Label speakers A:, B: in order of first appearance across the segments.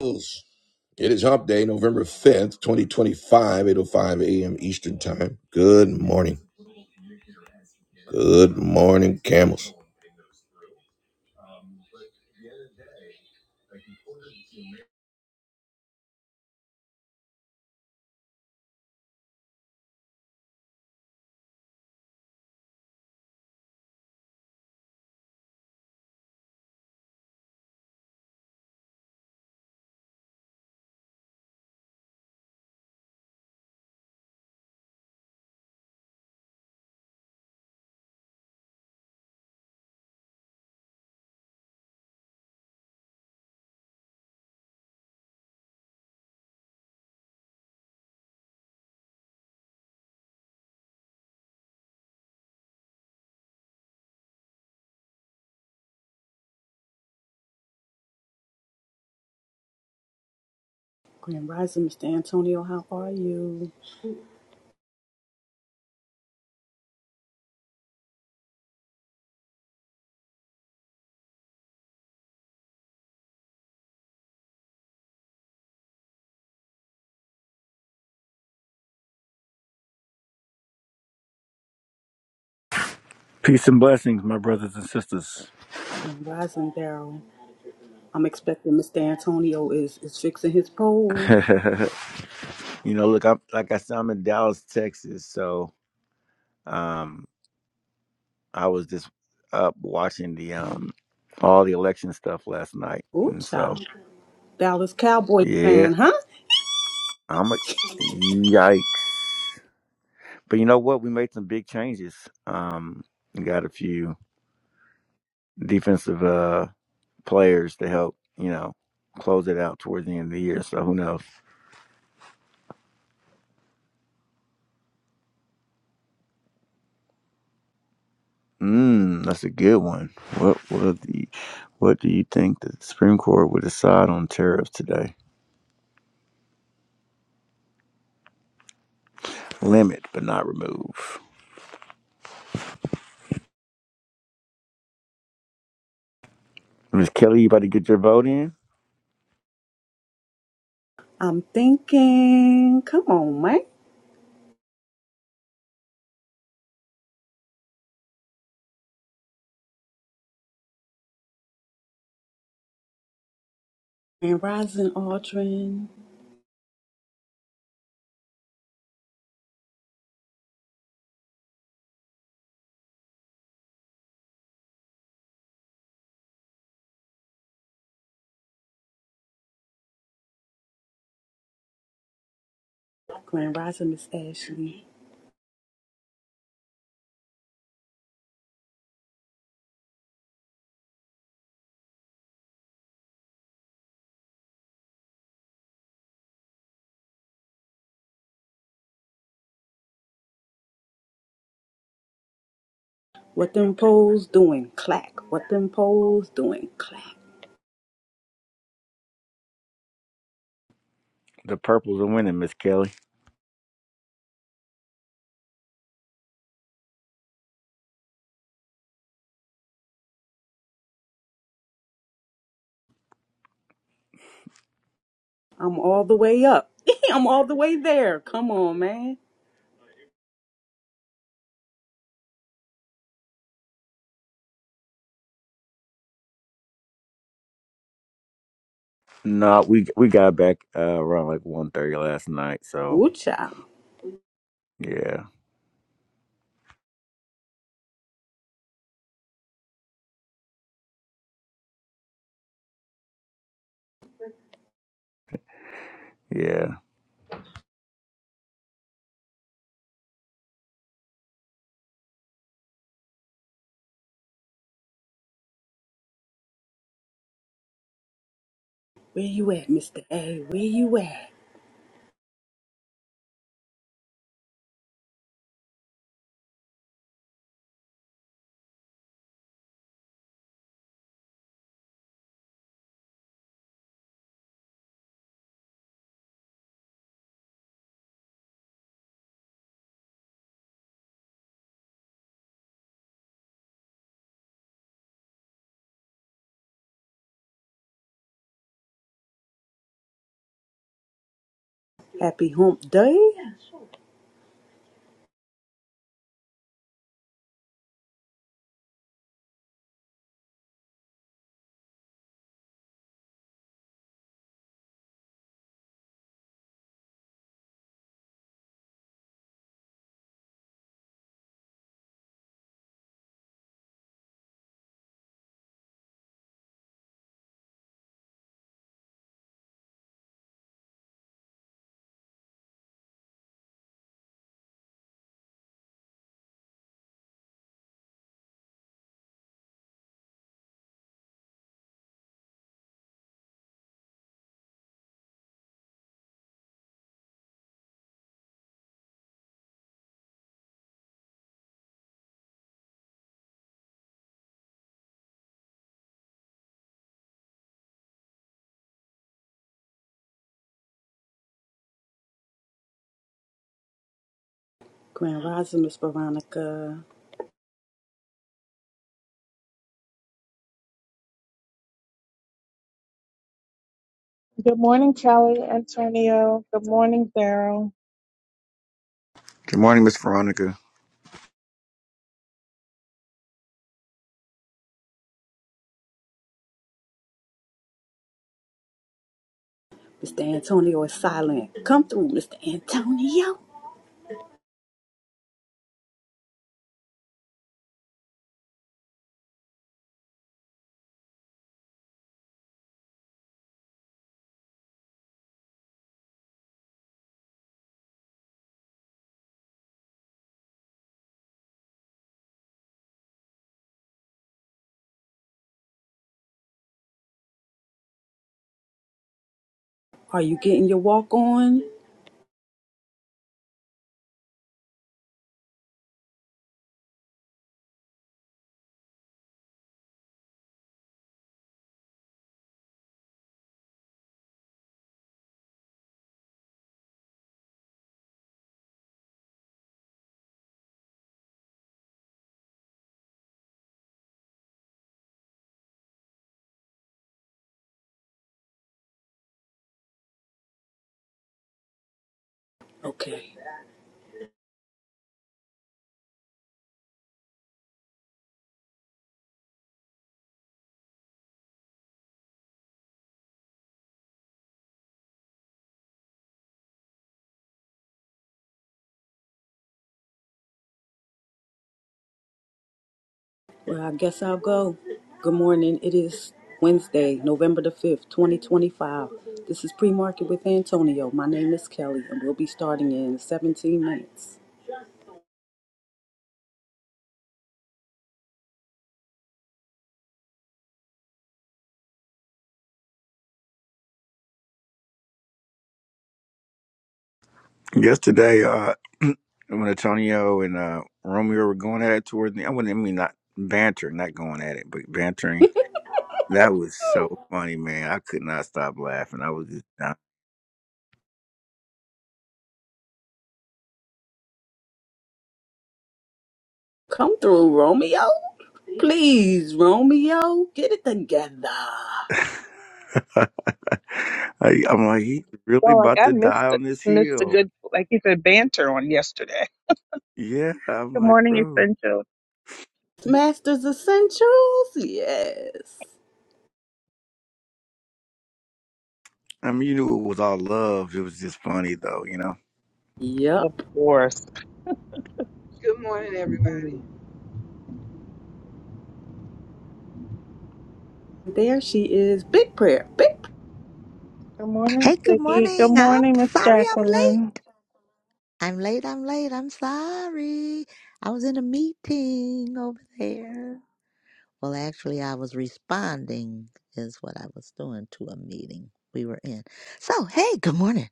A: It is Hump Day, November 5th, eight oh five a.m. Eastern Time. Good morning. Good morning, camels.
B: Grand Rising, Mr. Antonio, how are you?
C: Peace and blessings, my brothers and sisters.
B: Grand Rising, Daryl. I'm expecting Mr. Antonio is, is fixing his pole.
C: you know, look, I'm like I said, I'm in Dallas, Texas, so um, I was just up watching the um, all the election stuff last night,
B: Ooh,
C: and so
B: child. Dallas Cowboy
C: yeah,
B: fan, huh?
C: I'm a yikes. But you know what? We made some big changes. Um, we got a few defensive uh players to help, you know, close it out towards the end of the year. So who knows? Mm, that's a good one. What what the what do you think the Supreme Court would decide on tariffs today? Limit but not remove. Miss Kelly, you about to get your vote in?
B: I'm thinking. Come on, man. Grand Rising, Aldrin. Grand Rising, Miss Ashley. What them poles doing? Clack. What them poles doing? Clack.
C: The purples are winning, Miss Kelly.
B: I'm all the way up. I'm all the way there. Come on, man.
C: No, we we got back uh, around like one thirty last night, so
B: Ooh, child.
C: yeah, yeah.
B: Where you at, Mr. A? Where you at? Happy hump day? Grand Rising, Miss Veronica.
D: Good morning, Kelly, Antonio. Good morning, Daryl.
C: Good morning, Miss Veronica.
B: Mr. Antonio is silent. Come through, Mr. Antonio. Are you getting your walk on? Okay. Well, I guess I'll go. Good morning. It is Wednesday, November the 5th, 2025. This is Pre Market with Antonio. My name is Kelly, and we'll be starting in 17 minutes.
C: Yesterday, uh when Antonio and uh Romeo were going at it towards the, I wouldn't I mean not banter, not going at it, but bantering That was so funny, man. I could not stop laughing. I was just not.
B: Come through, Romeo. Please, Romeo, get it together.
C: I, I'm like, he's really
D: Oh, like
C: about
D: I
C: to
D: missed
C: die
D: it,
C: on this
D: missed a
C: hill.
D: good, like you said, banter on yesterday.
C: Yeah, I'm
D: Good
C: like,
D: morning,
C: bro.
D: essential.
B: Masters Essentials? Yes.
C: I mean, you knew it was all love. It was just funny, though. You know.
D: Of
B: Yep.
D: course.
E: Good morning, everybody.
D: Mm.
B: There she is. Big prayer. Big. pr-
D: Good morning,
F: Hey, good
D: Ziggy. Good
F: morning. I'm
D: morning, Miss
F: sorry I'm
D: Jacqueline.
F: late. I'm late, I'm late, I'm sorry. I was in a meeting over there. Well, actually, I was responding, is what I was doing to a meeting we were in. So, hey, good morning,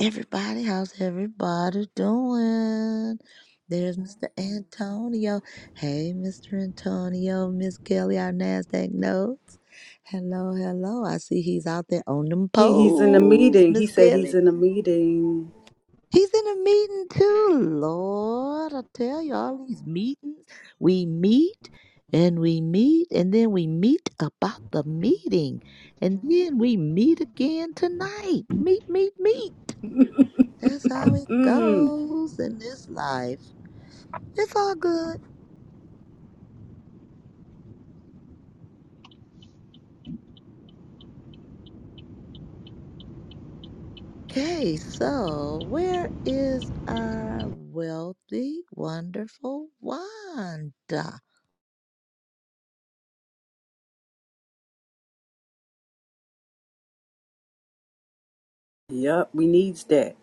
F: everybody. How's everybody doing? There's Mr. Antonio. Hey, Mr. Antonio, Miss Kelly, our NASDAQ notes. Hello, hello. I see he's out there on them
B: He, he's in a
F: poles,
B: meeting. He
F: Miss
B: said he's
F: Kelly.
B: in a meeting.
F: He's in a meeting too, Lord. I tell you, all these meetings, we meet and we meet and then we meet about the meeting. And then we meet again tonight. Meet, meet, meet. That's how it goes in this life. It's all good. Okay, so where is our wealthy, wonderful Wanda?
B: Yup, we needs that.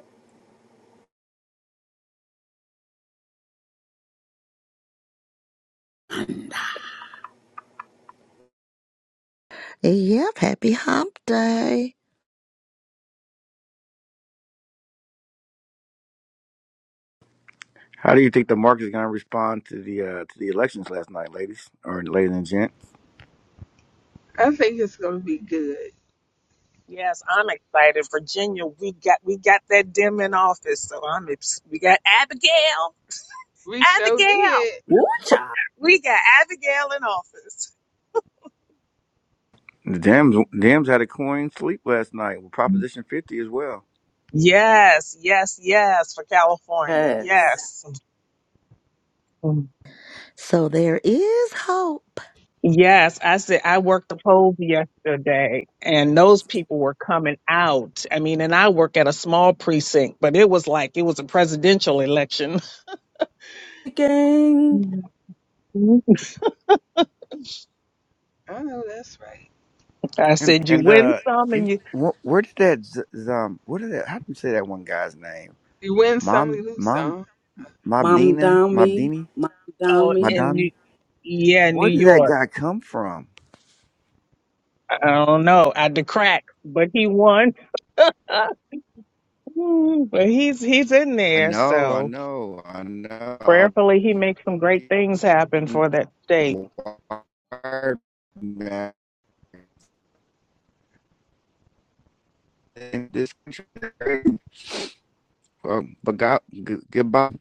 F: Yep, happy hump day.
C: How do you think the market's gonna respond to the uh, to the elections last night, ladies or ladies and gents?
E: I think it's going to be good.
D: Yes, I'm excited. Virginia, we got we got that dim in office, so I'm ex- we got Abigail,
E: We sure
D: Abigail,
E: did.
B: Woo child.
D: we got Abigail in office.
C: The Dems, Dems had a coin sleep last night with Proposition 50 as well.
D: Yes, yes, yes for California.
B: Yes.
D: Yes.
F: So there is hope.
D: Yes, I said I worked the polls yesterday, and those people were coming out. I mean, and I work at a small precinct, but it was like it was a presidential election.
B: Hey, Gang.
D: Mhm.
E: I know that's right.
D: I
C: And
D: said you
C: and
D: win
C: uh,
D: some,
C: in,
D: and you
C: wh- where did that z- z- um, what did that? How do you say that one guy's name?
E: You win some,
C: Mom,
E: you lose
C: mom.
E: some.
B: Mom
C: Mobdina,
B: down me,
C: Mobdini,
B: Mom down
D: oh,
B: me.
D: in
C: Madami.
D: New, yeah, New
C: Where did that
D: York.
C: guy come from?
D: I don't know, I the crack, but he won. Uh, Mm, but he's he's in
C: I
D: there,
C: know, I
D: so
C: know, I know. I was
D: prayerfully he makes some great things happen
C: reading
D: for that state.
C: Wired back in this country. Um, but God, g- goodbye.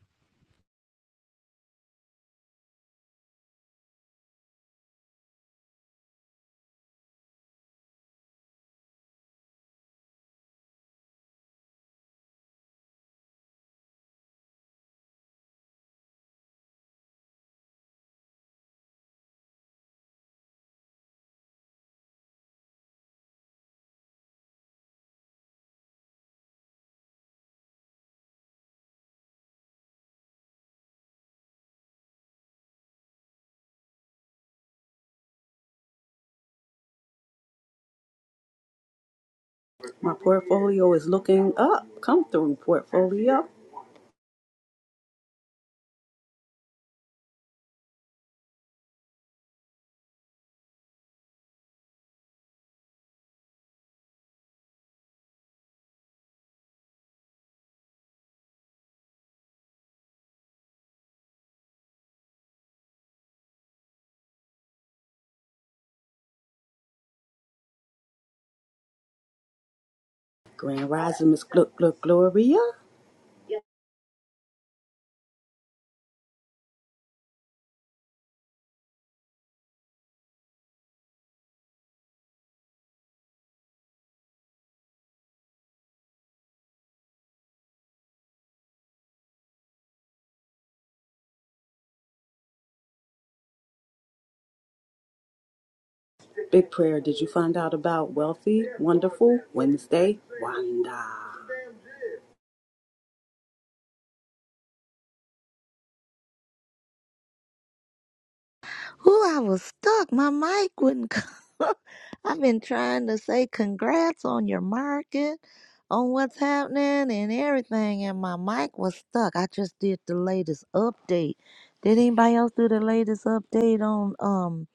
B: My portfolio is looking up. Come through, portfolio. Grand Rising Miss Gluck Gluck Gloria. Big prayer. Did you find out about Wealthy, Wonderful, Wednesday, Wanda?
F: Ooh, I was stuck. My mic wouldn't come. I've been trying to say congrats on your market, on what's happening and everything, and my mic was stuck. I just did the latest update. Did anybody else do the latest update on um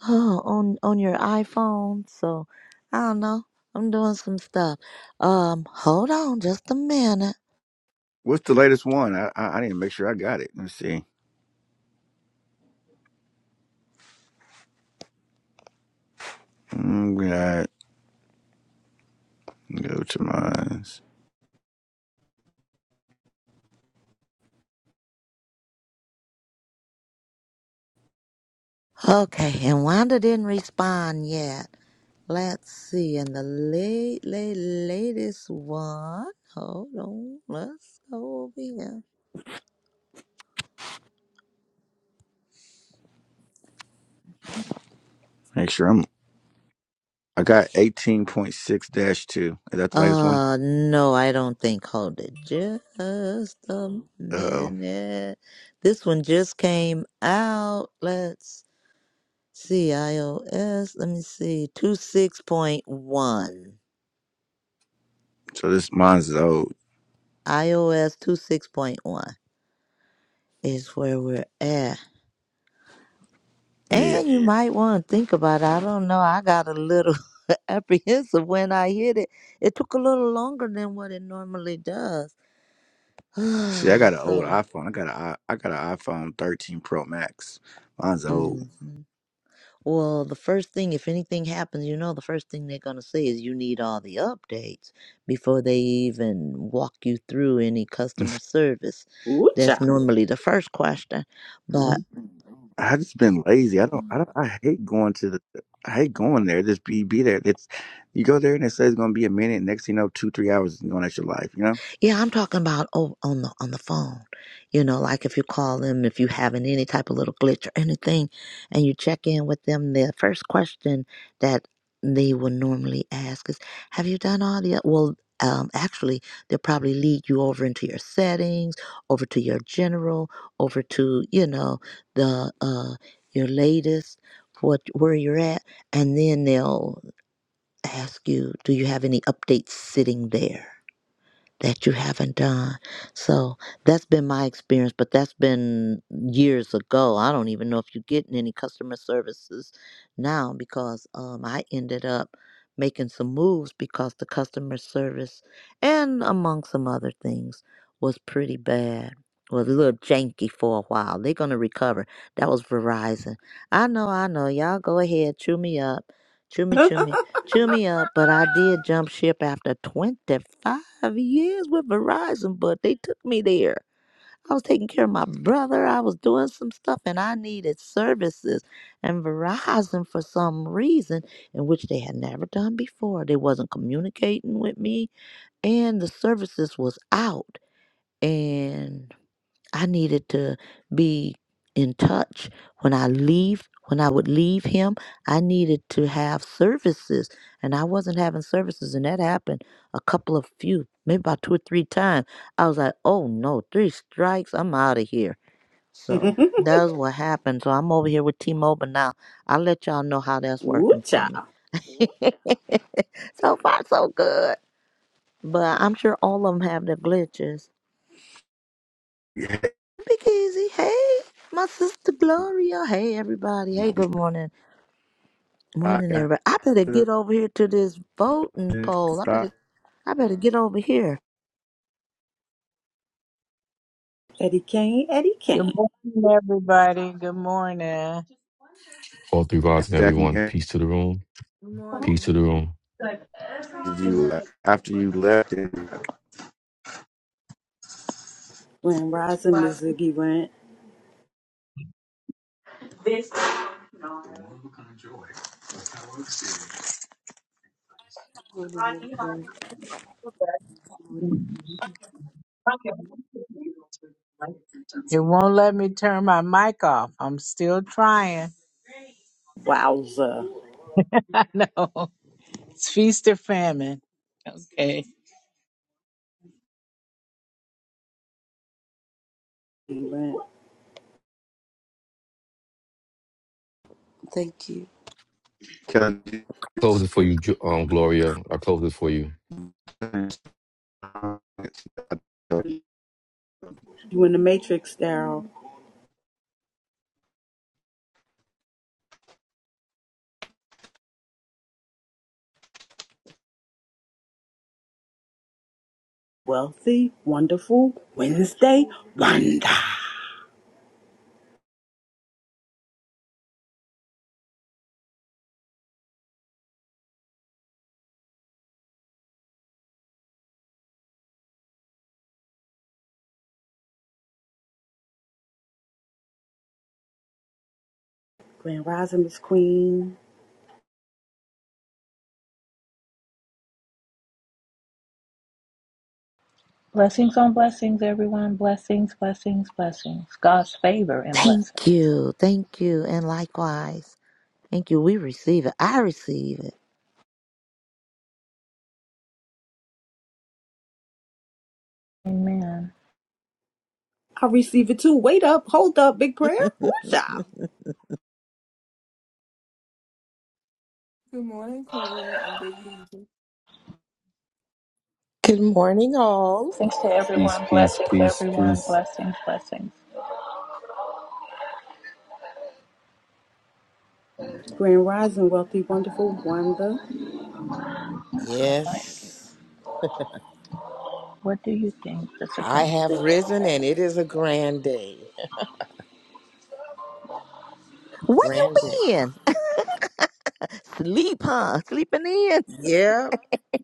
F: on on your iPhone? So I don't know. I'm doing some stuff. Um, hold on just a minute.
C: What's the latest one? I, I I need to make sure I got it. Let's see. I'm going go to mine.
F: Okay, and Wanda didn't respond yet. Let's see. And the late, late, latest one. Hold on. Let's go over here.
C: Make sure I'm. I got 18.6 dash two. Is that the latest one?
F: Uh, no, I don't think. Hold it. Just a
C: Uh oh.
F: minute. This one just came out. Let's see. iOS. Let me see. Two six point one.
C: So this mine's old.
F: iOS two six point one is where we're at.
C: Yeah.
F: And you might want to think about it. I don't know. I got a little apprehensive when I hit it. It took a little longer than what it normally does.
C: See, I got an old
F: so,
C: iPhone. I got a I got an iPhone 13 Pro Max. Mine's old.
F: mhm. well, the first thing, if anything happens, you know, the first thing they're going to say is you need all the updates before they even walk you through any customer service.
B: Woo
F: That's
B: child.
F: normally the first question. But
C: I just been lazy. I
F: Mhm.
C: don't. I don't. I hate going to the. I hate going there. Just be be there. It's you go there and it says it's gonna be a minute. Next thing you know, two three hours is going at your life. You know.
F: Yeah, I'm talking about oh, on the on the phone. You know, like if you call them, if you having any type of little glitch or anything, and you check in with them, the first question that they will normally ask is, "Have you done all the?" Well, um, actually, they'll probably lead you over into your settings, over to your general, over to you know the uh, your latest, what where you're at, and then they'll ask you, "Do you have any updates sitting there?" that you haven't done. So that's been my experience, but that's been years ago. I don't even know if you're getting any customer services now because um, I ended up making some moves because the customer service and among some other things was pretty bad. Was a little janky for a while. They're gonna recover. That was Verizon. I know, I know. Y'all go ahead, chew me up, chew me, chew me Chew me up, but I did jump ship after 25 years with Verizon, but they took me there. I was taking care of my brother. I was doing some stuff and I needed services. And Verizon, for some reason, in which they had never done before, they wasn't communicating with me and the services was out and I needed to be in touch when I leave when I would leave him I needed to have services and I wasn't having services and that happened a couple of few maybe about two or three times I was like oh no three strikes I'm out of here so that's what happened so I'm over here with T-Mobile now I'll let y'all know how that's
B: Woo
F: working for me
B: child.
F: so far so good but I'm sure all of them have their glitches
C: Yeah.
F: Big Easy. Hey, my sister Gloria. Hey, everybody. Hey, good morning.
C: I
F: Morning,
C: got
F: everybody. I better get over here to this voting poll. I better,
C: Stock.
F: I better get over here.
B: Eddie Kane, Eddie
G: Good
B: Kane.
G: morning, everybody. Good morning.
H: All three rods and
C: Jack and
H: everyone.
C: Jack,
H: Peace to the room.
E: Good
H: Peace to
E: morning.
H: the room.
C: did you uh, after you left? and,
B: Grand Rising Mizuki went,
G: It
I: Lord,
G: won't let me turn my mic off. I'm still trying.
B: wowza.
G: I know. It's feast or famine. Okay.
B: He went,
I: Thank you.
C: like,
H: Close it for you, Ju- um, Gloria. I close it for you.
C: tell you-
B: you in the Matrix, Daryl. Wealthy, wonderful, Wednesday, wonder. Grand Rising Miss Queen.
J: Blessings on blessings, everyone. Blessings, blessings, blessings. God's favor and blessings.
F: Thank you. Thank you. And likewise. Thank you. We receive it. I receive
J: Amen.
B: I receive it too. Wait up, hold up, big prayer. Woo
F: it.
B: child.
E: Good morning, Queen and Biggie.
K: Good morning, all.
J: Thanks to
H: Peace,
J: everyone.
H: peace,
J: Blessings,
H: peace,
J: everyone.
H: peace.
J: Blessings, blessings.
B: Grand Rising, wealthy, wonderful, wonder.
J: That's my mic.
K: Yes,
J: What do you think the
K: I
J: Supreme
K: have
J: Court would
K: risen
J: say?
K: and it is a grand day.
F: Way
K: Grand day.
F: in Sleep, huh? Sleeping in.
K: Yep,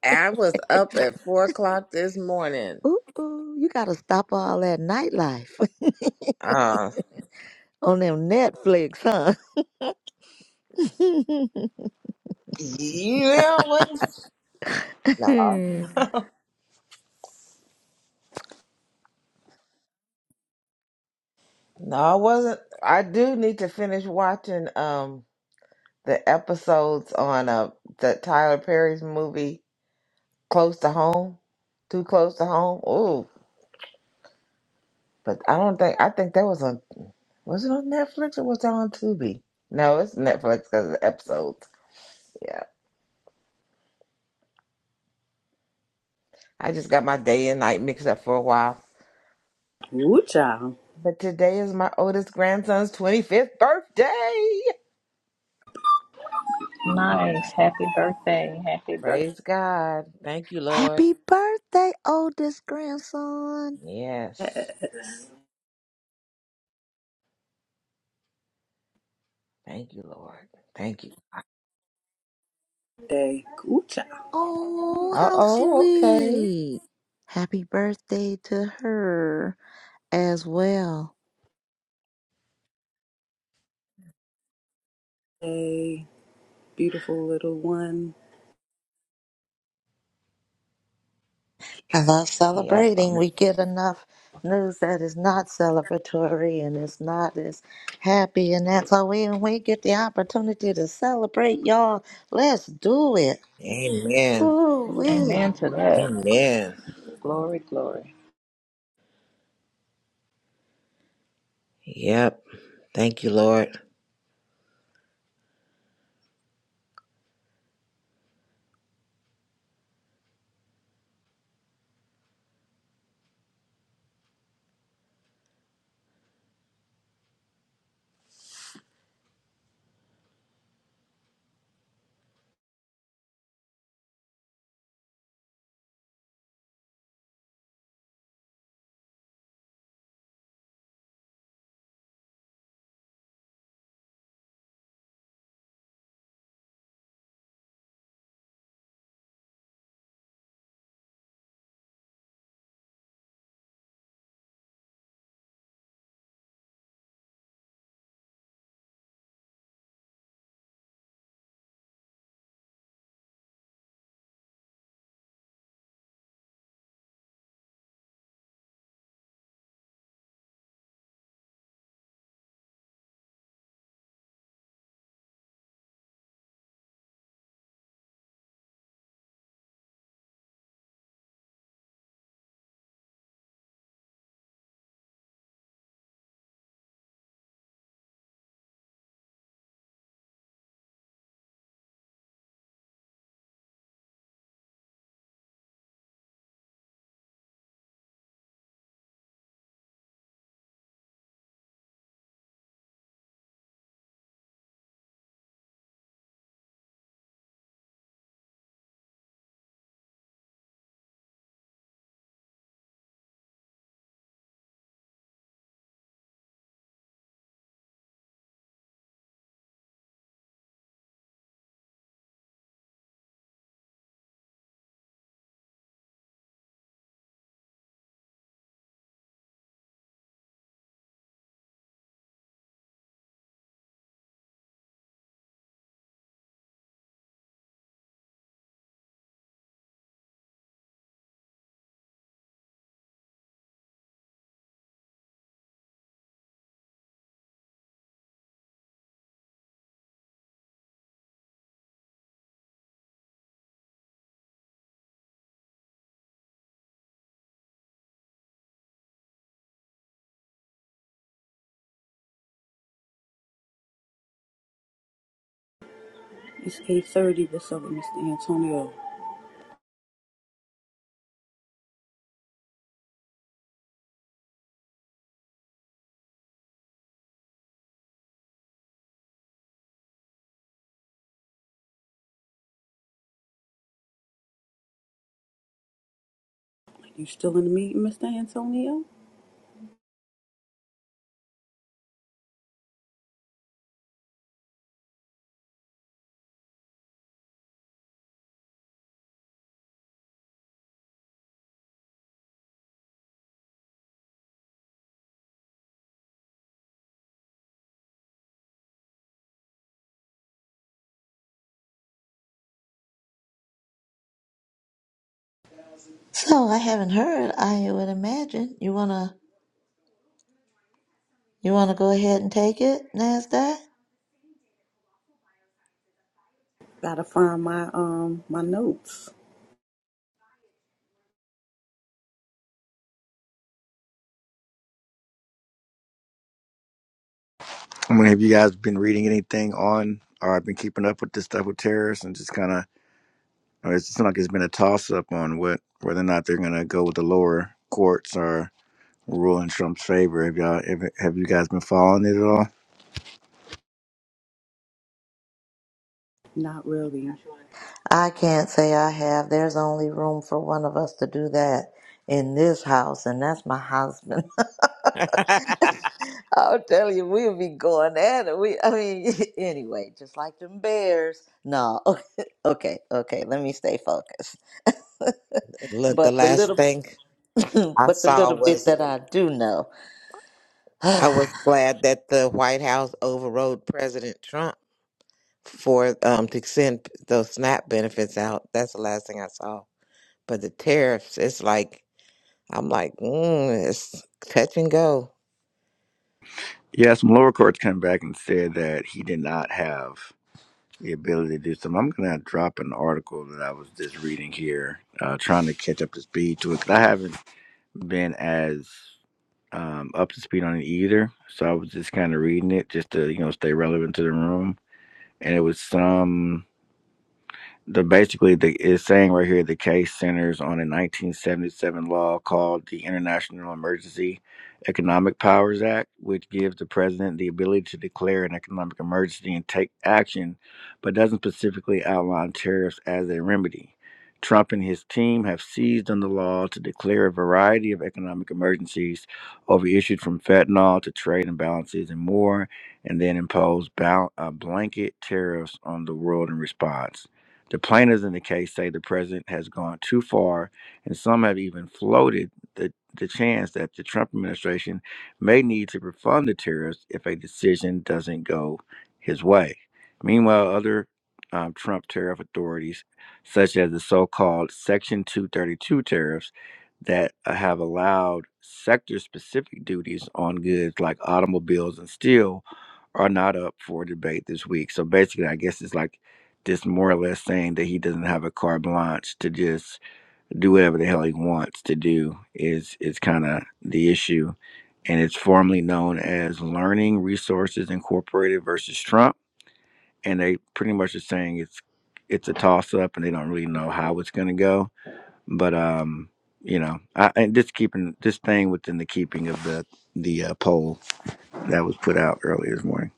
K: I was up at four o'clock this morning.
F: Ooh, ooh. You got to stop all that nightlife
K: Uh,
F: on them Netflix, huh?
K: yeah, what? No, no, I wasn't. I do need to finish watching um the episodes on uh the Tyler Perry's movie Close to Home, Too Close to Home. Ooh, but I don't think I think that was on Was it on Netflix or was it on Tubi? No, it's Netflix because of the episodes. Yeah. I just got my day and night mixed up for a while.
B: Woo child.
K: But today is my oldest grandson's 25th birthday.
J: Nice. Happy birthday. Happy birthday.
K: Praise God. Thank you, Lord.
F: Happy birthday, oldest grandson.
K: Yes. Thank you, Lord. Thank you.
B: Day, woo child.
F: Oh,
K: Uh
F: how
K: oh, okay.
F: sweet. Happy birthday to her as well.
B: Day, beautiful little one.
F: I love
K: Yep.
F: celebrating.
K: I'm...
F: We get enough news that is not celebratory and it's not as happy. And that's why we, when we get the opportunity to celebrate, y'all, let's do it.
K: Amen.
F: Ooh, wee.
J: Amen to that.
K: Amen.
J: Glory, glory.
K: Yep. Thank you, Lord.
B: It's 8.30. What's up, Mr. Antonio? You still in the meeting, Mr. Antonio?
F: So I haven't heard, I would imagine. You wanna you wanna go ahead and take it, NASDAQ?
B: Gotta find my, um, my notes.
C: I mean, have you guys been reading anything on, or been keeping up with this stuff with terrorists, and just kind of, or it's not like it's been a toss up on what whether or not they're gonna go with the lower courts or rule in Trump's favor. Have y'all, have, have you guys been following it at all?
B: Not really.
F: I can't say I have. There's only room for one of us to do that in this house, and that's my husband. I'll tell you, we'll be going at it. We, I mean, anyway, just like them bears. No, okay, okay, okay. Let me stay focused.
K: Look, the
F: but the
K: last
F: little,
K: thing I
F: but the
K: saw
F: little bit
K: was
F: that I do know.
K: I
F: All
K: was glad that the White House overrode President Trump for um to send those SNAP benefits out. That's the last thing I saw. But the tariffs, it's like I'm like, mm, it's touch and go.
C: Yeah, some lower courts came back and said that he did not have the ability to do something. I'm gonna drop an article that I was just reading here, uh, trying to catch up to speed to it. 'cause I haven't been as um, up to speed on it either. So I was just kind of reading it just to, you know, stay relevant to the room. And it was some the basically the it's saying right here the case centers on a 1977 law called the International Emergency Economic Powers Act, which gives the president the ability to declare an economic emergency and take action, but doesn't specifically outline tariffs as a remedy. Trump and his team have seized on the law to declare a variety of economic emergencies over issues from fentanyl to trade imbalances and more, and then impose bal- uh, blanket tariffs on the world in response. The plaintiffs in the case say the president has gone too far, and some have even floated the, the chance that the Trump administration may need to refund the tariffs if a decision doesn't go his way. Meanwhile, other um, Trump tariff authorities, such as the so called Section 232 tariffs, that uh, have allowed sector specific duties on goods like automobiles and steel are not up for debate this week. So basically, I guess it's like this more or less saying that he doesn't have a carte blanche to just do whatever the hell he wants to do is is kind of the issue, and it's formally known as Learning Resources Incorporated versus Trump, and they pretty much are saying it's it's a toss up, and they don't really know how it's going to go. But um, you know, I, and just keeping this thing within the keeping of the the uh, poll that was put out earlier this morning.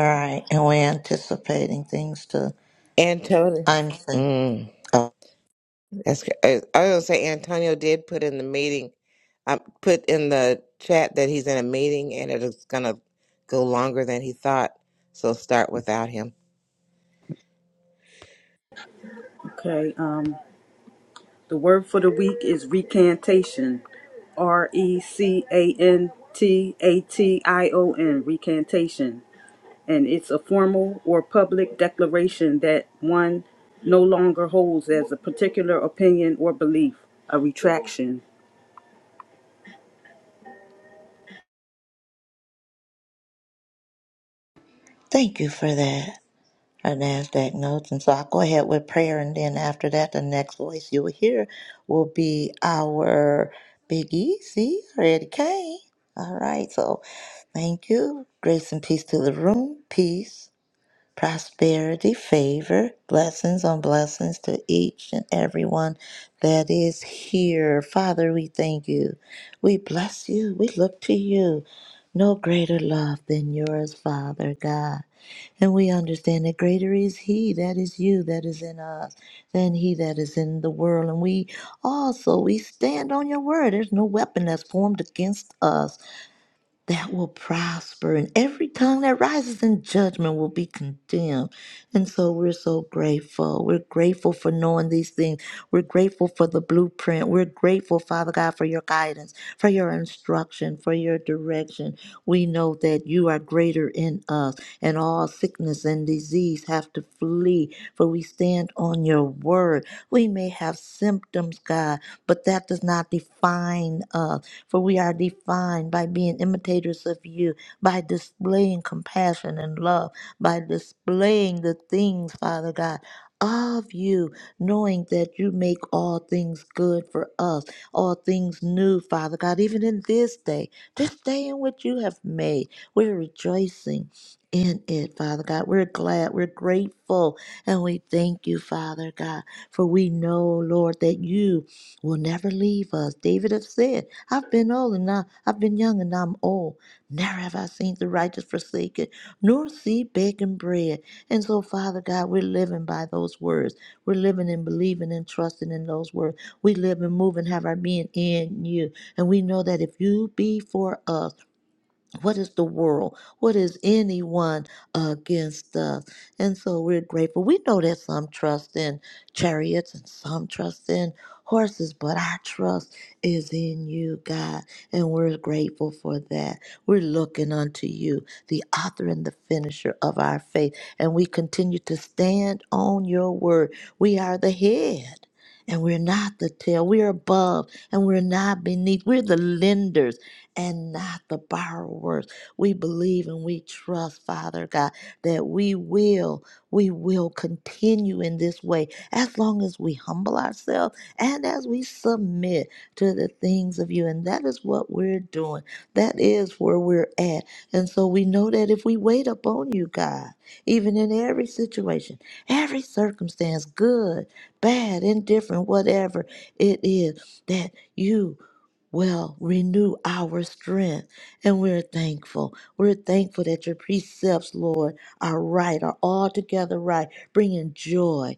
F: right, and we're anticipating things to.
K: Antonio,
F: I'm. thank-
K: mm,
F: Oh,
K: that's I I was gonna say Antonio did put in the meeting, I put in the chat that he's in a meeting and it's gonna go longer than he thought. So start without him,
B: Okay. Um, the word for the week is recantation. R E C A N T A T I O N. Recantation. And it's a formal or public declaration that one no longer holds as a particular opinion or belief. A retraction.
F: thank you for that. our NASDAQ notes. And so I'll go ahead with prayer. And then after that, the next voice you will hear will be our Big Easy, Eddie Kane. All right. So thank you. Grace and peace to the room. Peace, prosperity, favor, blessings on blessings to each and everyone that is here. Father, we thank you. We bless you. We look to you. No greater love than yours, Father God. And we understand that greater is He that is you that is in us than He that is in the world. And we also we stand on your word. There's no weapon that's formed against us that will prosper, and every tongue that rises in judgment will be condemned. And so we're so grateful. We're grateful for knowing these things. We're grateful for the blueprint. We're grateful, Father God, for your guidance, for your instruction, for your direction. We know that you are greater in us, and all sickness and disease have to flee plea, for we stand on your word. We may have symptoms, God, but that does not define us, for we are defined by being imitators of you, by displaying compassion and love, by displaying the things, Father God. Of you, knowing that you make all things good for us, all things new, Father God, even in this day, this day in which you have made. We're rejoicing in it, Father God. We're glad, we're grateful, and we thank you, Father God, for we know, Lord, that you will never leave us. David has said, I've been old and now I've been young and I'm old. Never have I seen the righteous forsaken, nor see begging bread. And so, Father God, we're living by those words. We're living and believing and trusting in those words. We live and move and have our being in you. And we know that if you be for us, what is the world? What is anyone against us? And so we're grateful. We know that some trust in chariots and some trust in horses, but our trust is in you, God. And we're grateful for that. We're looking unto you, the author and the finisher of our faith. And we continue to stand on your word. We are the head. And we're not the tail. We're above and we're not beneath. We're the lenders and not the borrowers. We believe and we trust, Father God, that we will, we will continue in this way as long as we humble ourselves and as we submit to the things of you. And that is what we're doing. That is where we're at. And so we know that if we wait upon you, God, even in every situation, every circumstance, good, bad, indifferent, whatever it is, that you will renew our strength. And we're thankful. We're thankful that your precepts, Lord, are right, are altogether right, bringing joy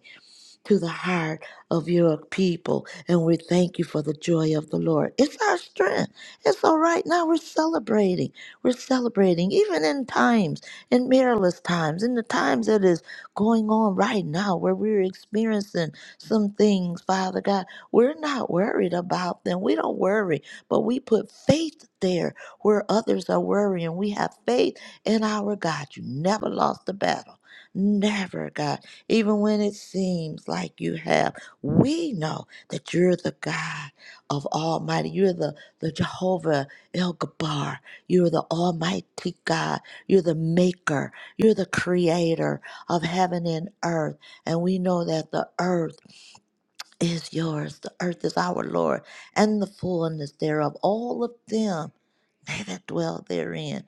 F: to the heart of your people. And we thank you for the joy of the Lord. It's our strength. It's all right now. We're celebrating. We're celebrating, even in times, in perilous times, in the times that is going on right now where we're experiencing some things, Father God. We're not worried about them. We don't worry, but we put faith there where others are worrying. We have faith in our God. You never lost the battle. Never, God even when it seems like you have. We know that you're the God of Almighty. You're the, the Jehovah El Gabar. You're the Almighty God. You're the Maker. You're the Creator of heaven and earth. And we know that the earth is yours. The earth is our Lord, and the fullness thereof, all of them, they that dwell therein.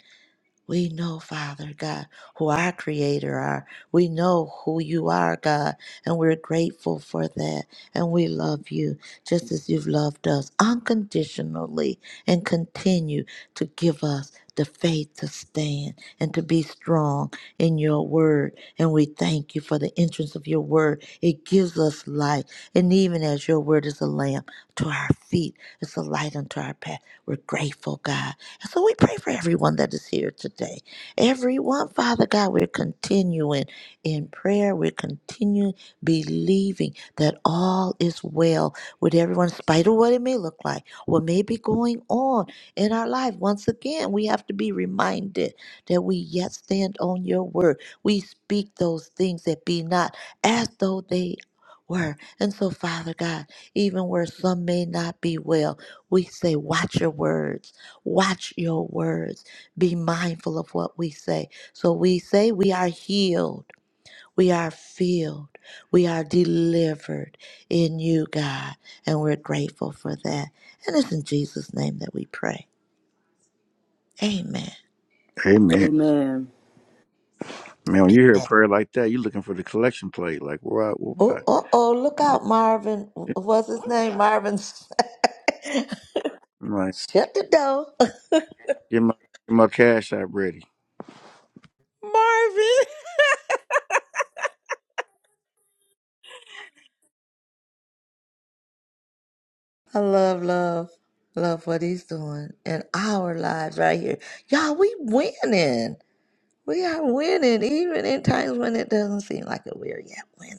F: We know, Father God, who our Creator are. We know who you are, God, and we're grateful for that. And we love you just as you've loved us unconditionally and continue to give us the faith to stand and to be strong in your word. And we thank you for the entrance of your word. It gives us life. And even as your word is a lamp to our feet, it's a light unto our path. We're grateful, God. And so we pray for everyone that is here today. Everyone, Father God, we're continuing in prayer. We're continuing believing that all is well with everyone, in spite of what it may look like, what may be going on in our life. Once again, we have to be reminded that we yet stand on your word. We speak those things that be not as though they were. And so, Father God, even where some may not be well, we say, watch your words Watch your words. Be mindful of what we say. So we say we are healed, we are filled, we are delivered in you, God. And we're grateful for that. And it's in Jesus' name that we pray. Amen.
C: Amen.
B: Amen.
C: Man, when you hear a
F: Amen.
C: prayer like that, you are looking for the collection plate. Like, why? Why?
F: Oh, oh, oh, look out, Marvin.
C: I'm
F: What's his name? Marvin.
C: like,
F: Shut the door.
C: get my get my cash app ready.
K: Marvin.
F: I love, love, love what he's doing in our lives right here. Y'all, we winning. We are winning, even in times when it doesn't seem like it. We are yet winning.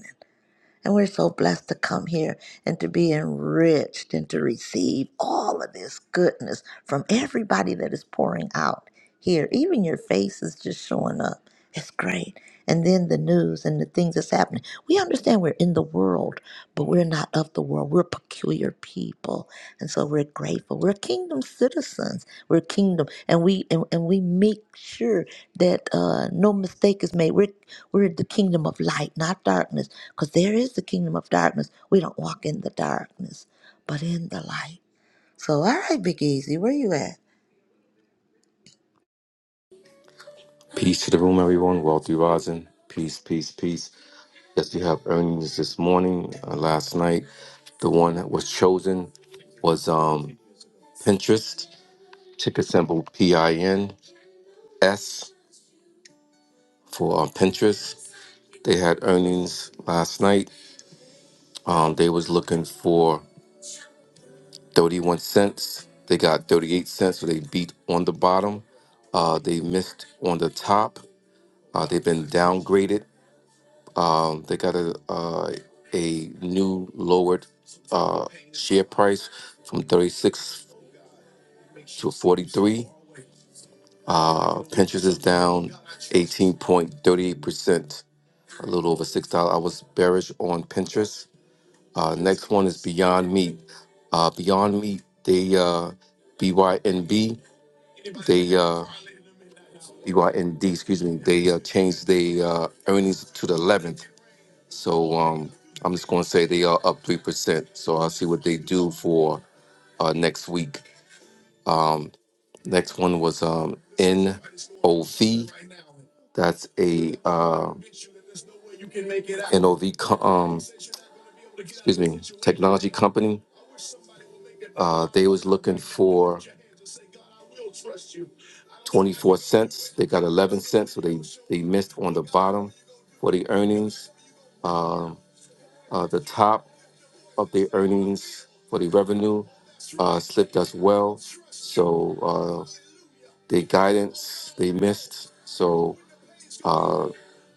F: And we're so blessed to come here and to be enriched and to receive all of this goodness from everybody that is pouring out here. Even your face is just showing up. It's great. And then the news and the things that's happening. We understand we're in the world, but we're not of the world. We're peculiar people. And so we're grateful. We're kingdom citizens. We're kingdom, and we and, and we make sure that uh, no mistake is made. We're we're the kingdom of light, not darkness, because there is the kingdom of darkness. We don't walk in the darkness, but in the light. So, all right, Big Easy, where you at?
H: Peace to the room, everyone. Wealthy rising. Peace, peace, peace. Yes, we have earnings this morning, uh, last night. The one that was chosen was um, Pinterest, ticker symbol P I N S for um, Pinterest. They had earnings last night. Um, they was looking for 31 cents. They got 38 cents, so they beat on the bottom. Uh, they missed on the top. Uh, they've been downgraded. Um, they got a uh, a new lowered uh, share price from 36 to 43. Uh, Pinterest is down 18.38%, a little over $6. I was bearish on Pinterest. Uh, next one is Beyond Meat. Uh, Beyond Meat, they uh, BYNB. They uh, UIND, excuse me, they uh, changed the uh, earnings to the 11th. So um, I'm just going to say they are up 3%. So I'll see what they do for uh, next week. Next one was um, NOV. That's a uh, NOV, co- um, excuse me, technology company. Uh, they was looking for 24 cents. They got 11 cents, so they, they missed on the bottom for the earnings. Uh, the top of their earnings for the revenue uh, slipped as well. So uh, the guidance they missed. So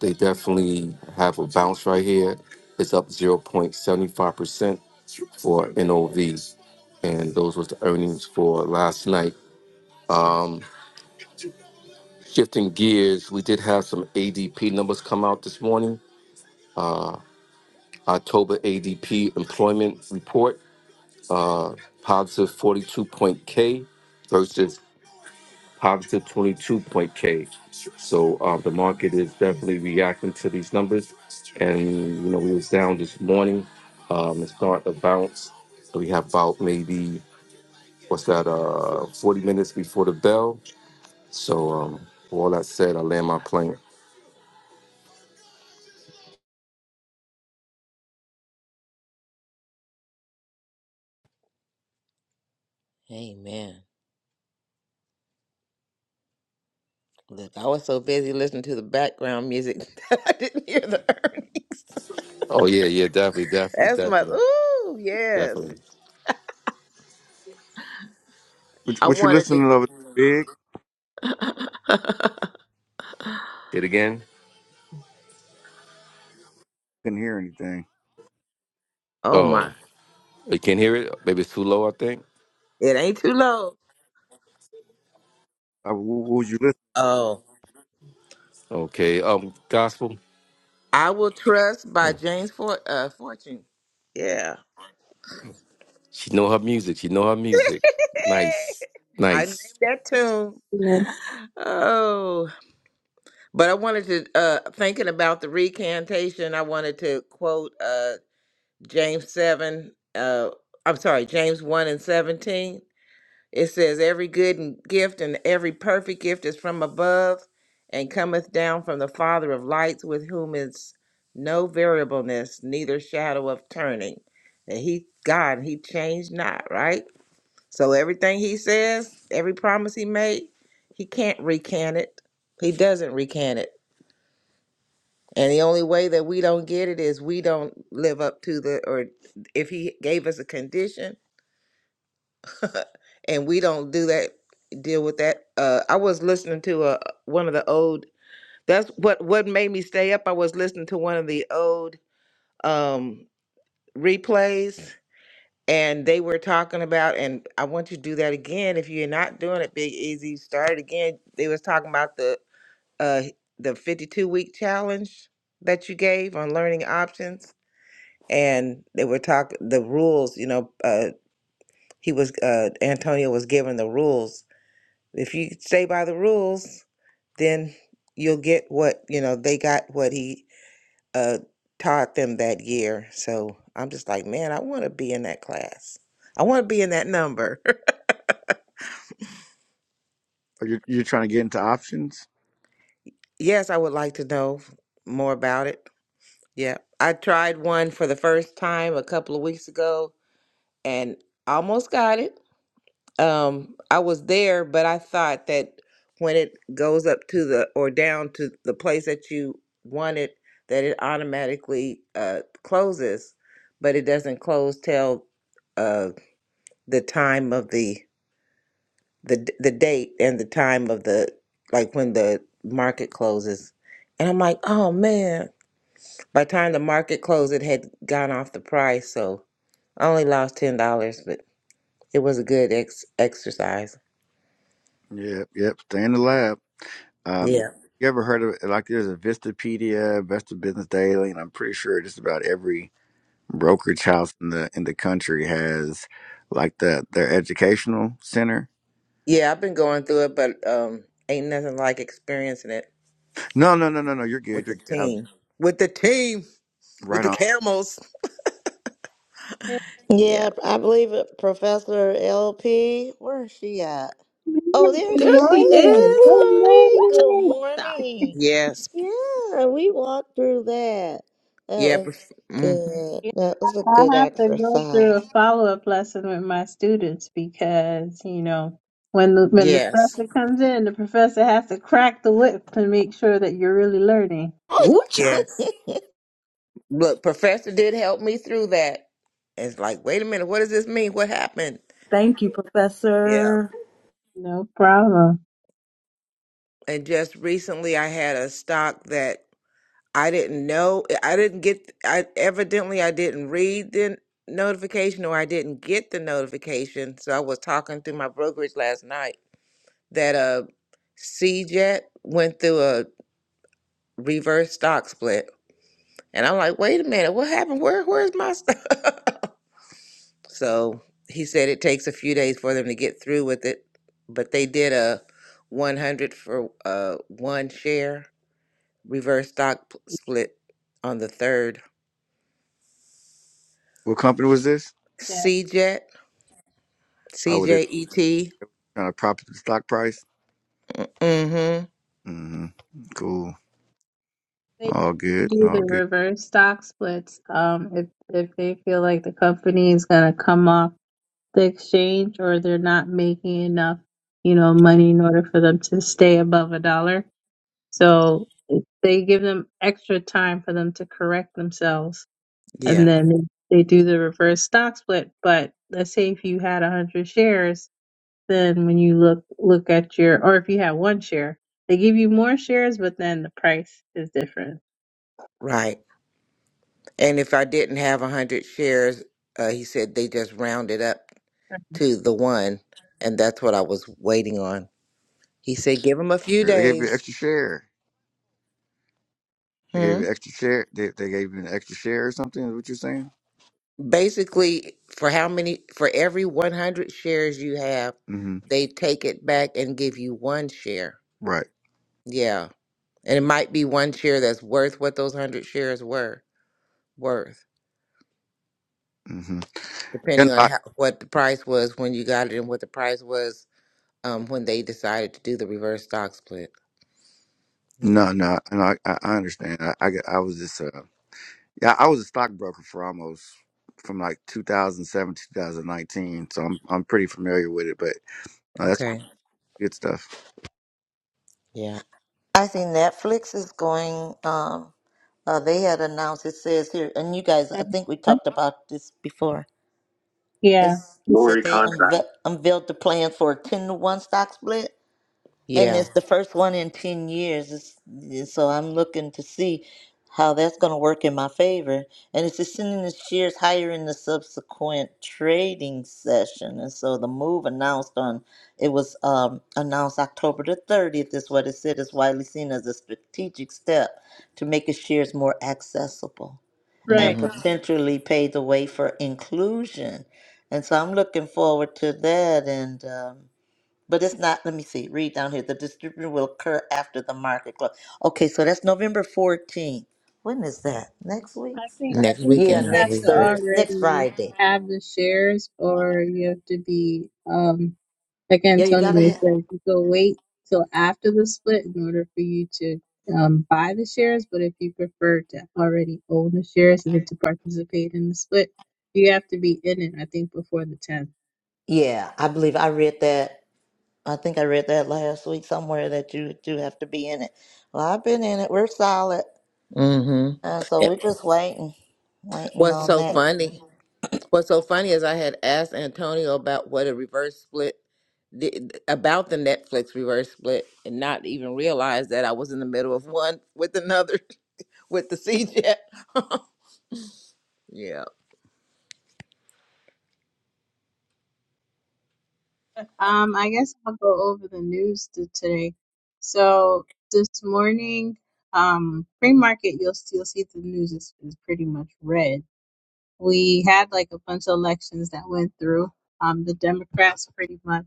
H: they definitely have a bounce right here. It's up 0.75% for NOV. And those was the earnings for last night. Um, shifting gears, we did have some ADP numbers come out this morning. October ADP employment report, uh, positive forty-two point K versus Positive twenty-two point K, So uh, the market is definitely reacting to these numbers. And, you know, we was down this morning. Um, it started to bounce. So we have about maybe, what's that, uh, 40 minutes before the bell. So um, for all that said, I land my plane.
K: Amen. Look, I was so busy listening to the background music that I didn't hear the earnings.
H: Oh, yeah, yeah, definitely, definitely,
K: That's my
H: definitely,
K: ooh, yes.
H: definitely.
C: What,
K: I
C: what you
K: wanted to
C: listening over there, Big?
H: It again.
C: Couldn't hear anything.
K: Oh my.
H: Oh, you can't hear it? Maybe it's too low, I think.
K: It ain't too low.
C: Uh, wh- what was you listening?
K: Oh.
H: Okay. Um, gospel.
K: I Will Trust by James For- uh, Fortune. Yeah.
H: She know her music. She know her music. Nice.
K: I named
H: Nice.
K: that tune.
L: Good morning.
K: Oh. But I wanted to uh thinking about the recantation, I wanted to quote uh James seven, uh I'm sorry, James one and seventeen It says, Every good and gift and every perfect gift is from above and cometh down from the Father of lights, with whom is no variableness, neither shadow of turning. And he, God, he changed not, right? So everything he says, every promise he made, he can't recant it. He doesn't recant it. And the only way that we don't get it is we don't live up to the, or if he gave us a condition, and we don't do that deal with that uh i was listening to a one of the old that's what what made me stay up i was listening to one of the old um replays and they were talking about and i want you to do that again if you're not doing it big easy start it again they was talking about the uh the 52 week challenge that you gave on learning options and they were talking the rules you know uh he was uh antonio was given the rules If you stay by the rules, then you'll get what, you know, they got what he uh, taught them that year. So I'm just like, man, I want to be in that class. I want to be in that number.
C: Are you you trying to get into options?
K: yes, I would like to know more about it. Yeah. I tried one for the first time a couple of weeks ago and almost got it. um i was there but i thought that when it goes up to the or down to the place that you wanted, that it automatically uh closes but it doesn't close till uh the time of the the d- the date and the time of the like when the market closes and i'm like oh man by the time the market closed it had gone off the price so i only lost ten dollars but it was a good ex- exercise
C: Yep, yep. Stay in the lab.
K: yeah
C: Um, you ever heard of like there's a Vistapedia, Vista Business Daily, and I'm pretty sure just about every brokerage house in the in the country has like the their educational center.
K: Yeah, I've been going through it, but um, ain't nothing like experiencing it
C: No, no, no, no, no. You're good.
K: with the
C: You're good. I was
K: team. With the team, with
C: right
K: the
C: on.
K: camels. Yeah.
F: Yeah, I believe it, Professor LP. Where is she at? Oh, there she
B: There
F: is.
B: she
F: Hey,
B: is.
L: Good
F: Lori. Good
L: morning.
B: Ooh-cha.
F: morning.
K: Yes.
F: Yeah, we walked through that. That
K: Yeah.
F: was
K: Prof- mhm.
F: good.
L: Yeah,
F: That was a
L: I
F: good
L: have to go through
F: exercise.
L: a follow-up lesson with my students because, you know, when the, when the
K: Yes.
L: professor comes in, the professor has to crack the whip to make sure that you're really learning.
F: I
B: Ooh-cha.
K: Yeah. Look, Professor did help me through that. It's like, wait a minute, what does this mean? What happened?
B: Thank you,
K: Yeah.
B: Professor.
L: No problem.
K: And just recently, I had a stock that I didn't know. I didn't get. I evidently I didn't read the notification, or I didn't get the notification. So I was talking through my brokerage last night that uh CJET went through a reverse stock split. And I'm like, wait a minute, what happened? Where where's my stock? So he said it takes a few days for them to get through with it, but they did a 100 for uh one share reverse stock p- split on the third.
C: What company was this?
L: Jet.
K: CJET,
C: Oh, with it
K: CJET.
C: trying to prop up the stock price.
K: Mm-hmm.
C: Mm-hmm. Cool.
L: They
C: All good.
L: do
C: All
L: the
C: good.
L: reverse stock splits um, if if they feel like the company is going to come off. the exchange or they're not making enough, you know, money in order for them to stay above a dollar. So it- they give them extra time for them to correct themselves
K: Yeah,
L: and then they they do the reverse stock split. But let's say if you had 100 shares, then when you look look at your or if you had one share, they give you more shares, but then the price is different.
K: right. And if I didn't have a hundred shares, uh, he said they just rounded up to the one, and that's what I was waiting on. He said, give him a few
C: They gave you an
K: days.
C: extra share. They gave
K: Hmm?
C: you an extra share. They, they gave you an extra share or something. Is what you're saying?
K: Basically, for how many, for every 100 shares you have,
C: Mm-hmm.
K: they take it back and give you one share.
C: Right.
K: Yeah. And it might be one share that's worth what those 100 shares were worth,
C: Mm-hmm.
K: depending
C: And
K: on
C: I,
K: how, what the price was when you got it and what the price was um, when they decided to do the reverse stock split. Yeah.
C: no, no, no. I, I I understand. I, I, get- I was just, uh, yeah, I was a stockbroker for almost from like 2007 to 2019, so I'm, I'm pretty familiar with it. But no, that's
K: Okay.
C: cool. Good stuff.
K: Yeah.
F: see Netflix is going, um, uh, they had announced, it says here, and you guys, I
L: And-
F: think we talked about this before. It
L: Yeah, Lori
F: said they
L: contract.
F: unve- unveiled the plan for a 10 to 1 stock split. And
K: Yeah.
F: it's the first one in 10 years. It's, and so I'm looking to see how that's going to work in my favor. And it's ascending the shares higher in the subsequent trading session. And so the move announced on, it was um, announced October the 30th, is what it said, is widely seen as a strategic step to make its shares more accessible
L: right.
F: and Wow.
K: hmm
F: potentially pave the way for inclusion. And so I'm looking forward to that. And, um, but it's not, let me see, read down here. The distribution will occur after the market close. Okay, so that's November 14th. When is that? Next week?
L: I think I
K: Next
L: think
F: Yeah,
L: you
K: weekend, I
L: have
K: believe.
F: next
L: to
K: Yeah.
F: Thursday, next
L: already
F: Friday.
L: have the shares, or you have to be um like
F: Yeah, you gotta
L: Antonio
F: have,
L: said, you go wait till after the split in order for you to um buy the shares. But if you prefer to already own the shares and then to participate in the split, you have to be in it. I think before the tenth.
F: yeah, I believe I read that. I think I read that last week somewhere that you do have to be in it. Well, I've been in it. We're solid.
K: Mm-hmm.
F: Uh, so we're
K: It,
F: just waiting, waiting
K: what's
F: on
K: so
F: that.
K: funny? What's so funny is I had asked Antonio about what a reverse split did, about the Netflix reverse split, and not even realize that I was in the middle of one with another with the CJ. Yeah,
L: Um, I guess I'll go over the news to today. So this morning, um, pre-market, you'll still see the news is, is pretty much red we had like a bunch of elections that went through. Um, the Democrats pretty much,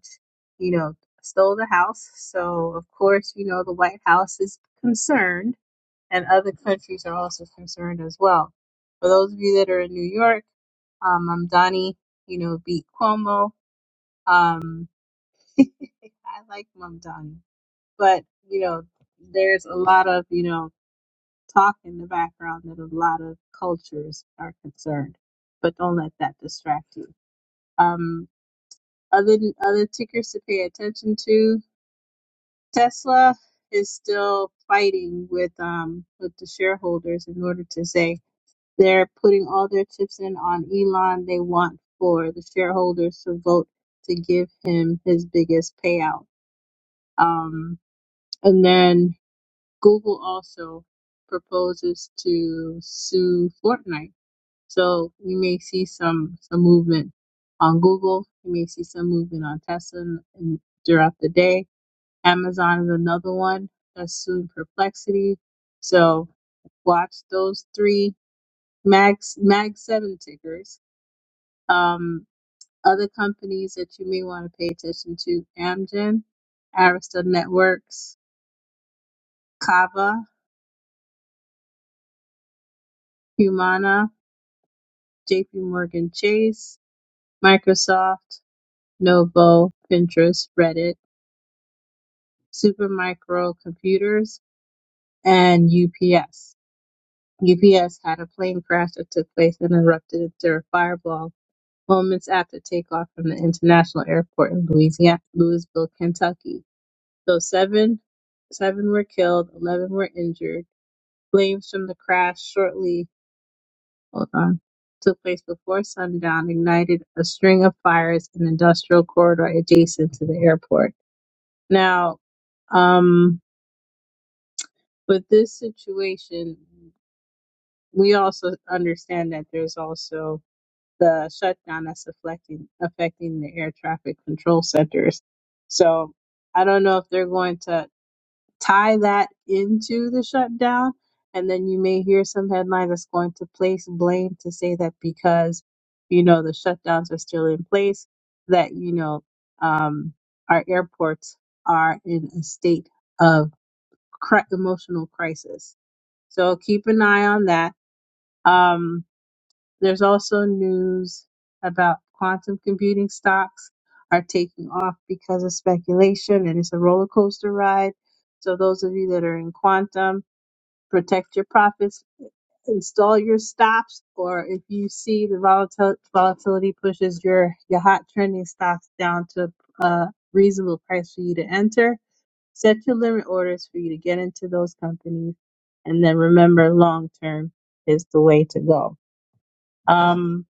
L: you know, stole the House. So, of course, you know, the White House is concerned, and other countries are also concerned as well. For those of you that are in New York, um, Mamdani, you know, beat Cuomo. Um, I like Mamdani, but, you know, there's a lot of, you know, talk in the background that a lot of cultures are concerned. But don't let that distract you. Um, other other tickers to pay attention to. Tesla is still fighting with um with the shareholders in order to say they're putting all their chips in on Elon. They want for the shareholders to vote to give him his biggest payout. Um, and then Google also proposes to sue Fortnite So you may see some some movement on Google. You may see some movement on Tesla and, and throughout the day. Amazon is another one that's suing Perplexity. So watch those three Mag Mag Seven tickers. Um, other companies that you may want to pay attention to: Amgen, Arista Networks, Kava, Humana, J.P. Morgan Chase, Microsoft, Novo, Pinterest, Reddit. Supermicro Computers, and UPS. UPS had a plane crash that took place and erupted into a fireball moments after takeoff from the international airport in Louisiana, Louisville, Kentucky. So seven, seven were killed, eleven were injured. Flames from the crash shortly hold on took place before sundown, ignited a string of fires in an industrial corridor adjacent to the airport. Now, um, with this situation. we also understand that there's also the shutdown that's affecting affecting the air traffic control centers. So I don't know if they're going to tie that into the shutdown, and then you may hear some headlines that's going to place blame to say that because you know the shutdowns are still in place, that you know um, our airports are in a state of cri- emotional crisis. So keep an eye on that. Um, there's also news about quantum computing stocks are taking off because of speculation and it's a roller coaster ride. So, those of you that are in quantum, protect your profits, install your stops, or if you see the volatil- volatility pushes your, your hot trending stocks down to a reasonable price for you to enter, set your limit orders for you to get into those companies. And then remember, long term is the way to go. Um,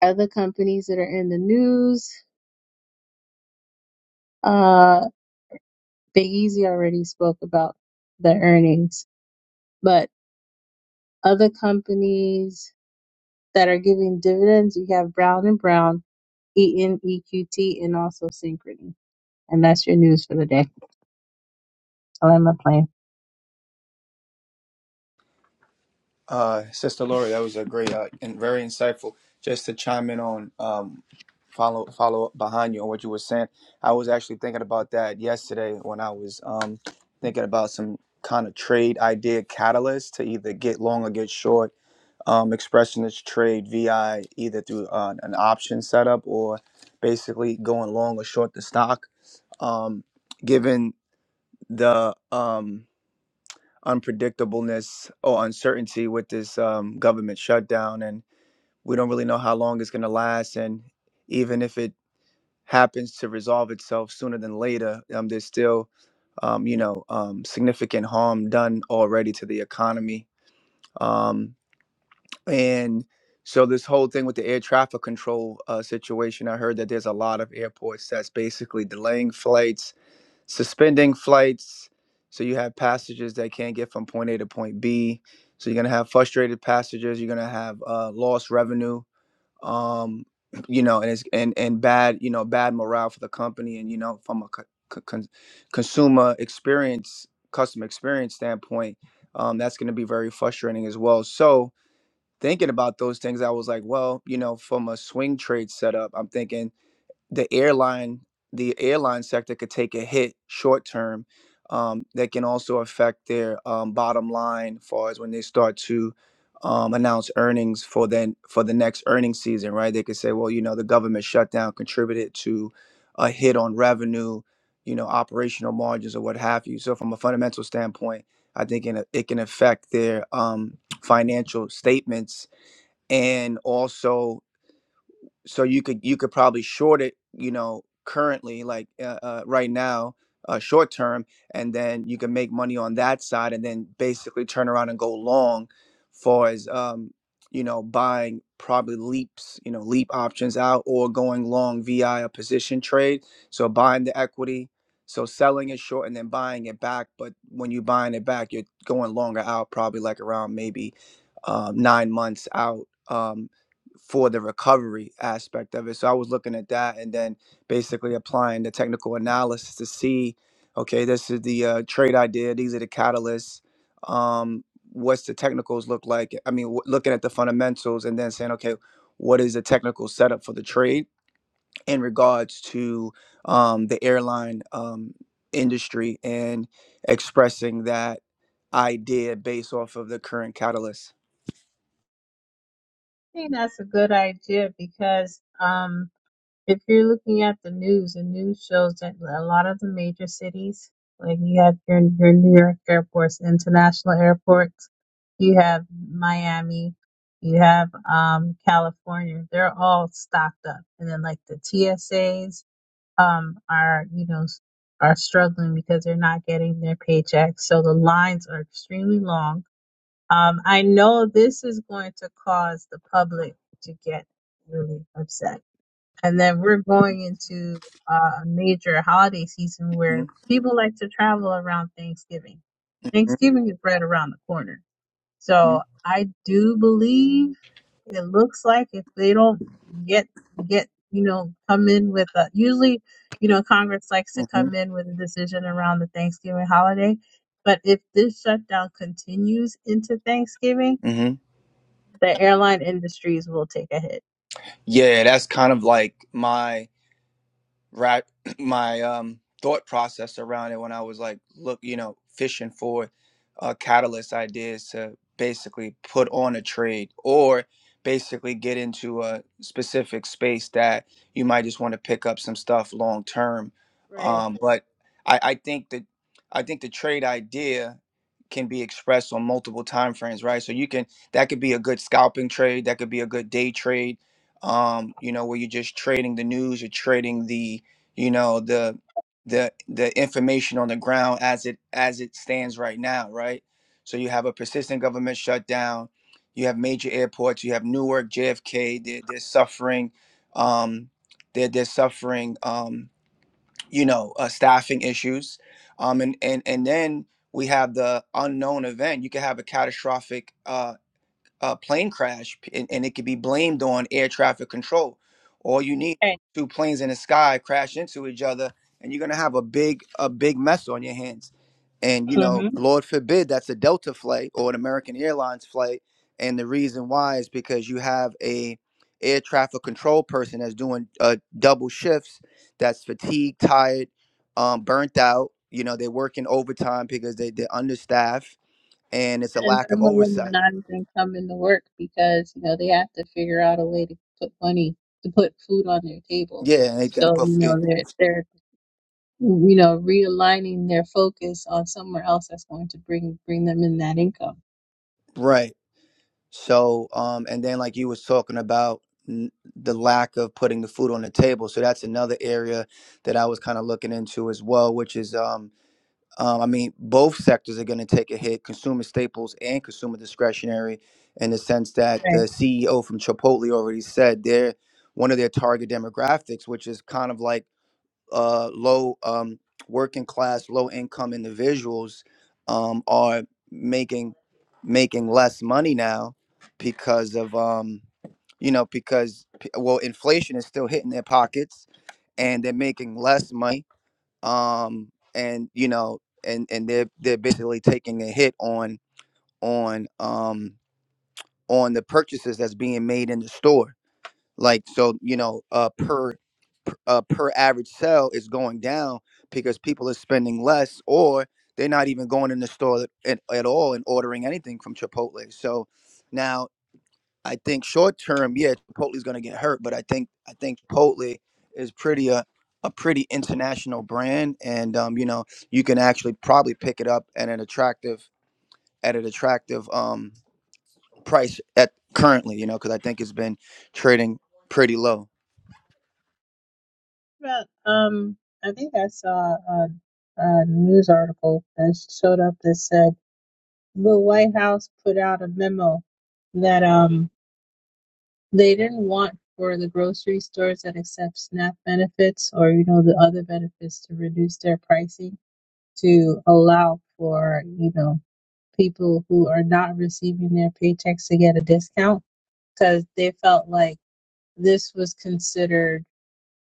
L: other companies that are in the news, uh, Big Easy already spoke about the earnings, but other companies that are giving dividends, you have Brown and Brown, Eaton, EQT, and also Synchrony. And that's your news for the day. I'll end my plane.
M: Uh, Sister Lori, that was a great uh, and very insightful. Just to chime in on, um, follow follow up behind you on what you were saying. I was actually thinking about that yesterday when I was um, thinking about some kind of trade idea catalyst to either get long or get short. Um, expressing this trade VI either through uh, an option setup or basically going long or short the stock. Um, given the um, unpredictableness or uncertainty with this um, government shutdown, and we don't really know how long it's going to last. And even if it happens to resolve itself sooner than later, um, there's still, um, you know, um, significant harm done already to the economy. Um, and so this whole thing with the air traffic control uh, situation, I heard that there's a lot of airports that's basically delaying flights suspending flights. So you have passengers that can't get from point A to point B. So you're gonna have frustrated passengers. You're gonna have uh, lost revenue. Um, you know, and it's and and bad. You know, bad morale for the company. And you know, from a co- con- consumer experience, customer experience standpoint, um, that's gonna be very frustrating as well. So thinking about those things, I was like, well, you know, from a swing trade setup, I'm thinking the airline the airline sector could take a hit short term um, that can also affect their um, bottom line far as when they start to um, announce earnings for then for the next earnings season right they could say well you know the government shutdown contributed to a hit on revenue you know operational margins or what have you so from a fundamental standpoint i think in a, it can affect their um, financial statements and also so you could you could probably short it you know currently like uh, uh, right now uh, short term and then you can make money on that side and then basically turn around and go long far as um, you know buying probably leaps you know leap options out or going long vi a position trade so buying the equity so selling it short and then buying it back but when you're buying it back you're going longer out probably like around maybe uh, nine months out Um, for the recovery aspect of it. So I was looking at that and then basically applying the technical analysis to see, okay, this is the uh, trade idea. These are the catalysts. Um, what's the technicals look like? I mean, w- looking at the fundamentals and then saying, okay, what is the technical setup for the trade in regards to um, the airline um, industry and expressing that idea based off of the current catalyst.
L: I think that's a good idea because um, If you're looking at the news, the news shows that a lot of the major cities, like you have your your New York airports, international airports, you have Miami, you have um, California. They're all stocked up, and then like the TSAs um, are you know s- are struggling because they're not getting their paychecks, so the lines are extremely long. Um, I know this is going to cause the public to get really upset and then we're going into uh, a major holiday season
M: hmm
L: where people like to travel around Thanksgiving. Thanksgiving is right around the corner,
M: hmm
L: so I do believe it looks like if they don't get get you know come in with a usually you know Congress likes to come in with a decision around the Thanksgiving holiday, but if this shutdown continues into Thanksgiving, the airline industries will take a hit.
M: Yeah, that's kind of like my right my um thought process around it when I was like look you know fishing for uh catalyst ideas to basically put on a trade or basically get into a specific space that you might just want to pick up some stuff long term
L: Right.
M: um but I I think that I think the trade idea can be expressed on multiple time frames right so you can that could be a good scalping trade that could be a good day trade um you know where you're just trading the news you're trading the you know the the the information on the ground as it as it stands right now right so you have a persistent government shutdown you have major airports you have newark jfk they're, they're suffering um they're, they're suffering um you know uh, staffing issues um and and and then we have the unknown event you could have a catastrophic uh, uh, plane crash, and, and it could be blamed on air traffic control. All you need
L: Okay.
M: two planes in the sky crash into each other, and you're gonna have a big a big mess on your hands. And you
L: hmm
M: know, Lord forbid that's a Delta flight or an American Airlines flight, and the reason why is because you have a air traffic control person that's doing uh, double shifts, that's fatigued, tired, um, burnt out. You know, they're working overtime because they, they're understaffed, and it's a
L: And
M: lack of
L: some of them
M: oversight
L: are not even coming to work because, you know, they have to figure out a way to put money, to put food on their table.
M: Yeah, and they got to
L: So, you
M: put it
L: know, they're they're you know, realigning their focus on somewhere else that's going to bring bring them in that income.
M: right. So, um, and then like you was talking about n- the lack of putting the food on the table. So that's another area that I was kind of looking into as well, which is, um, um, I mean, both sectors are going to take a hit: consumer staples and consumer discretionary, in the sense that the
L: Right.
M: CEO from Chipotle already said they're one of their target demographics, which is kind of like uh, low um, working class, low income individuals um, are making making less money now because of um, you know because p- well inflation is still hitting their pockets and they're making less money um, and you know and and they're they're basically taking a hit on on um, on the purchases that's being made in the store like so you know uh, per uh, per average sale is going down because people are spending less or they're not even going in the store at, at all and ordering anything from Chipotle. So now I think short term, yeah, Chipotle's going to get hurt, but I think I think Chipotle is pretty a a pretty international brand, and um, you know you can actually probably pick it up at an attractive at an attractive um price at currently, you know, because I think it's been trading pretty low.
L: Well, um, I think I saw a, a news article that showed up that said the White House put out a memo that um They didn't want for the grocery stores that accept SNAP benefits or, you know, the other benefits to reduce their pricing to allow for, you know, people who are not receiving their paychecks to get a discount because they felt like this was considered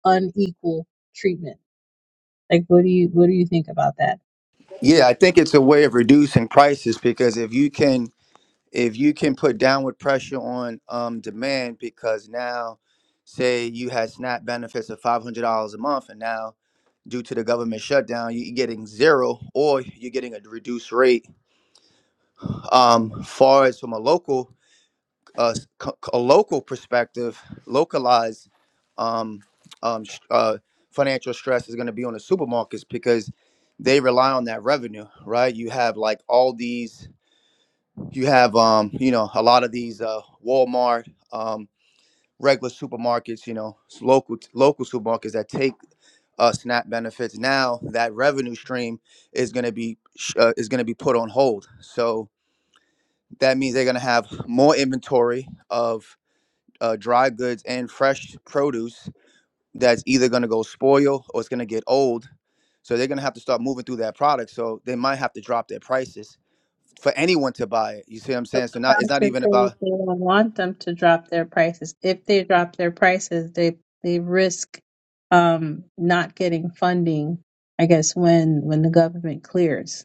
L: unequal treatment. Like, what do you what do you think about that?
M: Yeah, I think it's a way of reducing prices because if you can if you can put downward pressure on um, demand because now say you had SNAP benefits of five hundred dollars a month and now due to the government shutdown you- you're getting zero or you're getting a reduced rate. Um, far as from a local a, s- a local perspective, localized um, um, uh, financial stress is going to be on the supermarkets because they rely on that revenue, right? You have like all these, you have, um, you know, a lot of these uh, Walmart, um, regular supermarkets, you know, s- local local supermarkets that take uh, SNAP benefits. Now that revenue stream is going to be sh- uh, is going to be put on hold. So that means they're going to have more inventory of uh, dry goods and fresh produce that's either going to go spoil or it's going to get old. So they're going to have to start moving through that product. So they might have to drop their prices for anyone to buy it. You see what I'm
L: The
M: saying? So not it's not
L: sponsors
M: even
L: say that
M: about
L: they don't want them to drop their prices. If they drop their prices, they they risk um, not getting funding. I guess when when the government clears,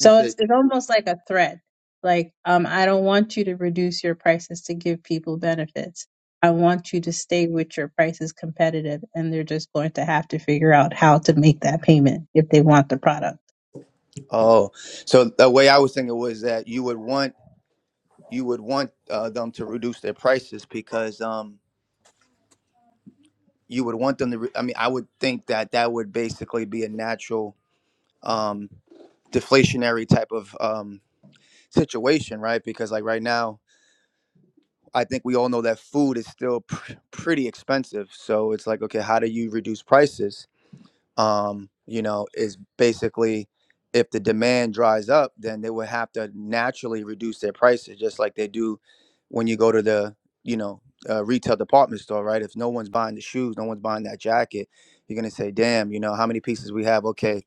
M: you
L: it's
M: said.
L: it's almost like a threat. Like um, I don't want you to reduce your prices to give people benefits. I want you to stay with your prices competitive, and they're just going to have to figure out how to make that payment if they want the product.
M: Oh, so the way I was thinking was that you would want you would want uh, them to reduce their prices because um, you would want them to. Re- I mean, I would think that that would basically be a natural um, deflationary type of um, situation, right? Because like right now I think we all know that food is still pr- pretty expensive. So it's like, okay, how do you reduce prices? Um, you know, is basically if the demand dries up, then they would have to naturally reduce their prices, just like they do when you go to the, you know, uh, retail department store, right? If no one's buying the shoes, no one's buying that jacket, you're gonna say, damn, you know, how many pieces we have? Okay,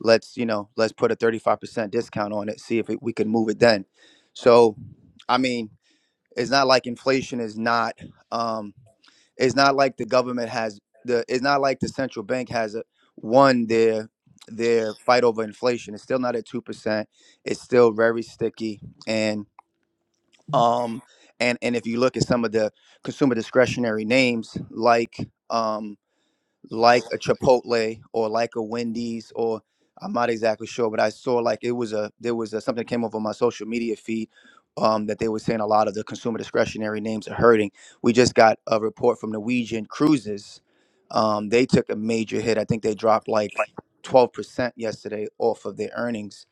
M: let's, you know, let's put a 35% discount on it, see if it, we can move it then. So, I mean, it's not like inflation is not. Um, it's not like the government has the. It's not like the central bank has a, won their their fight over inflation. It's still not at two percent. It's still very sticky and um and and if you look at some of the consumer discretionary names like um like a Chipotle or like a Wendy's or I'm not exactly sure, but I saw like it was a there was a, something that came over my social media feed um, that they were saying a lot of the consumer discretionary names are hurting. We just got a report from Norwegian Cruises. Um, they took a major hit. I think they dropped like 12% yesterday off of their earnings.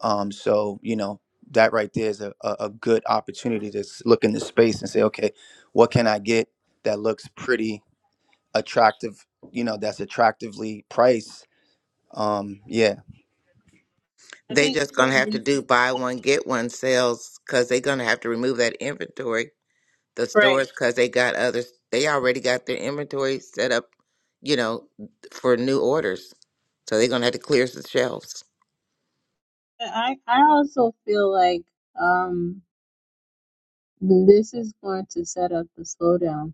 M: Um, so you know that right there is a, a, a good opportunity to s- look in the space and say, okay, what can I get that looks pretty? attractive, you know, that's attractively priced. Um, yeah,
L: I
K: they
L: think
K: just
L: for
K: gonna have
L: me,
K: to do buy one get one sales because they're gonna have to remove that inventory. The
L: right.
K: stores because they got others. They already got their inventory set up, you know, for new orders. So they're gonna have to clear the shelves.
L: I I also feel like um this is going to set up the slowdown.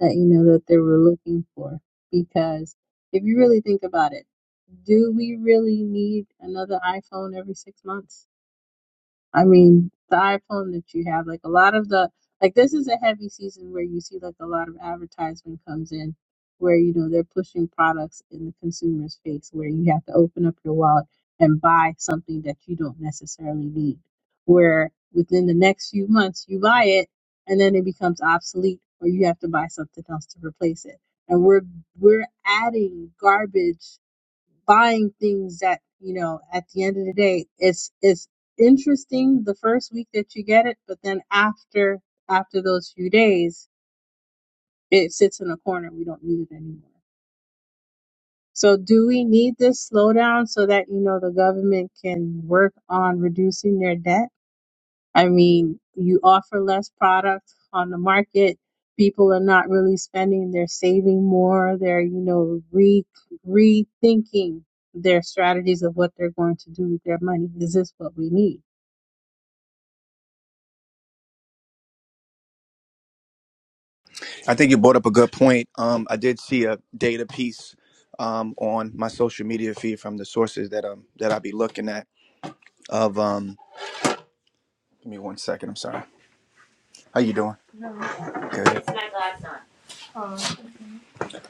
L: that you know that they were looking for. Because if you really think about it, do we really need another iPhone every six months? I mean, the iPhone that you have, like a lot of the, like this is a heavy season where you see like a lot of advertisement comes in where, you know, they're pushing products in the consumer's face where you have to open up your wallet and buy something that you don't necessarily need. Where within the next few months you buy it and then it becomes obsolete or you have to buy something else to replace it. And we're we're adding garbage buying things that you know at the end of the day it's it's interesting the first week that you get it but then after after those few days it sits in a corner we don't use it anymore so do we need this slowdown so that you know the government can work on reducing their debt I mean, you offer less product on the market. People are not really spending, they're saving more, they're, you know, re rethinking their strategies of what they're going to do with their money. Is this what we need?
M: I think you brought up a good point. Um, I did see a data piece um, on my social media feed from the sources that um that I be looking at. Of um, give me one second. I'm sorry. How you doing? Good.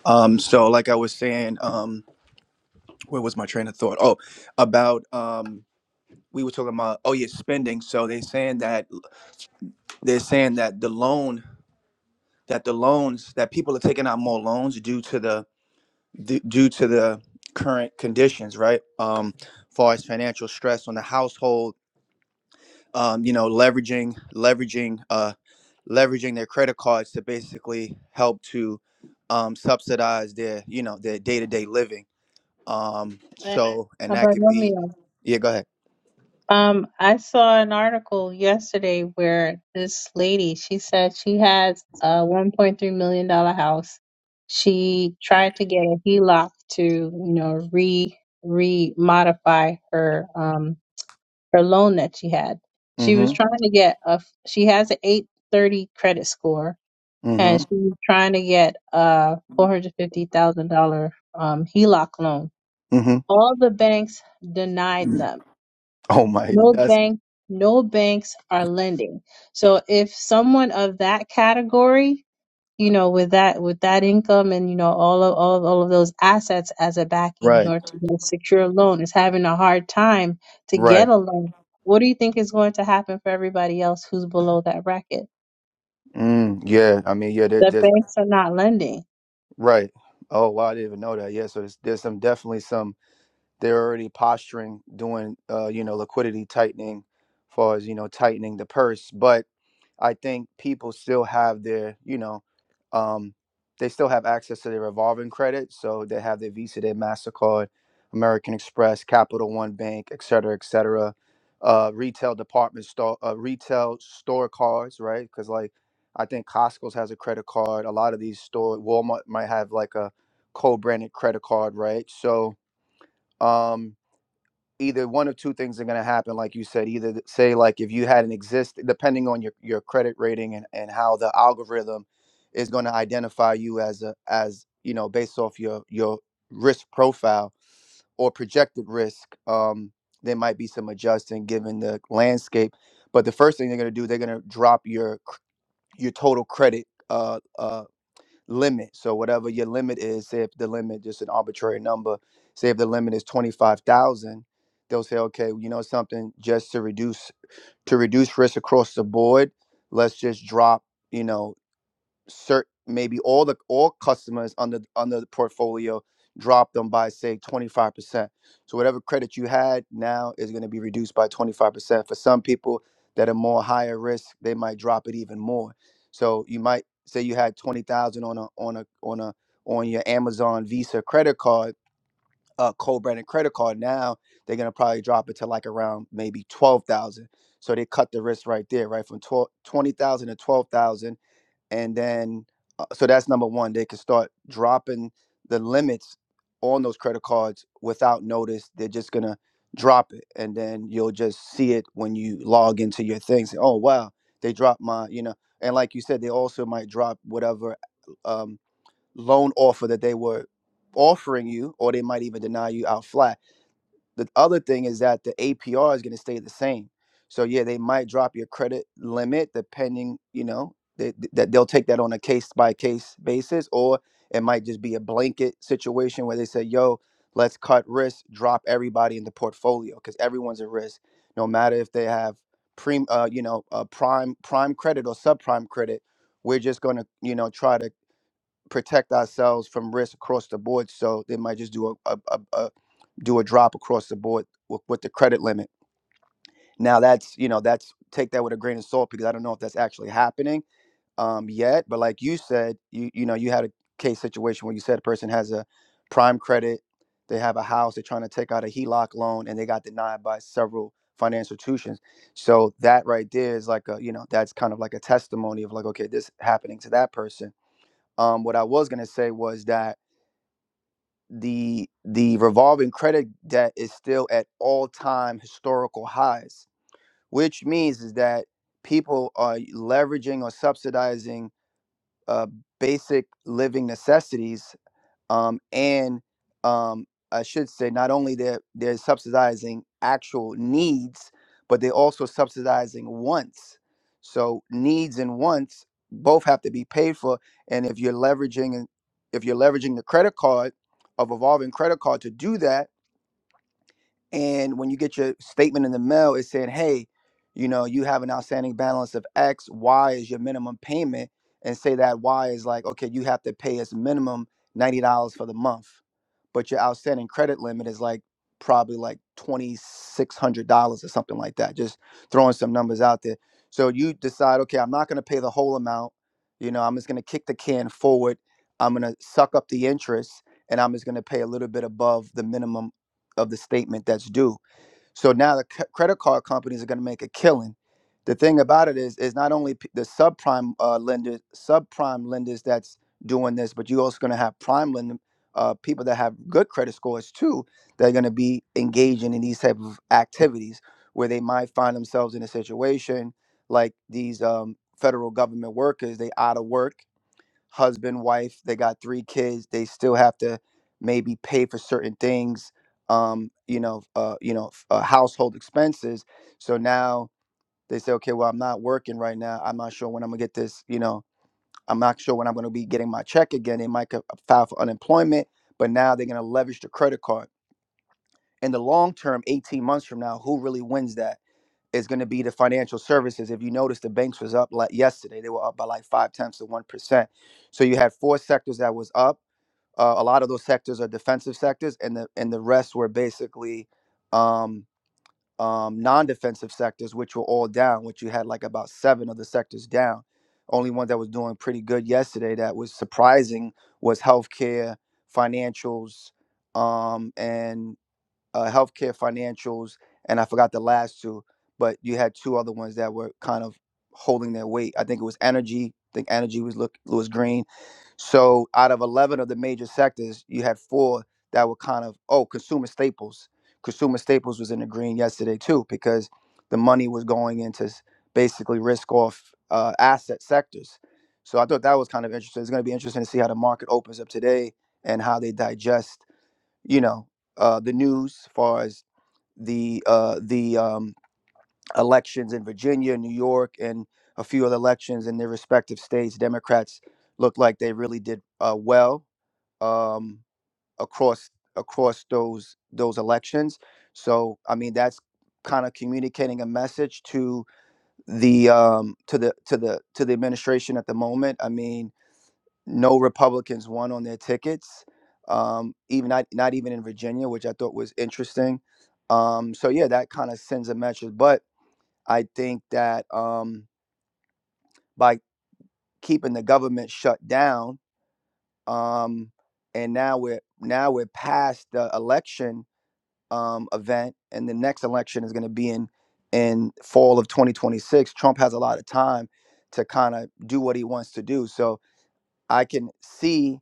M: Um, so like I was saying, um, where was my train of thought? Oh, about um, we were talking about oh yeah, spending. So they're saying that they're saying that the loan that the loans that people are taking out more loans due to the d- due to the current conditions, right? Um, far as financial stress on the household, um, you know, leveraging, leveraging, uh, leveraging their credit cards to basically help to um, subsidize their, you know, their day to day living. Um, so, and
L: Uh,
M: that could be,
L: Bartolomeo,
M: yeah, go ahead.
L: Um, I saw an article yesterday where this lady, she said she has a $1.3 million dollar house. She tried to get a HELOC to, you know, re re modify her um her loan that she had. She was
M: Mm-hmm.
L: trying to get a. She has an 830 credit score, and she
M: Mm-hmm.
L: was trying to get a $450,000 um, HELOC loan.
M: Mm-hmm.
L: All the banks denied them.
M: Oh my,
L: No
M: that's
L: bank, no banks are lending. So if someone of that category you know, with that with that income and you know all of all of, all of those assets as a backing in
M: right.
L: order to get a secure loan is having a hard time to
M: Right.
L: get a loan. What do you think is going to happen for everybody else who's below that bracket?
M: Mm, yeah. I mean, yeah, there,
L: The
M: there's
L: banks are not lending.
M: right. Oh wow, I didn't even know that. Yeah. So there's, there's some definitely some they're already posturing doing uh, you know liquidity tightening as far as you know tightening the purse but i think people still have their you know um, they still have access to their revolving credit so they have their visa their mastercard american express capital one bank et cetera et cetera uh, retail department store uh, retail store cards right because like i think costco's has a credit card a lot of these store walmart might have like a co-branded credit card right so um either one of two things are going to happen like you said either th- say like if you had an exist depending on your, your credit rating and, and how the algorithm is going to identify you as a as you know based off your your risk profile or projected risk um there might be some adjusting given the landscape but the first thing they're going to do they're going to drop your cr- your total credit uh, uh, limit. So whatever your limit is, say if the limit just an arbitrary number, say if the limit is twenty five thousand, they'll say, okay, you know something, just to reduce to reduce risk across the board, let's just drop, you know, Certain maybe all the all customers under under the portfolio drop them by say 25% so whatever credit you had now is going to be reduced by 25% for some people that are more higher risk they might drop it even more so you might say you had 20000 on a on a on a on your amazon visa credit card uh, co-branded credit card now they're going to probably drop it to like around maybe 12000 so they cut the risk right there right from 12, twenty thousand to 12000 and then uh, so that's number one they can start dropping the limits on those credit cards without notice they're just gonna drop it and then you'll just see it when you log into your things oh wow they dropped my you know and like you said they also might drop whatever um, loan offer that they were offering you or they might even deny you out flat the other thing is that the APR is going to stay the same. So yeah, they might drop your credit limit depending, you know, they, that they'll take that on a case by case basis, or it might just be a blanket situation where they say, "Yo, let's cut risk, drop everybody in the portfolio because everyone's at risk, no matter if they have prime, uh, you know, uh, prime prime credit or subprime credit. We're just going to, you know, try to protect ourselves from risk across the board. So they might just do a a a, do a drop across the board with, with the credit limit. Now that's you know that's take that with a grain of salt because I don't know if that's actually happening um, yet. But like you said, you you know you had a case situation where you said a person has a prime credit, they have a house, they're trying to take out a HELOC loan, and they got denied by several financial institutions. So that right there is like a you know that's kind of like a testimony of like okay this happening to that person. Um, what I was gonna say was that the the revolving credit debt is still at all-time historical highs which means is that people are leveraging or subsidizing uh, basic living necessities um, and um, I should say not only they're they're subsidizing actual needs, but they're also subsidizing wants. So needs and wants both have to be paid for, and if you're leveraging if you're leveraging the credit card, a revolving credit card to do that and when you get your statement in the mail, it's saying, hey, you know, you have an outstanding balance of X, Y is your minimum payment, and say that Y is like, okay, you have to pay as minimum $90 for the month. But your outstanding credit limit is like probably like $2,600 or something like that, just throwing some numbers out there. So you decide, okay, I'm not going to pay the whole amount. You know, I'm just going to kick the can forward. I'm going to suck up the interest and I'm just going to pay a little bit above the minimum of the statement that's due. So now the c- credit card companies are going to make a killing. The thing about it is, is not only p- the subprime uh, lenders, subprime lenders that's doing this, but you're also going to have prime lender, uh, people that have good credit scores too. that are going to be engaging in these type of activities where they might find themselves in a situation like these um, federal government workers. They out of work husband, wife, they got three kids, they still have to maybe pay for certain things, um, you know, uh, you know, f- uh, household expenses. So now they say, okay, well, I'm not working right now. I'm not sure when I'm gonna get this, you know, I'm not sure when I'm gonna be getting my check again. They might co- uh, file for unemployment, but now they're gonna leverage the credit card. In the long term, 18 months from now, who really wins that? is going to be the financial services. If you notice, the banks was up like yesterday; they were up by like five tenths of one percent. So you had four sectors that was up. Uh, a lot of those sectors are defensive sectors, and the and the rest were basically um, um, non-defensive sectors, which were all down. Which you had like about seven of the sectors down. Only one that was doing pretty good yesterday that was surprising was healthcare, financials, um, and uh, healthcare financials, and I forgot the last two, but you had two other ones that were kind of holding their weight. I think it was energy. I think energy was look was Green. So out of eleven of the major sectors, you had four that were kind of oh consumer staples. Consumer staples was in the green yesterday too because the money was going into s- basically risk off uh, asset sectors. So I thought that was kind of interesting. It's going to be interesting to see how the market opens up today and how they digest you know uh, the news as far as the uh, the um, elections in Virginia, New York, and a few other elections in their respective states. Democrats looked like they really did uh, well um, across across those those elections. So I mean that's kind of communicating a message to the um, to the to the to the administration at the moment. I mean no Republicans won on their tickets, um, even not not even in Virginia, which I thought was interesting. Um, so yeah, that kind of sends a message. But I think that um, by keeping the government shut down, um, and now we're now we're past the election um, event, and the next election is going to be in in fall of 2026. Trump has a lot of time to kind of do what he wants to do. So I can see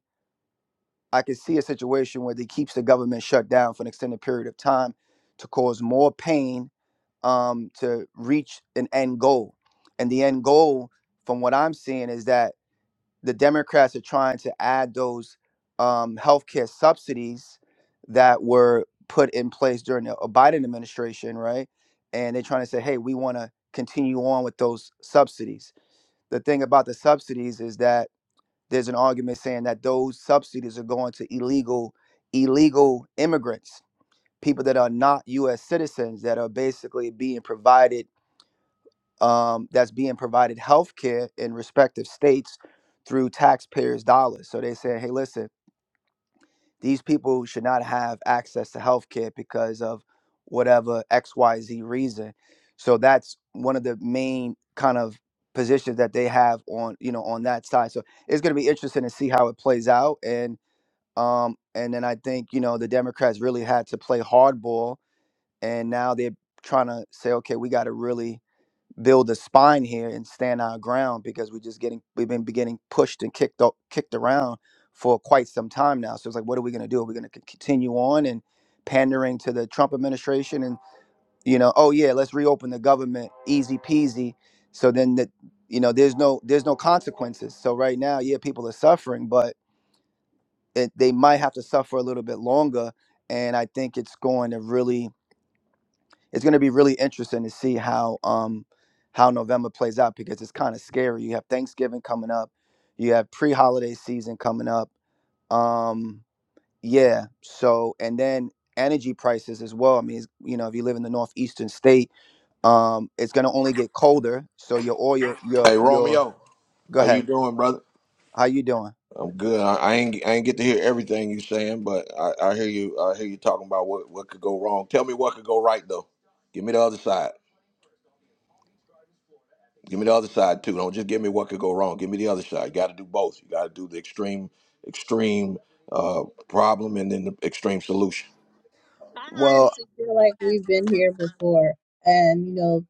M: I could see a situation where they keeps the government shut down for an extended period of time to cause more pain um, to reach an end goal. And the end goal, from what I'm seeing, is that the Democrats are trying to add those um, healthcare subsidies that were put in place during the uh, Biden administration, right? And they're trying to say, hey, we want to continue on with those subsidies. The thing about the subsidies is that there's an argument saying that those subsidies are going to illegal illegal immigrants people that are not us citizens that are basically being provided um, that's being provided health care in respective states through taxpayers dollars so they say hey listen these people should not have access to health care because of whatever xyz reason so that's one of the main kind of positions that they have on you know on that side so it's going to be interesting to see how it plays out and um, and then I think, you know, the Democrats really had to play hardball. And now they're trying to say, okay, we got to really build a spine here and stand our ground because we're just getting, we've been getting pushed and kicked, o- kicked around for quite some time now. So it's like, what are we going to do? Are we going to continue on and pandering to the Trump administration and, you know, oh yeah, let's reopen the government, easy peasy. So then that, you know, there's no, there's no consequences. So right now, yeah, people are suffering, but it, they might have to suffer a little bit longer. And I think it's going to really, it's going to be really interesting to see how um how November plays out because it's kind of scary. You have Thanksgiving coming up, you have pre-holiday season coming up. Um, yeah. So and then energy prices as well. I mean, it's- you know, if you live in the northeastern state, um, it's going to only get colder. So your oil, your
A: Hey
M: your,
A: Romeo,
M: go
A: how you
M: ahead.
A: doing, brother?
M: How you doing?
A: I'm good. I, I ain't I ain't get to hear everything you saying, but I, I hear you. I hear you talking about what what could go wrong. Tell me what could go right though. Give me the other side. Give me the other side too. Don't just give me what could go wrong. Give me the other side. You got to do both. You got to do the extreme extreme uh, problem and then the extreme solution.
L: I
M: Well.
L: honestly feel like we've been here before, and you know,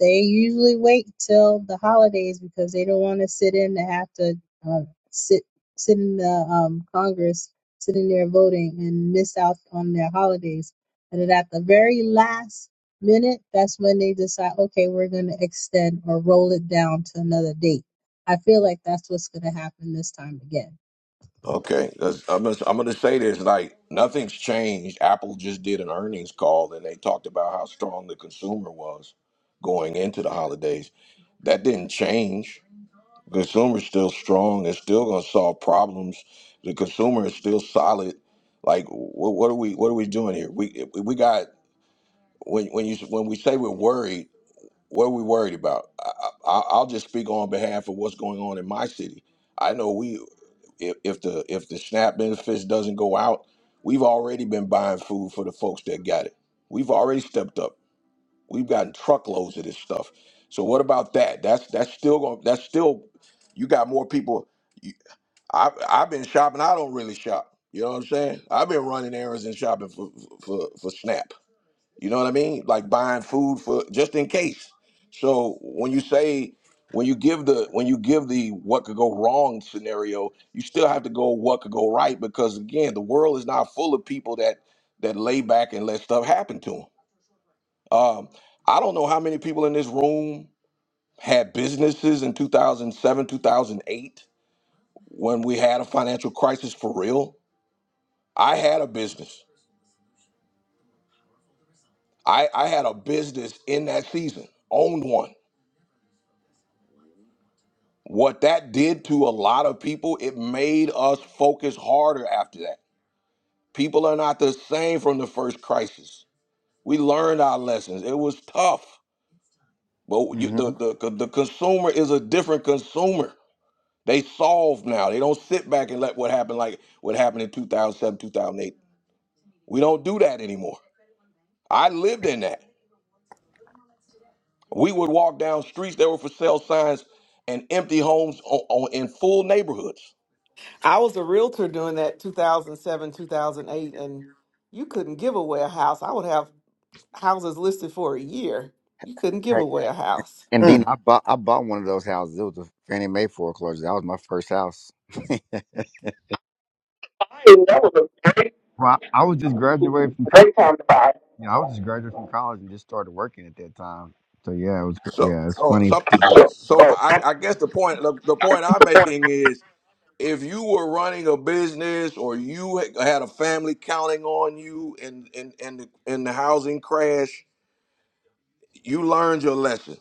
L: they usually wait till the holidays because they don't want to sit in to have to uh, sit sit in the um, Congress, sit in there voting, and miss out on their holidays. And then at the very last minute, that's when they decide, okay, we're going to extend or roll it down to another date. I feel like that's what's going to happen this time again.
A: Okay, that's, I'm gonna, I'm gonna say this like nothing's changed. Apple just did an earnings call and they talked about how strong the consumer was going into the holidays. That didn't change. Consumer's still strong. They're still gonna solve problems. The consumer is still solid. Like what, what are we what are we doing here? We we got when when you when we say we're worried. What are we worried about? I, I, I'll just speak on behalf of what's going on in my city. I know we, if, if the if the SNAP benefits doesn't go out, we've already been buying food for the folks that got it. We've already stepped up. We've gotten truckloads of this stuff. So what about that? That's that's still going. That's still. You got more people. you- I I've been shopping. I don't really shop. You know what I'm saying? I've been running errands and shopping for for for SNAP. You know what I mean? Like buying food for just in case. So when you say when you give the when you give the what could go wrong scenario, you still have to go what could go right because again, the world is not full of people that that lay back and let stuff happen to them. Um, I don't know how many people in this room had businesses in 2007, 2008 when we had a financial crisis for real. I had a business. I, I had a business in that season, owned one what that did to a lot of people, it made us focus harder after that. People are not the same from the first crisis. We learned our lessons. It was tough, but you,
M: mhm.
A: the, the the consumer is a different consumer. They solve now. They don't sit back and let what happened like what happened in 2007, 2008. We don't do that anymore. I lived in that. We would walk down streets that were for sale signs and empty homes on, on, in full neighborhoods.
N: I was a realtor during that 2007, 2008, and you couldn't give away a house. I would have houses listed for a year. You couldn't give away a house.
C: And then
M: Mm.
C: I bought I bought one of those houses. It was a Fannie Mae foreclosure. That was my first house. I didn't know it was well, I was just graduated from a college. great time to buy. Yeah, I was just graduated from college and just started working at that time. So yeah, it was gr-
A: So,
C: yeah, it's
A: so,
C: funny.
A: so, so I, I guess the point, the, the point I'm making is, if you were running a business or you had a family counting on you in in in the, in the housing crash, you learned your lesson.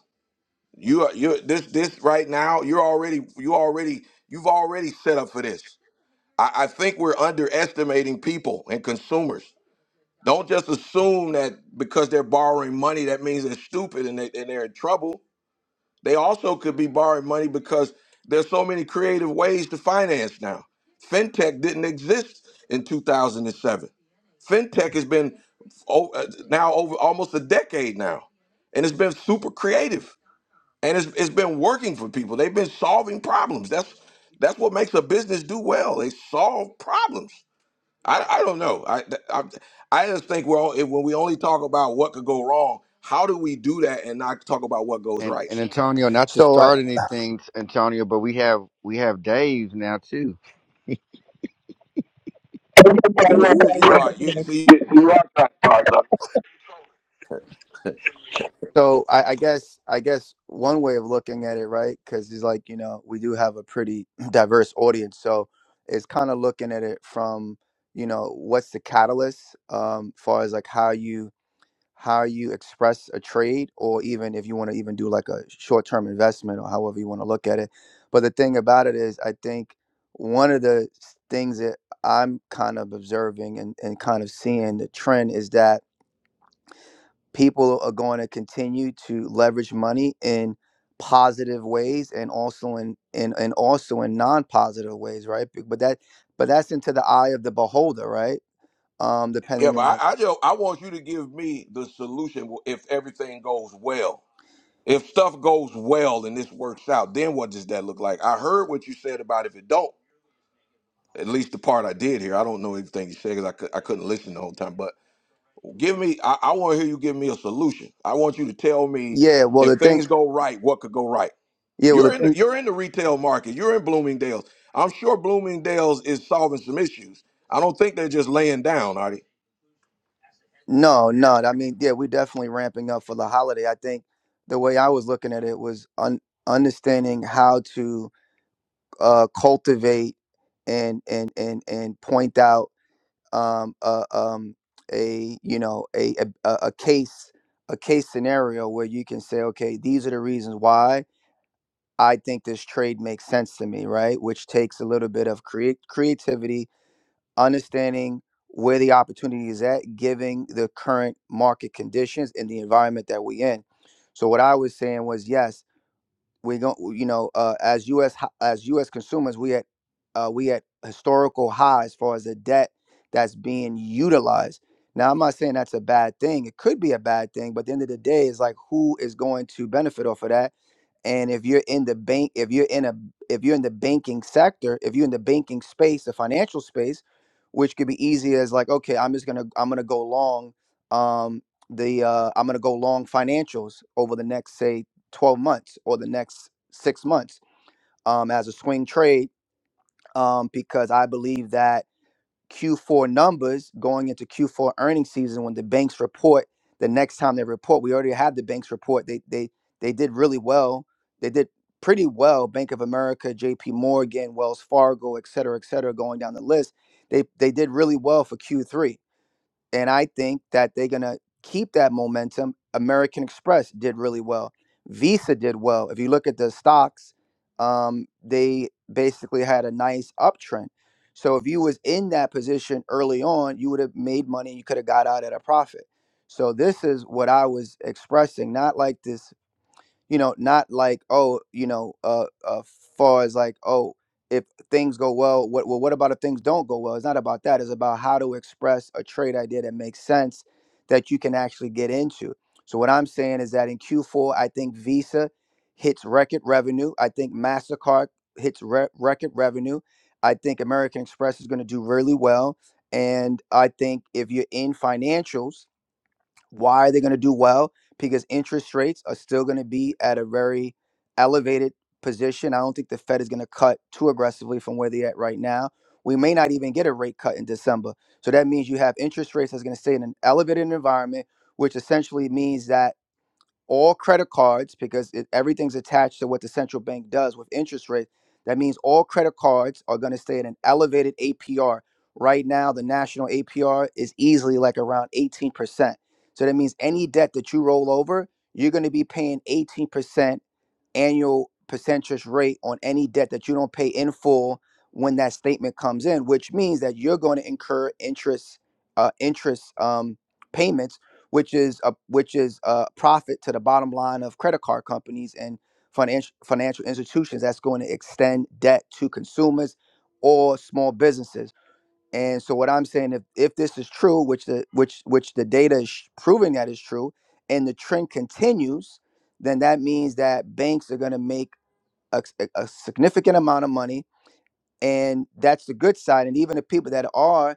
A: You are you this this right now. You're already you already you've already set up for this. I, I think we're underestimating people and consumers. Don't just assume that because they're borrowing money, that means they're stupid and, they, and they're in trouble They also could be borrowing money because there's so many creative ways to finance now. Fintech didn't exist in 2007. Fintech has been o- uh, now over almost a decade now, and it's been super creative, and it's, it's been working for people. They've been solving problems. That's that's what makes a business do well. They solve problems. I, I don't know. I, I I just think we're all, when we only talk about what could go wrong, how do we do that and not talk about what goes
C: And
A: right?
C: and Antonio, not to
M: So uh,
C: start anything, Antonio, but we have we have days now too.
L: Thank
A: You, you, you are. You,
L: you,
A: see,
C: Did-
M: So I, I guess I guess one way of looking at it, right? Because it's like you know we do have a pretty diverse audience, so it's kind of looking at it from you know what's the catalyst, um, far as like how you how you express a trade, or even if you want to even do like a short term investment, or however you want to look at it. But the thing about it is, I think one of the s- things that I'm kind of observing and, and kind of seeing the trend is that people are going to continue to leverage money in positive ways and also in, in and also in non-positive ways right B- but that but that's into the eye of the beholder right um
A: yeah,
M: depending
A: but
M: on
A: I, I just I want you to give me the solution if everything goes well. If stuff goes well and this works out, then what does that look like? I heard what you said about if it don't. At least the part I did hear I don't know everything you said because I, cou- I couldn't listen the whole time. But give me, I, I want to hear you give me a solution. I want you to tell me
M: yeah well
A: if
M: the thing
A: things go right, what could go right.
M: yeah well the
A: You're in the,
M: thing
A: you're in the retail market. You're in Bloomingdale's. I'm sure Bloomingdale's is solving some issues. I don't think they're just laying down.
M: no no i mean yeah we're definitely ramping up for the holiday i think the way i was looking at it was un- understanding how to uh cultivate and and and and point out um, a, um, a you know a, a a case a case scenario where you can say, okay, these are the reasons why I think this trade makes sense to me, right? Which takes a little bit of create creativity, understanding where the opportunity is at, giving the current market conditions and the environment that we in. So what I was saying was yes, we go you know uh, as us ho- as us consumers we at uh, we at historical highs as far as the debt that's being utilized now i'm not saying that's a bad thing it could be a bad thing but at the end of the day it's like who is going to benefit off of that and if you're in the bank, if you're in a if you're in the banking sector, if you're in the banking space, the financial space, which could be easy as like, okay, I'm just gonna I'm gonna go long um the uh I'm gonna go long financials over the next say 12 months or the next six months um as a swing trade um because I believe that Q4 numbers going into Q4 earnings season when the banks report the next time they report. We already had the banks report. They they they did really well. They did pretty well. Bank of America, JP Morgan, Wells Fargo, et cetera, et cetera, going down the list. They they did really well for Q3. And I think that they're going to keep that momentum. American Express did really well. Visa did well. If you look at the stocks, um, they basically had a nice uptrend. So if you was in that position early on, you would have made money. You could have got out at a profit. So this is what I was expressing, not like this you know not like oh you know uh, uh far as like oh if things go well what well what about if things don't go well it's not about that it's about how to express a trade idea that makes sense that you can actually get into so what i'm saying is that in q4 i think visa hits record revenue i think mastercard hits re- record revenue i think american express is going to do really well and i think if you're in financials why are they going to do well? Because interest rates are still going to be at a very elevated position. I don't think the Fed is going to cut too aggressively from where they're at right now. We may not even get a rate cut in December. So that means you have interest rates that's going to stay in an elevated environment, which essentially means that all credit cards because it, everything's attached to what the central bank does with interest rate. That means all credit cards are going to stay at an elevated APR. Right now, the national APR is easily like around 18%. So that means any debt that you roll over, you're going to be paying 18% annual percentage rate on any debt that you don't pay in full when that statement comes in, which means that you're going to incur interest uh, interest um, payments, which is a which is a profit to the bottom line of credit card companies and financial financial institutions. That's going to extend debt to consumers or small businesses. And so what I'm saying, if if this is true, which the which which the data is sh- proving that is true, and the trend continues, then that means that banks are going to make a, s- a- a significant amount of money, and that's the good side. And even the people that are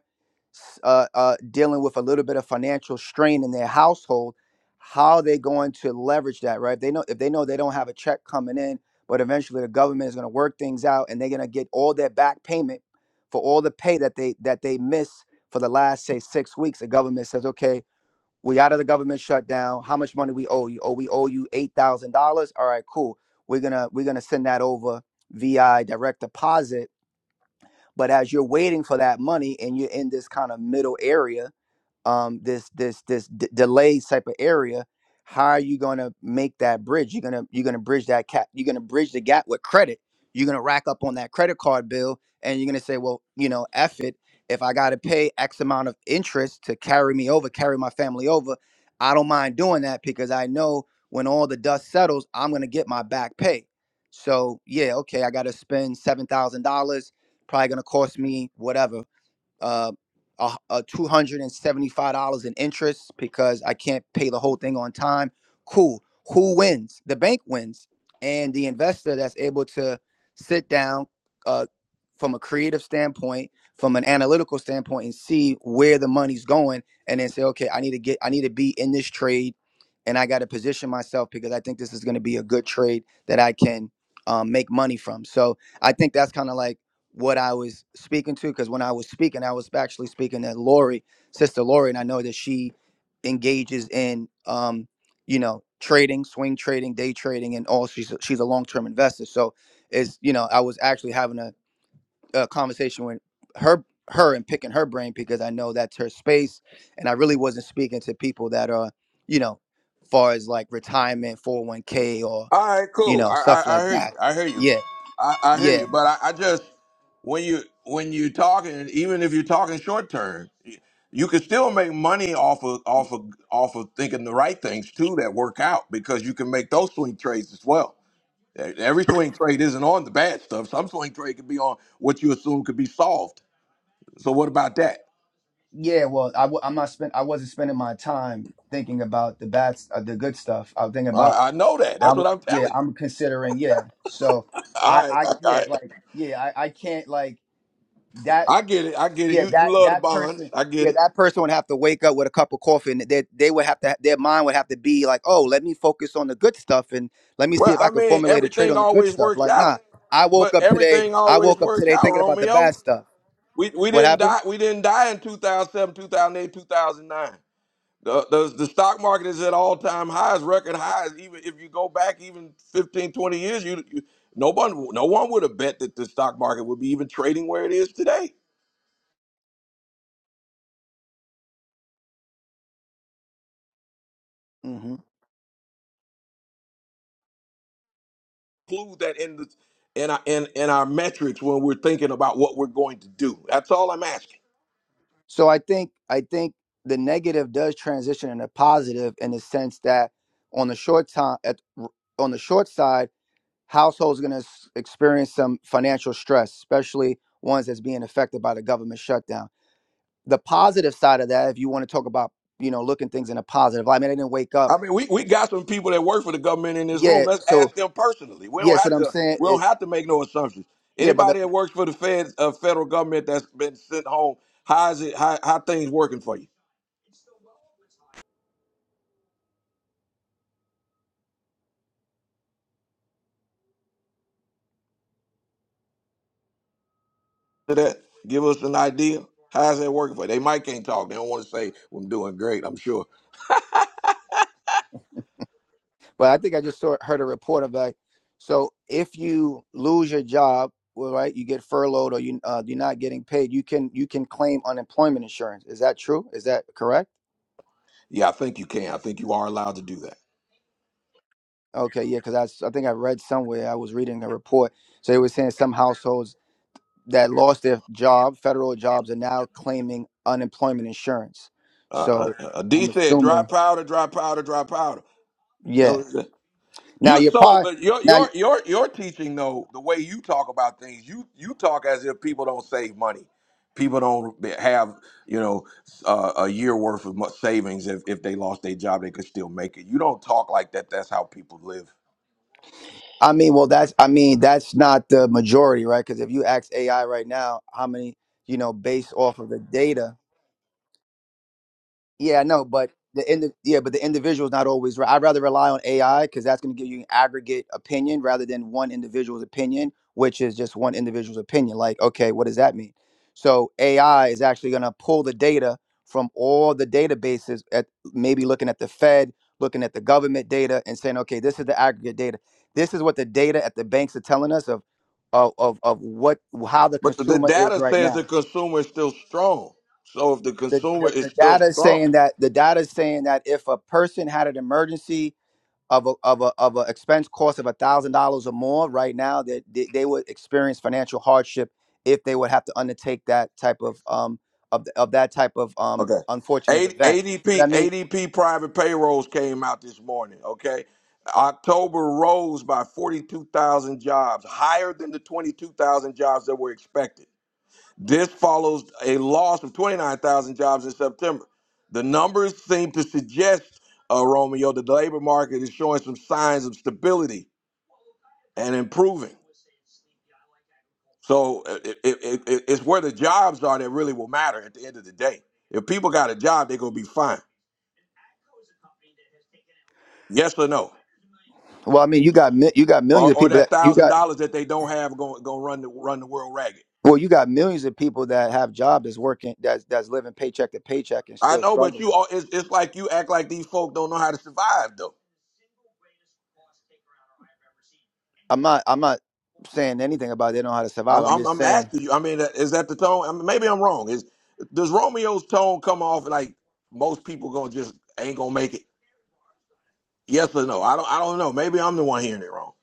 M: uh, uh, dealing with a little bit of financial strain in their household, how are they going to leverage that, right? If they know if they know they don't have a check coming in, but eventually the government is going to work things out and they're going to get all their back payment for all the pay that they that they miss for the last say six weeks. The government says, okay, we out of the government shutdown. How much money we owe you? Oh, we owe you eight thousand dollars. All right, cool. We're gonna we're gonna send that over via direct deposit. But as you're waiting for that money and you're in this kind of middle area, um, this this this d- delayed type of area how are you going to make that bridge you're going to you're going to bridge that cap you're going to bridge the gap with credit you're going to rack up on that credit card bill and you're going to say well you know F it if i got to pay x amount of interest to carry me over carry my family over i don't mind doing that because i know when all the dust settles i'm going to get my back pay so yeah okay i got to spend $7000 probably going to cost me whatever uh, a, a two hundred and seventy-five dollars in interest because I can't pay the whole thing on time. Cool. Who wins? The bank wins, and the investor that's able to sit down uh, from a creative standpoint, from an analytical standpoint, and see where the money's going, and then say, okay, I need to get, I need to be in this trade, and I got to position myself because I think this is going to be a good trade that I can um, make money from. So I think that's kind of like what I was speaking to because when I was speaking, I was actually speaking to Lori, Sister Lori, and I know that she engages in, um, you know, trading, swing trading, day trading, and all. She's a- she's a long term investor, so is you know I was actually having a, a conversation with her her and picking her brain because I know that's her space, and I really wasn't speaking to people that are you know, far as like retirement, four hundred one k, or
A: All right,
M: you
A: cool.
M: know
A: I,
M: stuff
A: I, I
M: like
A: hear you.
M: that.
A: I hear you.
M: Yeah,
A: I, I hear
M: yeah.
A: you. But I, I just when you when you talking, even if you're talking short term, you, you can still make money off of off of off of thinking the right things too that work out because you can make those swing trades as well. E, Every swing trade isn't on the bad stuff. Some swing trade could be on what you assume could be solved. So what about that?
M: Yeah, well, I w- I'm not spend. I wasn't spending my time thinking about the bad, s- uh, the good stuff. I was thinking about.
A: I, I know that.
M: I
A: That's what
M: was.
A: I'm
M: Yeah,
A: telling you.
M: I'm considering. Yeah, so I,
A: All right,
M: I,
A: all
M: yeah,
A: right.
M: like, yeah, I, I can't like that.
A: I get it. I get it.
M: Yeah,
A: You you
M: that
A: love the
M: that
A: bonds.
M: person.
A: I get it.
M: Yeah, that person would have to wake up with a cup of coffee, and they they would have to. Their mind would have to be like, oh, let me focus on the good stuff, and let me see
A: Well,
M: if
A: I
M: I can
A: mean,
M: formulate a trade
A: everything
M: on the good
A: always
M: stuff.
A: works
M: Like,
A: out,
M: nah, I woke
A: but
M: up today.
A: everything
M: I
A: always
M: woke up
A: works
M: today
A: out,
M: thinking about the bad
A: Romeo.
M: stuff.
A: We we
M: What
A: didn't
M: happened?
A: die. We didn't die in 2007, 2008, 2009. The, the, the stock market is at all time highs, record highs. Even if you go back even 15, 20 years, you, you no one no one would have bet that the stock market would be even trading where it is today.
M: hmm
A: Include that in the in our, in, in our metrics when we're thinking about what we're going to do. That's all I'm asking.
M: So I think I think the negative does transition into positive in the sense that on the short time at on the short side. households are going to experience some financial stress, especially ones that's being affected by the government shutdown. The positive side of that, if you want to talk about, you know, looking things in a positive light, I mean, I didn't wake up.
A: I mean, we, we got some people that work for the government in this room.
M: Yeah.
A: Let's
M: So,
A: ask them personally. We
M: yeah.
A: don't
M: So
A: have
M: what I'm
A: to
M: saying,
A: we don't
M: it,
A: have to make no assumptions.
M: yeah, but the,
A: Anybody that works for the Fed, uh, federal government that's been sent home, how is it how how things working for you? To that, give us an idea. How is that working for you? They might can't talk. They don't want to say well, I'm doing great. I'm sure.
M: but I think I just saw, heard a report of like, so if you lose your job, well, right, you get furloughed or you uh, you're not getting paid, you can you can claim unemployment insurance. Is that true? Is that correct?
A: Yeah, I think you can. I think you are allowed to do that.
M: Okay, yeah, because I, s- I think I read somewhere I was reading a report so they were saying some households that lost their job, federal jobs, are now claiming unemployment insurance.
A: Uh,
M: So
A: uh, uh, D
M: I'm
A: said, "Dry
M: assuming,
A: powder, dry powder, dry powder."
M: yeah. Now
A: You
M: you're
A: so
M: probably
A: but your
M: now.
A: your your your teaching though the way you talk about things you you talk as if people don't save money, people don't have you know uh, a year worth of mo- savings if if they lost their job they could still make it. You don't talk like that. That's how people live.
M: I mean, well, that's I mean that's not the majority, right? Because if you ask AI right now, how many you know, based off of the data, Yeah, I know, but the end, yeah, but the individual is not always right. I'd rather rely on AI because that's going to give you an aggregate opinion rather than one individual's opinion, which is just one individual's opinion. Like, okay, what does that mean? So AI is actually going to pull the data from all the databases at maybe looking at the Fed, looking at the government data, and saying, okay, this is the aggregate data. This is what the data at the banks are telling us of of of, of what how the
A: But the, the
M: consumer is
A: data
M: right
A: says
M: now
A: the consumer is still strong. So if the
M: the,
A: consumer
M: the,
A: is
M: the
A: still
M: data is
A: strong,
M: saying that the data is saying that if a person had an emergency of a of a of an expense cost of a thousand dollars or more right now that they, they would experience financial hardship if they would have to undertake that type of um of, of that type of um
A: Okay.
M: unfortunate
A: A-
M: event. But I
A: ADP
M: mean,
A: ADP private payrolls came out this morning. Okay. October rose by 42,000 jobs, higher than the 22,000 jobs that were expected. This follows a loss of 29,000 jobs in September. The numbers seem to suggest, uh, Romeo, that the labor market is showing some signs of stability and improving. So uh, it, it, it- it's where the jobs are that really will matter at the end of the day. If people got a job, they're going to be fine. Yes or no?
M: well, I mean, you got mi- you got
A: or
M: millions of
A: or
M: people
A: that
M: that you
A: thousand
M: got
A: dollars that they don't have going going run the run the world ragged.
M: well, you got millions of people that have jobs that's working that's that's living paycheck to paycheck and
A: I
M: still
A: know, but
M: struggling.
A: you all it's, it's like you act like these folk don't know how to survive though.
M: I'm not I'm not saying anything about they know how to survive.
A: I'm
M: I'm
A: I'm,
M: just
A: I'm
M: saying
A: asking you. I mean, uh, is that the tone? I mean, maybe I'm wrong. Is does Romeo's tone come off like most people gonna just ain't gonna make it? Yes or no? I don't I don't know. Maybe I'm the one hearing it wrong.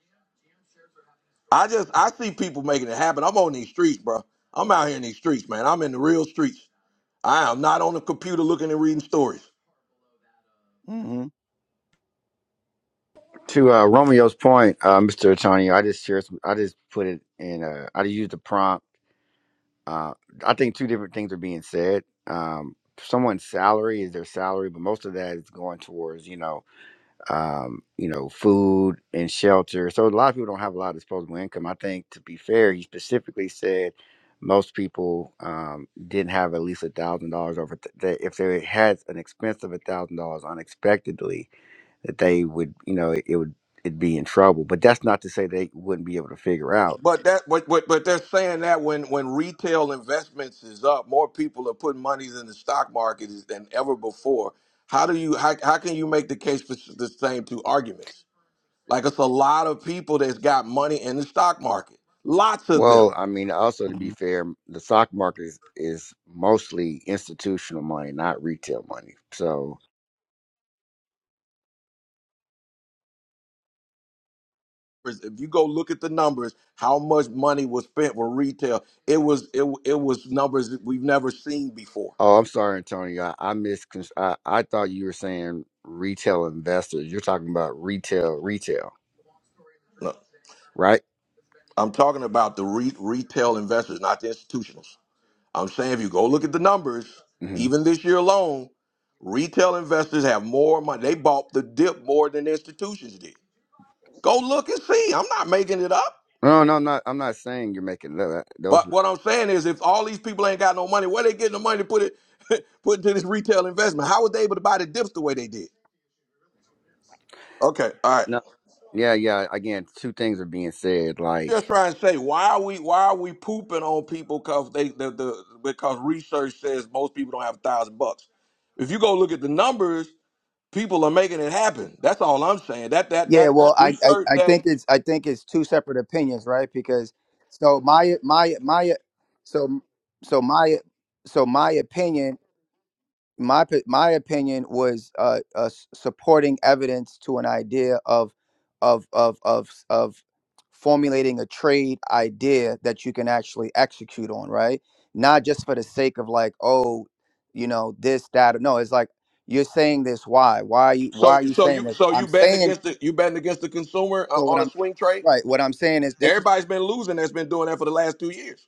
A: I just I see people making it happen. I'm on these streets, bro. I'm out here in these streets, man. I'm in the real streets. I am not on the computer looking and reading stories.
M: hmm
C: to uh, Romeo's point, uh, Mr. Antonio, I just shared some, I just put it in. Uh, I just used the prompt. Uh, I think two different things are being said. Um, someone's salary is their salary, but most of that is going towards you know, um, you know, food and shelter. So a lot of people don't have a lot of disposable income. I think to be fair, he specifically said most people um, didn't have at least a thousand dollars over th- that if they had an expense of a thousand dollars unexpectedly that they would you know it, it would it'd be in trouble but that's not to say they wouldn't be able to figure out
A: But that, but, but but they're saying that when when retail investments is up, more people are putting monies in the stock market is- than ever before. How do you how, how can you make the case for s- the same two arguments? Like it's a lot of people that's got money in the stock market, lots of
C: Well,
A: them.
C: I mean, also to be fair, the stock market is, is mostly institutional money, not retail money. So,
A: If you go look at the numbers, how much money was spent for retail? It was it it was numbers that we've never seen before.
C: oh, I'm sorry, Antonio. I, I mis I, I thought you were saying retail investors. You're talking about retail, retail,
A: No,
C: right?
A: I'm talking about the re- retail investors, not the institutionals. I'm saying if you go look at the numbers,
C: hmm
A: even this year alone, retail investors have more money. They bought the dip more than institutions did. Go look and see. I'm not making it up.
C: No, no, I'm not. I'm not saying you're making that. Those,
A: But what I'm saying is if all these people ain't got no money, where they getting the money to put it put into this retail investment? How were they able to buy the dips the way they did? Okay, all right.
C: no, yeah, yeah. Again, two things are being said. Like
A: Just trying to say why are we why are we pooping on people because they the, the because research says most people don't have a thousand bucks. If you go look at the numbers, people are making it happen. That's all I'm saying. That that
M: Yeah,
A: that, that
M: well, I, I
A: research
M: I
A: that
M: think it's I think it's two separate opinions, right? Because so my my my so so my so my opinion my p- my opinion was uh, uh, s- supporting evidence to an idea of of of of s- of formulating a trade idea that you can actually execute on, right? Not just for the sake of like, oh, you know, this that. No, it's like you're saying this. Why? Why are you? Why
A: so
M: are you
A: so
M: saying
A: you
M: this?
A: so you
M: I'm
A: betting
M: saying
A: against the you betting against the consumer uh,
M: so. What
A: on a
M: I'm
A: swing trade.
M: right. What I'm saying is this is.
A: Everybody's been losing. That's been doing that for the last two years.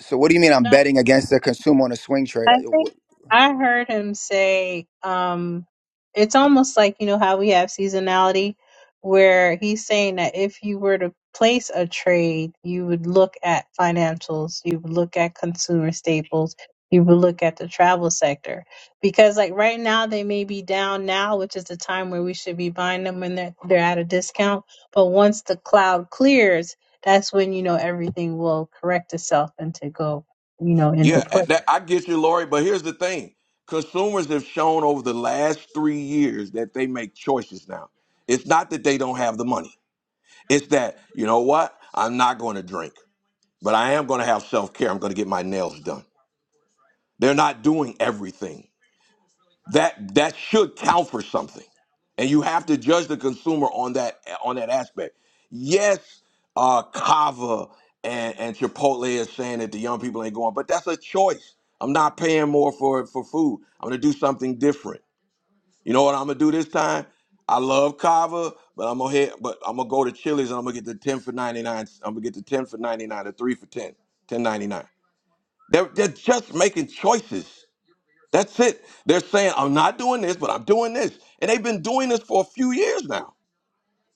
M: So what do you mean? I'm
L: Daya.
M: betting against the consumer on a swing trade.
L: I think I heard him say, um, it's almost like, you know, how we have seasonality, where he's saying that if you were to place a trade, you would look at financials, you would look at consumer staples, you would look at the travel sector. Because like right now they may be down now, which is the time where we should be buying them when they're they're at a discount. But once the cloud clears, that's when, you know, everything will correct itself and to go, you know, into
A: Yeah, uh,
L: place.
A: that, I get you, Lori. But here's the thing: consumers have shown over the last three years that they make choices now. It's not that they don't have the money. It's that you know what? I'm not going to drink, but I am going to have self care. I'm going to get my nails done. They're not doing everything. that that should count for something and you have to judge the consumer on that on that aspect yes uh kava and and chipotle is saying that the young people ain't going but that's a choice i'm not paying more for for food i'm gonna do something different you know what i'm gonna do this time i love kava but i'm gonna hit but i'm gonna go to chili's and i'm gonna get the 10 for 99 i'm gonna get the 10 for 99 the 3 for ten, ten ninety nine. they're, they're just making choices that's it. They're saying, I'm not doing this, but I'm doing this. And they've been doing this for a few years now.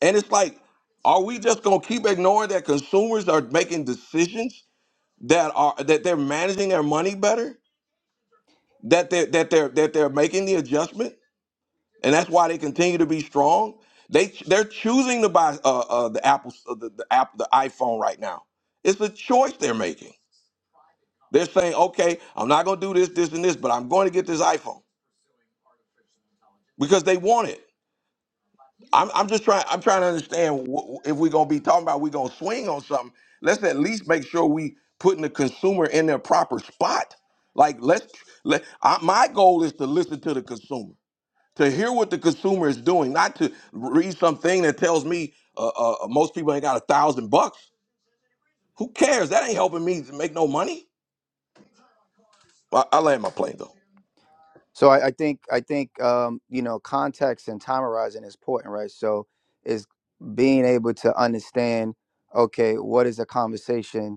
A: And it's like, are we just gonna keep ignoring that consumers are making decisions that are that they're managing their money better? That they're that they're that they're making the adjustment, and that's why they continue to be strong. They they're choosing to buy uh, uh, the Apple uh, the, the app the iPhone right now. It's a choice they're making. They're saying, okay, I'm not gonna do this, this, and this, but I'm going to get this iPhone because they want it I'm, I'm just trying. I'm trying to understand wh- if we're gonna be talking about we're gonna swing on something. Let's at least make sure we putting the consumer in their proper spot. Like let's let. I, my goal is to listen to the consumer, to hear what the consumer is doing, not to read something that tells me uh, uh, uh, most people ain't got a thousand bucks. Who cares? That ain't helping me to make no money. I, I land my plane though.
M: So I, I think I think um, you know context and time horizon is important, right? So is being able to understand, okay, what is a conversation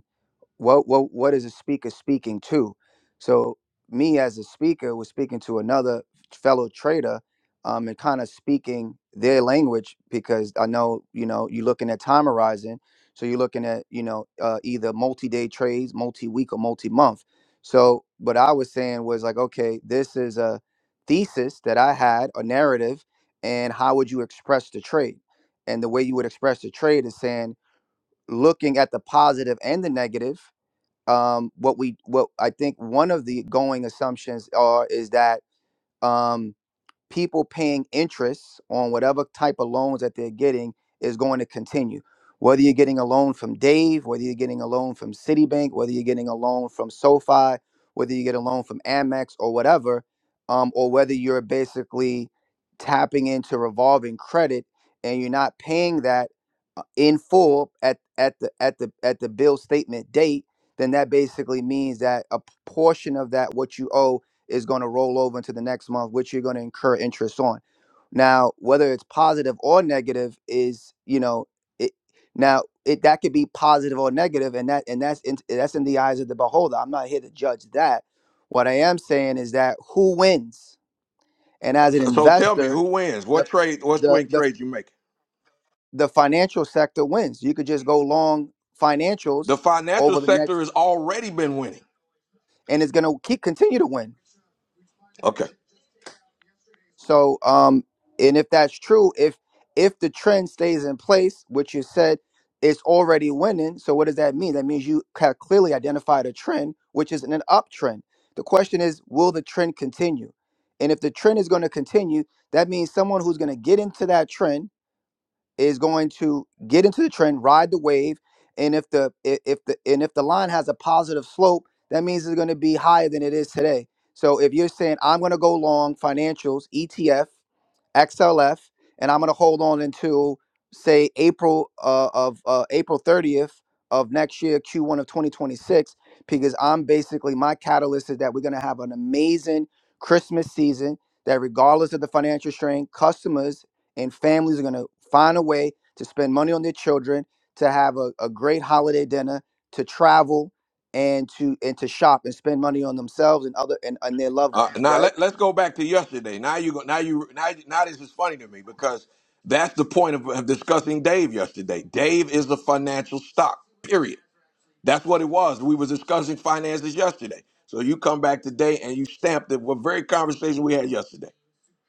M: what what what is a speaker speaking to so me as a speaker was speaking to another fellow trader um, and kind of speaking their language because i know you know you're looking at time horizon so you're looking at you know uh, either multi-day trades multi-week or multi-month so what i was saying was like okay this is a thesis that i had a narrative and how would you express the trade and the way you would express the trade is saying looking at the positive and the negative um, what we what I think one of the going assumptions are is that um, people paying interest on whatever type of loans that they're getting is going to continue. Whether you're getting a loan from Dave, whether you're getting a loan from Citibank, whether you're getting a loan from SoFi, whether you get a loan from Amex or whatever, um, or whether you're basically tapping into revolving credit and you're not paying that uh, in full at at the at the at the bill statement date, then that basically means that a p- portion of that what you owe is going to roll over into the next month, which you're going to incur interest on. Now, whether it's positive or negative is, you know, it now it that could be positive or negative, and that and that's in, that's in the eyes of the beholder. I'm not here to judge that. What I am saying is that who wins, and as an
A: So, so tell me,
M: investor,
A: who wins? What
M: the
A: trade? What
M: the
A: swing
M: the
A: trades you making?
M: the financial sector wins. You could just go long
A: The
M: financials
A: financial
M: over the
A: sector
M: next,
A: has already been winning.
M: and it's going to keep continue to win
A: Okay.
M: So, um, and if that's true, if if the trend stays in place, which you said it's already winning, so what does that mean? That means you have clearly identified a trend, which is an uptrend. The question is, will the trend continue? And if the trend is going to continue, that means someone who's going to get into that trend is going to get into the trend, ride the wave, and if the i- if the and if the line has a positive slope, that means it's going to be higher than it is today. So if you're saying I'm going to go long financials, ETF, XLF, and I'm going to hold on until say April uh, of uh, April 30th of next year, Q1 of 2026, because I'm basically my catalyst is that we're going to have an amazing Christmas season. That regardless of the financial strain, customers and families are going to find a way to spend money on their children to have a, a great holiday dinner to travel and to and to shop and spend money on themselves and other and, and their loved
A: Uh,
M: ones
A: now
M: right
A: let, let's go back to yesterday. Now you go. Now you. Now now this is funny to me because that's the point of, of discussing Dave yesterday. Dave is a financial stock. Period. That's what it was. We was discussing finances yesterday. So you come back today and you stamp the what very conversation we had yesterday.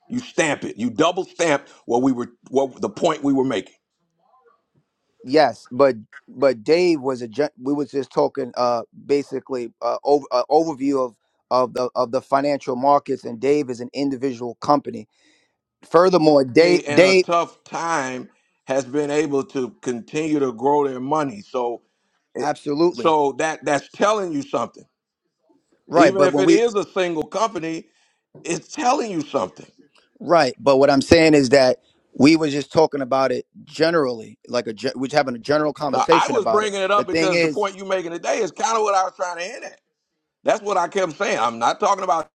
A: You stamp it. You double stamp what we were what the point we were making.
M: yes but but dave was a gen- we was just talking uh basically uh, over, uh overview of of the of the financial markets and dave is an individual company furthermore
A: Company
M: dave
A: in a
M: dave
A: tough time has been able to continue to grow their money. So it,
M: absolutely
A: so that that's telling you something
M: right
A: Even
M: but
A: if
M: when
A: it
M: we
A: is a single company, it's telling you something.
M: Right, but what I'm saying is that we were just talking about it generally, like a ge- we're just having a general
A: Now, I
M: conversation
A: was
M: about it.
A: bringing it
M: The
A: up
M: thing
A: because the
M: is,
A: point you're making today is kind of what I was trying to hit at. That's what I kept saying. I'm not talking about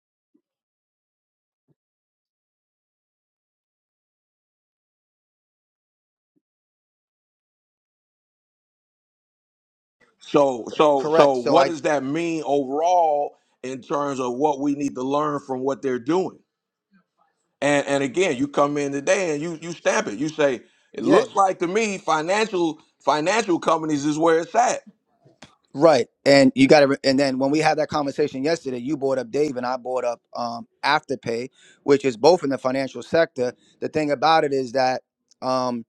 A: so so so.
M: correct. So
A: What
M: I,
A: does that mean overall in terms of what we need to learn from what they're doing? And and again, you come in today and you you stamp it. You say it
M: yeah.
A: looks like to me financial financial companies is where it's at.
M: Right. And you got to, and then when we had that conversation yesterday, you brought up Dave and I brought up um, Afterpay, which is both in the financial sector. The thing about it is that, um,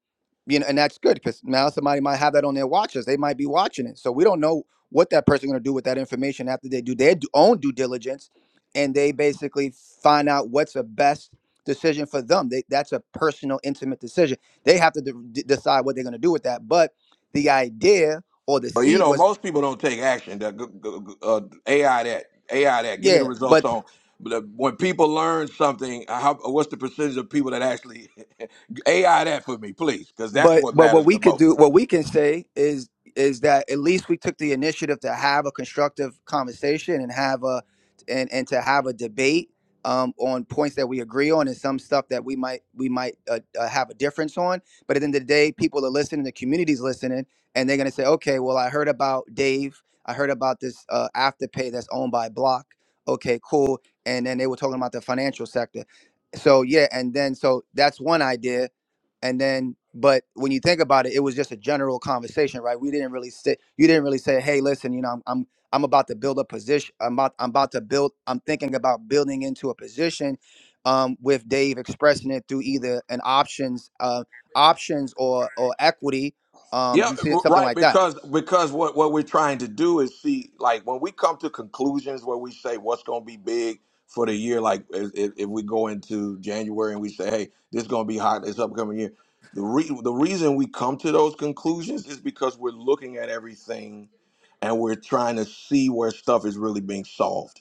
M: you know, and that's good because now somebody might have that on their watches. They might be watching it. So we don't know what that person going to do with that information after they do their d- own due diligence and they basically find out what's the best decision for them. They, that's a personal, intimate decision. They have to de- de- decide what they're going to do with that. But the idea, or the
A: Well, you
M: seed
A: know,
M: was
A: most people don't take action. The, g- g- g- uh, AI that AI that give me the
M: Yeah,
A: results
M: but
A: on but uh, when people learn something. uh, How, what's the percentage of people that actually AI that for me, please? Because that's
M: but
A: what
M: but
A: matters
M: what we
A: the
M: could
A: most.
M: do, what we can say is is that at least we took the initiative to have a constructive conversation and have a and and to have a debate um, on points that we agree on and some stuff that we might we might uh, uh, have a difference on. But at the end of the day, people are listening, the community's listening, and they're gonna say, okay, well, I heard about Dave, I heard about this uh, afterpay that's owned by Block. Okay, cool. And then they were talking about the financial sector. So yeah, and then so that's one idea and then but when you think about it it was just a general conversation right we didn't really sit you didn't really say hey listen you know i'm i'm, I'm about to build a position i'm about i'm about to build i'm thinking about building into a position um, with dave expressing it through either an options uh, options or or equity um,
A: Yeah,
M: you see
A: r-
M: something
A: right.
M: like that
A: Because because what what we're trying to do is see like when we come to conclusions where we say what's going to be big for the year. Like if, if if we go into January and we say, hey, this is going to be hot this upcoming year. The re- the reason we come to those conclusions is because we're looking at everything and we're trying to see where stuff is really being solved.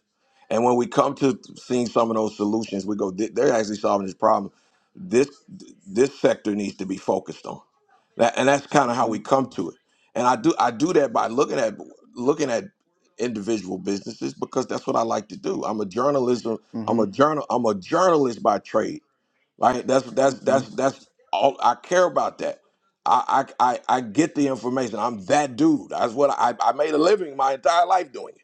A: And when we come to seeing some of those solutions, we go, "Th- they're actually solving this problem. This this sector needs to be focused on that, and that's kind of how we
M: hmm
A: come to it. And I do I do that by looking at looking at individual businesses because that's what I like to do. I'm a journalism. I'm
M: hmm
A: a journal. I'm a journalist by trade. Right. That's that's
M: hmm
A: that's that's all I care about. That I I I, I get the information. I'm that dude. That's what I I made a living my entire life doing it.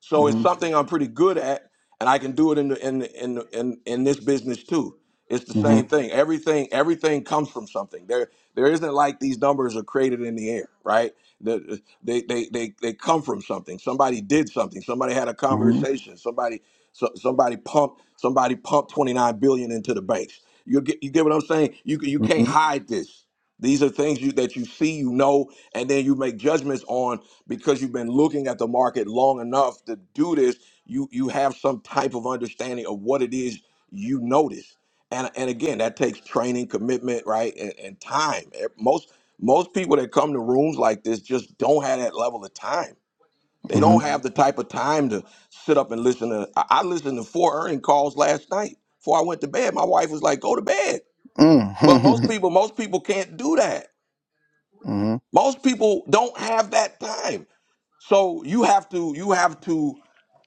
A: So it's something I'm pretty good at, and I can do it in the, in the, in, the, in in this business too. It's the same thing. Everything everything comes from something. There there isn't like these numbers are created in the air, right? The, they, they they they come from something. Somebody did something. Somebody had a
M: hmm
A: conversation. Somebody so, somebody pumped somebody pumped 29 billion into the banks. You get you get what I'm saying? You you
M: hmm
A: can't hide this. These are things you, that you see, you know, and then you make judgments on because you've been looking at the market long enough to do this. You you have some type of understanding of what it is you notice, and and again, that takes training, commitment, right, and, and time. Eh, Most most people that come to rooms like this just don't have that level of time. They
M: hmm
A: don't Right. have Right. the type of time to sit up and listen to. I I listened to four earning calls last night before I went to bed. My wife was like, "Go to bed,"
M: Mm.
A: but most people most people can't do that
M: hmm
A: most people don't have that time. So you have to you have to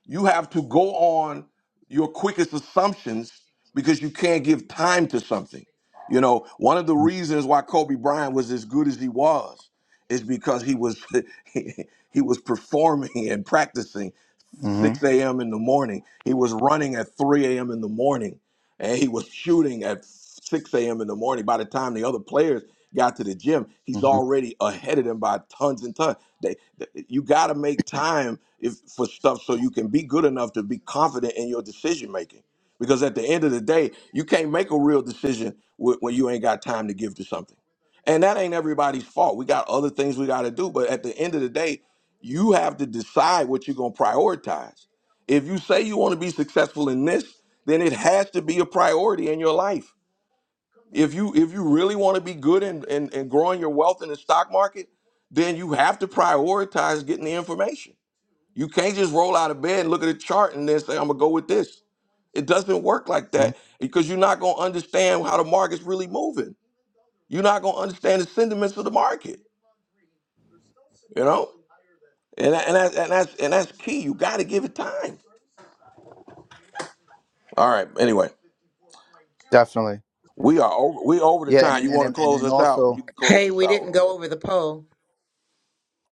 A: you have to go on your quickest assumptions because you can't give time to something. You know, one of the
M: hmm
A: reasons why Kobe Bryant was as good as he was is because he was he, was performing and practicing. 6 a.m. in the morning. He was running at 3 a.m. in the morning, and he was shooting at 6 a.m. in the morning. By the time the other players got to the gym, he's
M: hmm
A: already ahead of them by tons and tons. They, they- you got to make time if, for stuff so you can be good enough to be confident in your decision making. Because at the end of the day, you can't make a real decision wh- when you ain't got time to give to something. And that ain't everybody's fault. We got other things we got to do. But at the end of the day, you have to decide what you're going to prioritize. If you say you want to be successful in this, then it has to be a priority in your life. If you if you really want to be good in, in, in growing your wealth in the stock market, then you have to prioritize getting the information. You can't just roll out of bed and look at a chart and then say, I'm gonna go with this. It doesn't work like
M: hmm
A: that because you're not gonna understand how the market's really moving. You're not gonna understand the sentiments of the market, you know? And, that- and, that, and that's and that's key. You gotta give it time All right. Anyway,
M: Definitely.
A: we are over. We over the
M: Yeah, and
A: time.
M: and
A: You
M: and
A: want to
M: then- and
A: close
M: then
A: us out? You
M: also,
A: can close
K: Hey,
A: this
K: we
A: out,
K: didn't go
A: Romeo.
K: over the poll.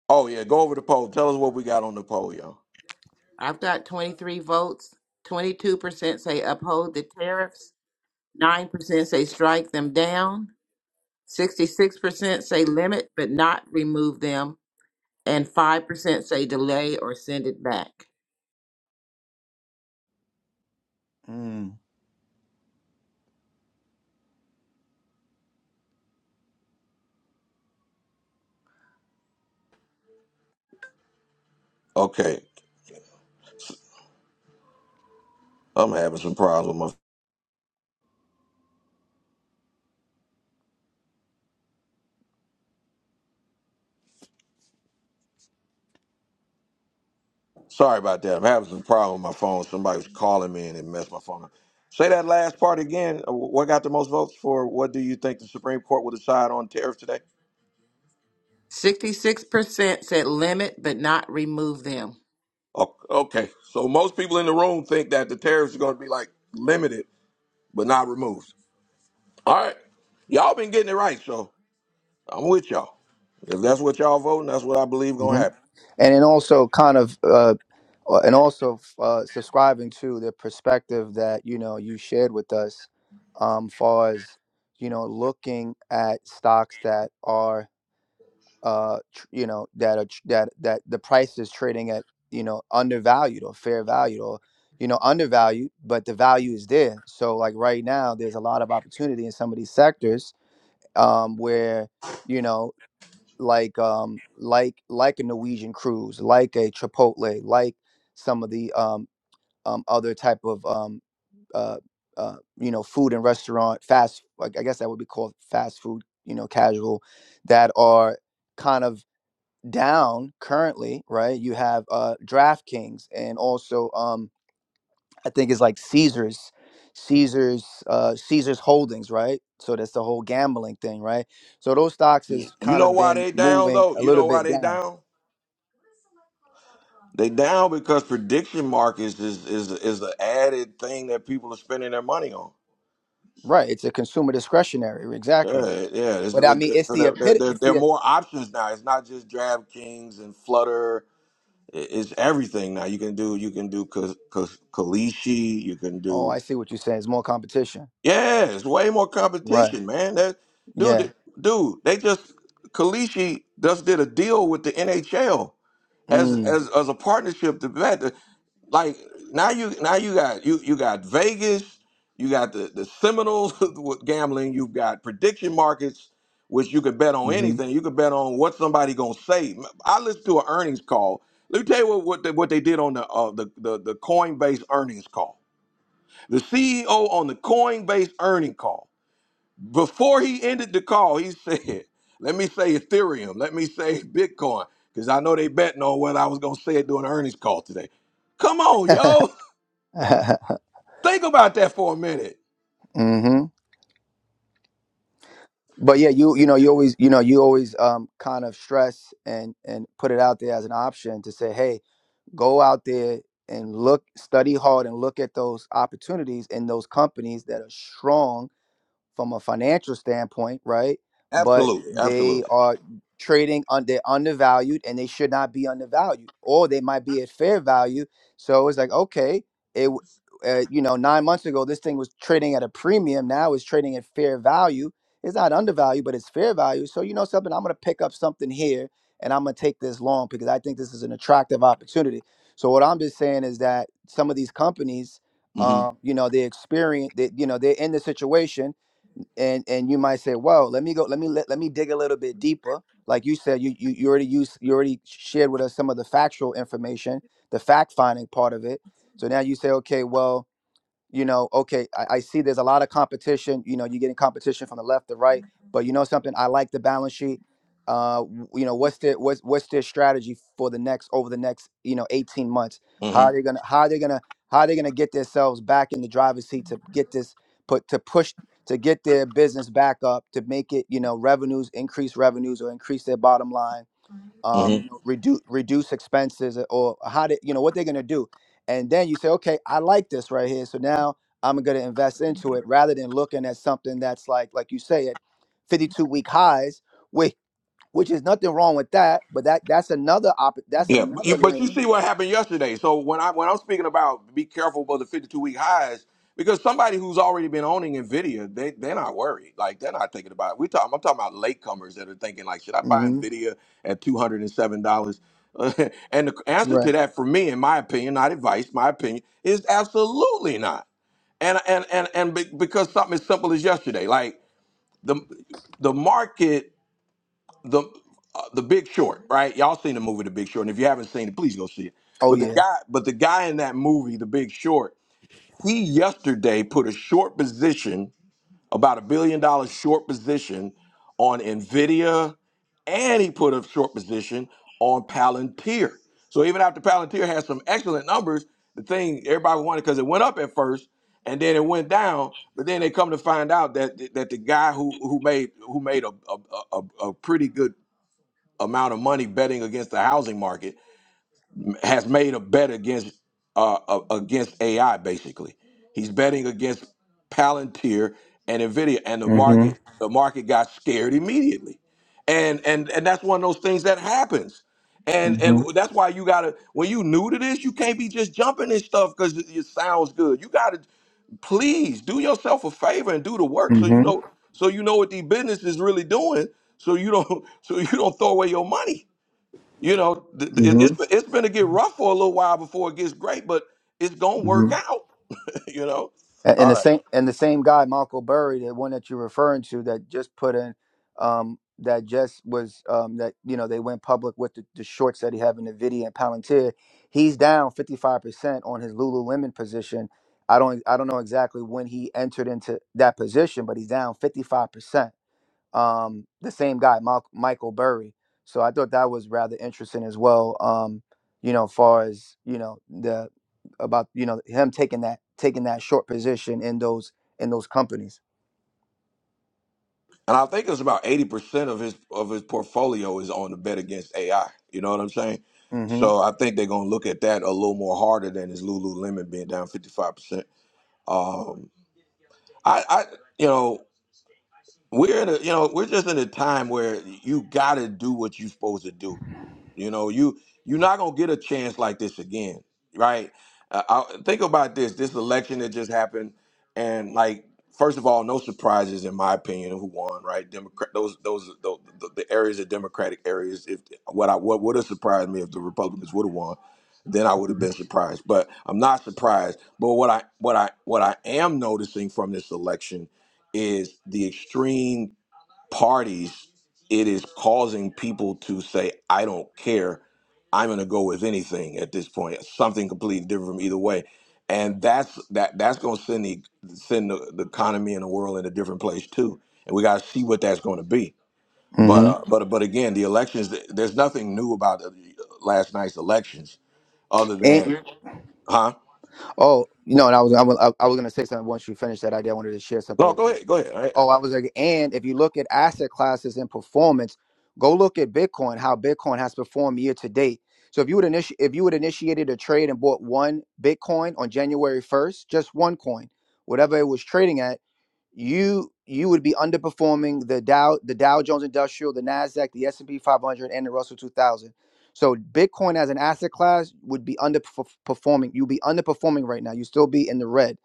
A: Oh yeah, go over the poll. Tell us what we got on the poll, y'all.
K: I've got 23 votes. 22% say uphold the tariffs. 9% say strike them down. 66% say limit but not remove them. And 5% say delay or send it back.
M: mm.
A: Okay, I'm having some problems with my. Sorry about that. I'm having some problem with my phone. Somebody was calling me and it messed my phone up. Say that last part again. Uh, What got the most votes for? What do you think the Supreme Court will decide on tariffs today?
K: 66% said limit but not remove them.
A: O- Okay, so most people in the room think that the tariffs are going to be like limited but not removed. All right, y'all been getting it right, so I'm with y'all. If that's what y'all voting, that's what I believe gonna
M: hmm
A: happen.
M: and then also kind of, uh, uh, and also uh, subscribing to the perspective that you know you shared with us, um, far as you know, looking at stocks that are uh tr- you know that are tr- that that the price is trading at you know undervalued or fair value or you know undervalued but the value is there so like right now there's a lot of opportunity in some of these sectors um where you know like um like like a norwegian cruise like a chipotle like some of the um um other type of um uh uh, you know, food and restaurant fast. Like I guess that would be called fast food. You know, casual that are kind of down currently, right? You have uh DraftKings and also um I think it's like Caesars, Caesars, uh Caesars Holdings, right? So that's the whole gambling thing, right? So those stocks
A: You
M: has
A: you
M: kind
A: know
M: of
A: why
M: been
A: they down
M: moving
A: though?
M: a
A: You
M: little
A: know why
M: bit
A: they
M: down.
A: down? They down because prediction markets is is is the added thing that people are spending their money on.
M: Right. It's a consumer discretionary,
A: Yeah,
M: exactly.
A: yeah. It's,
M: But I
A: it,
M: mean
A: it-
M: it's
A: so
M: the
A: there, there,
M: epit
A: there,
M: it's
A: there are
M: the e,
A: more options now. It's not just DraftKings and Flutter. I- It's everything now. You can do you can do Ka- Ka- Kalishi. You can
M: oh
A: do
M: I see what you're saying. It's more competition.
A: Yeah, it's way more
M: Right.
A: competition, man. That dude,
M: Yeah.
A: th- dude, they just Kalishi just did a deal with the NHL as
M: Mm.
A: as as a partnership to bet. Like now you now you got you you got Vegas, you got the the Seminoles with gambling, you've got prediction markets, which you could bet on
M: hmm
A: anything. You could bet on what somebody gonna say. I listened to an earnings call. Let me tell you what what they, what they did on the uh, the, the the Coinbase earnings call the CEO on the Coinbase earning call, before he ended the call, he said, let me say Ethereum, let me say Bitcoin, because I know they betting on what I was going to say during the earnings call today. Come on, yo. Think about that for a minute.
M: mm-hmm. but yeah, you you know you always you know you always um kind of stress and and put it out there as an option to say, hey, go out there and look, study hard, and look at those opportunities in those companies that are strong from a financial standpoint, right? But
A: Absolutely.
M: they
A: Absolutely.
M: are trading on they're undervalued and they should not be undervalued, or they might be at fair value. So it's like okay, it w- uh, you know nine months ago this thing was trading at a premium, now it's trading at fair value. It's not undervalued, but it's fair value. So you know something, I'm gonna pick up something here and I'm gonna take this long because I think this is an attractive opportunity. So what I'm just saying is that some of these companies,
A: hmm
M: um, you know, they experience, they, you know, they're in the situation and and you might say well let me go let me let, let me dig a little bit deeper like you said you, you you already used you already shared with us some of the factual information the fact finding part of it so now you say okay well you know, okay, I, I see there's a lot of competition. You know, you're getting competition from the left, the right, but you know something, I like the balance sheet. Uh, w- you know, what's their what's what's their strategy for the next over the next you know 18 months? How are
A: hmm
M: they gonna how are they gonna how are they gonna get themselves back in the driver's seat to get this put to push to get their business back up to make it you know revenues increase revenues or increase their bottom line um, you know, reduce reduce expenses uh, or how to, you know, what they're gonna do. And then you say, okay, I like this right here, so now I'm gonna invest into it rather than looking at something that's like, like you say, at 52 week highs, which which is nothing wrong with that, but that that's another op- that's
A: Yeah, but you,
M: another
A: but you
M: lane.
A: see what happened yesterday. So when I when I'm speaking about be careful about the 52 week highs, because somebody who's already been owning Nvidia, they they're not worried. Like they're not thinking about it. We talking. I'm talking about latecomers that are thinking like, should I buy
M: hmm
A: Nvidia at 207 dollars? and the answer to
M: Right.
A: that, for me, in my opinion, not advice, my opinion is absolutely not. And and and and be- because something as simple as yesterday, like the the market the uh, the Big Short, right? Y'all seen the movie The Big Short, and if you haven't seen it, please go see it.
M: Oh
A: But the
M: yeah.
A: guy, but the guy in that movie, The Big Short, he yesterday put a short position, about a billion dollar short position, on Nvidia, and he put a short position on Palantir. So even after Palantir had some excellent numbers, the thing everybody wanted because it went up at first, and then it went down. But then they come to find out that that the guy who who made who made a a, a, a pretty good amount of money betting against the housing market has made a bet against uh, uh, against AI. Basically, he's betting against Palantir and Nvidia, and the
M: hmm
A: market the market got scared immediately, and and and that's one of those things that happens. And and
M: hmm
A: that's why you gotta when you new to this, you can't be just jumping this stuff because it, it sounds good. You gotta please do yourself a favor and do the work so you know so you know what these businesses really doing so you don't so you don't throw away your money you know, th- th- it-
M: hmm
A: it's it's going to get rough for a little while before it gets great, but it's going to
M: hmm
A: work out. you know,
M: And and
A: all
M: the
A: right.
M: same and the same guy, Michael Burry, the one that you're referring to, that just put in, um, that just was um, that you know they went public with the, the shorts that he had in Nvidia and Palantir. He's down 55 percent on his Lululemon position. I don't I don't know exactly when he entered into that position, but he's down 55 percent um, the same guy, Mal- Michael Burry. So I thought that was rather interesting as well. Um, you know, far as you know the about you know him taking that taking that short position in those in those companies.
A: And I think it's about eighty percent of his of his portfolio is on the bet against AI. You know what I'm saying?
M: hmm
A: So I think they're going to look at that a little more harder than his Lululemon being down fifty five percent. Um, I, I, you know, we're in a, you know, we're just in a time where you got to do what you're supposed to do You know, you you're not gonna get a chance like this again, right? Uh, I, think about this: this election that just happened, and like, first of all, no surprises in my opinion of who won, right? Democrat those those the, the, the areas are Democratic areas. If what I what would have surprised me if the Republicans would have won, then I would have been surprised. But I'm not surprised. But what I what I what I am noticing from this election is the extreme parties, it is causing people to say, I don't care. I'm gonna go with anything at this point. Something completely different from either way. And that's that that's gonna send the send the, the economy and the world in a different place too. And we gotta see what that's gonna be. But
M: hmm
A: uh, but but again, the elections. There's nothing new about the, uh, last night's elections, other than,
M: And
A: Mhm. huh?
M: oh, you know, and I was I was, I was going to say something once you finish that idea. I wanted to share something
A: No,
M: with
A: go
M: you.
A: ahead, go ahead.
M: Oh, I was like, and if you look at asset classes and performance, go look at Bitcoin, how Bitcoin has performed year to date. So if you would initi- if you would initiated a trade and bought one Bitcoin on January 1st, just one coin, whatever it was trading at you you would be underperforming the Dow the Dow Jones Industrial, the Nasdaq, the S and P 500, and the Russell 2000. So Bitcoin as an asset class would be underperforming. You'd be underperforming right now. You still be in the red.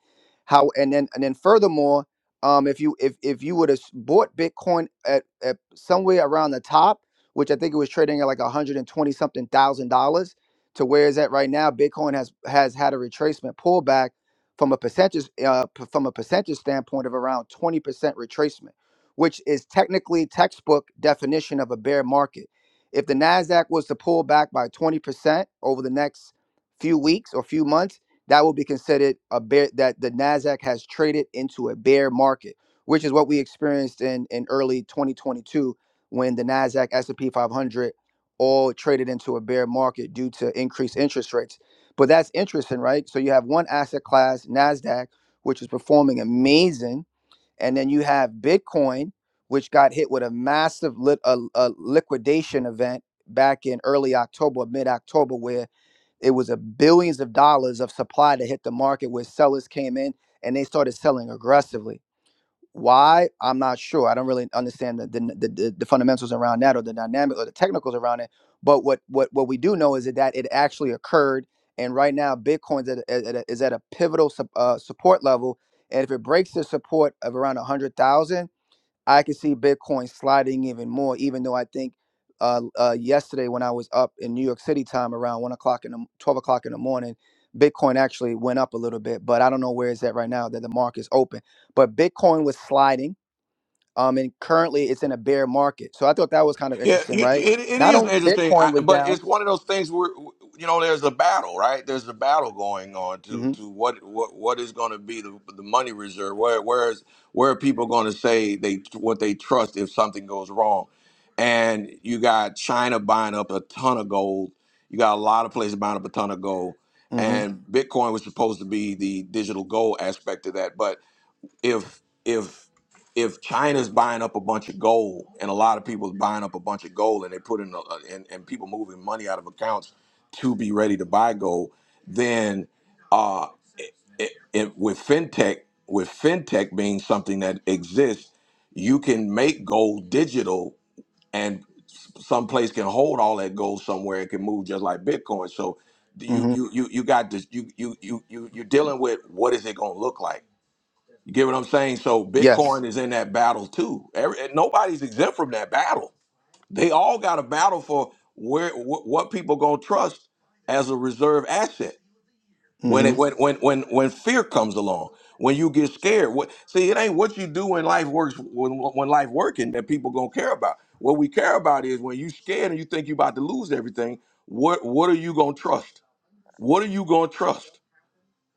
M: How and then and then furthermore, um, if you if if you would have bought Bitcoin at, at somewhere around the top, which I think it was trading at like 120 something thousand dollars, to where is that right now? Bitcoin has has had a retracement pullback from a percentage uh, p- from a percentage standpoint of around 20% retracement, which is technically textbook definition of a bear market. If the Nasdaq was to pull back by 20% over the next few weeks or few months, that will be considered a bear that the Nasdaq has traded into a bear market, which is what we experienced in in early 2022 when the Nasdaq S&P 500 all traded into a bear market due to increased interest rates but that's interesting, right? So you have one asset class, Nasdaq, which is performing amazing, and then you have Bitcoin, which got hit with a massive lit, a, a liquidation event back in early October, mid October, where it was a billions of dollars of supply that hit the market, where sellers came in and they started selling aggressively. Why? I'm not sure. I don't really understand the the, the the fundamentals around that or the dynamic or the technicals around it. But what what what we do know is that it actually occurred, and right now Bitcoin's at, a- at, a- is at a pivotal sup- uh, support level, and if it breaks the support of around a hundred thousand I can see Bitcoin sliding even more, even though I think uh, uh, yesterday when I was up in New York City time around one o'clock in the m- twelve o'clock in the morning, Bitcoin actually went up a little bit, but I don't know where it's at right now that the market's open. But Bitcoin was sliding, um, and currently it's in a bear market. So I thought that was kind of
A: Yeah,
M: interesting,
A: it,
M: right?
A: it
M: Not
A: is
M: only
A: interesting,
M: Bitcoin
A: I,
M: was
A: but
M: down.
A: it's one of those things where you know there's a battle, right? There's a battle going on to
M: hmm
A: to what what what is going to be the the money reserve? Where where is where are people going to say they what they trust if something goes wrong? And you got China buying up a ton of gold. You got a lot of places buying up a ton of gold,
M: hmm
A: and Bitcoin was supposed to be the digital gold aspect of that, but if if if China's buying up a bunch of gold and a lot of people's buying up a bunch of gold and they put in a, and, and people moving money out of accounts to be ready to buy gold, then uh, it, it, with fintech with fintech being something that exists, you can make gold digital and s- some place can hold all that gold somewhere. It can move just like Bitcoin. So you
M: hmm
A: you you you got this. You you you you you're dealing with what is it going to look like? You get what I'm saying? So
M: Yes.
A: Bitcoin is in that battle too. Every, and nobody's exempt from that battle. They all got a battle for where wh- what people gonna trust as a reserve asset when
M: hmm
A: it when when when when fear comes along. When you get scared, what, see it ain't what you do when life works when when life working that people gonna care about. What we care about is when you scared and you think you about to lose everything. What what are you gonna trust? What are you gonna trust?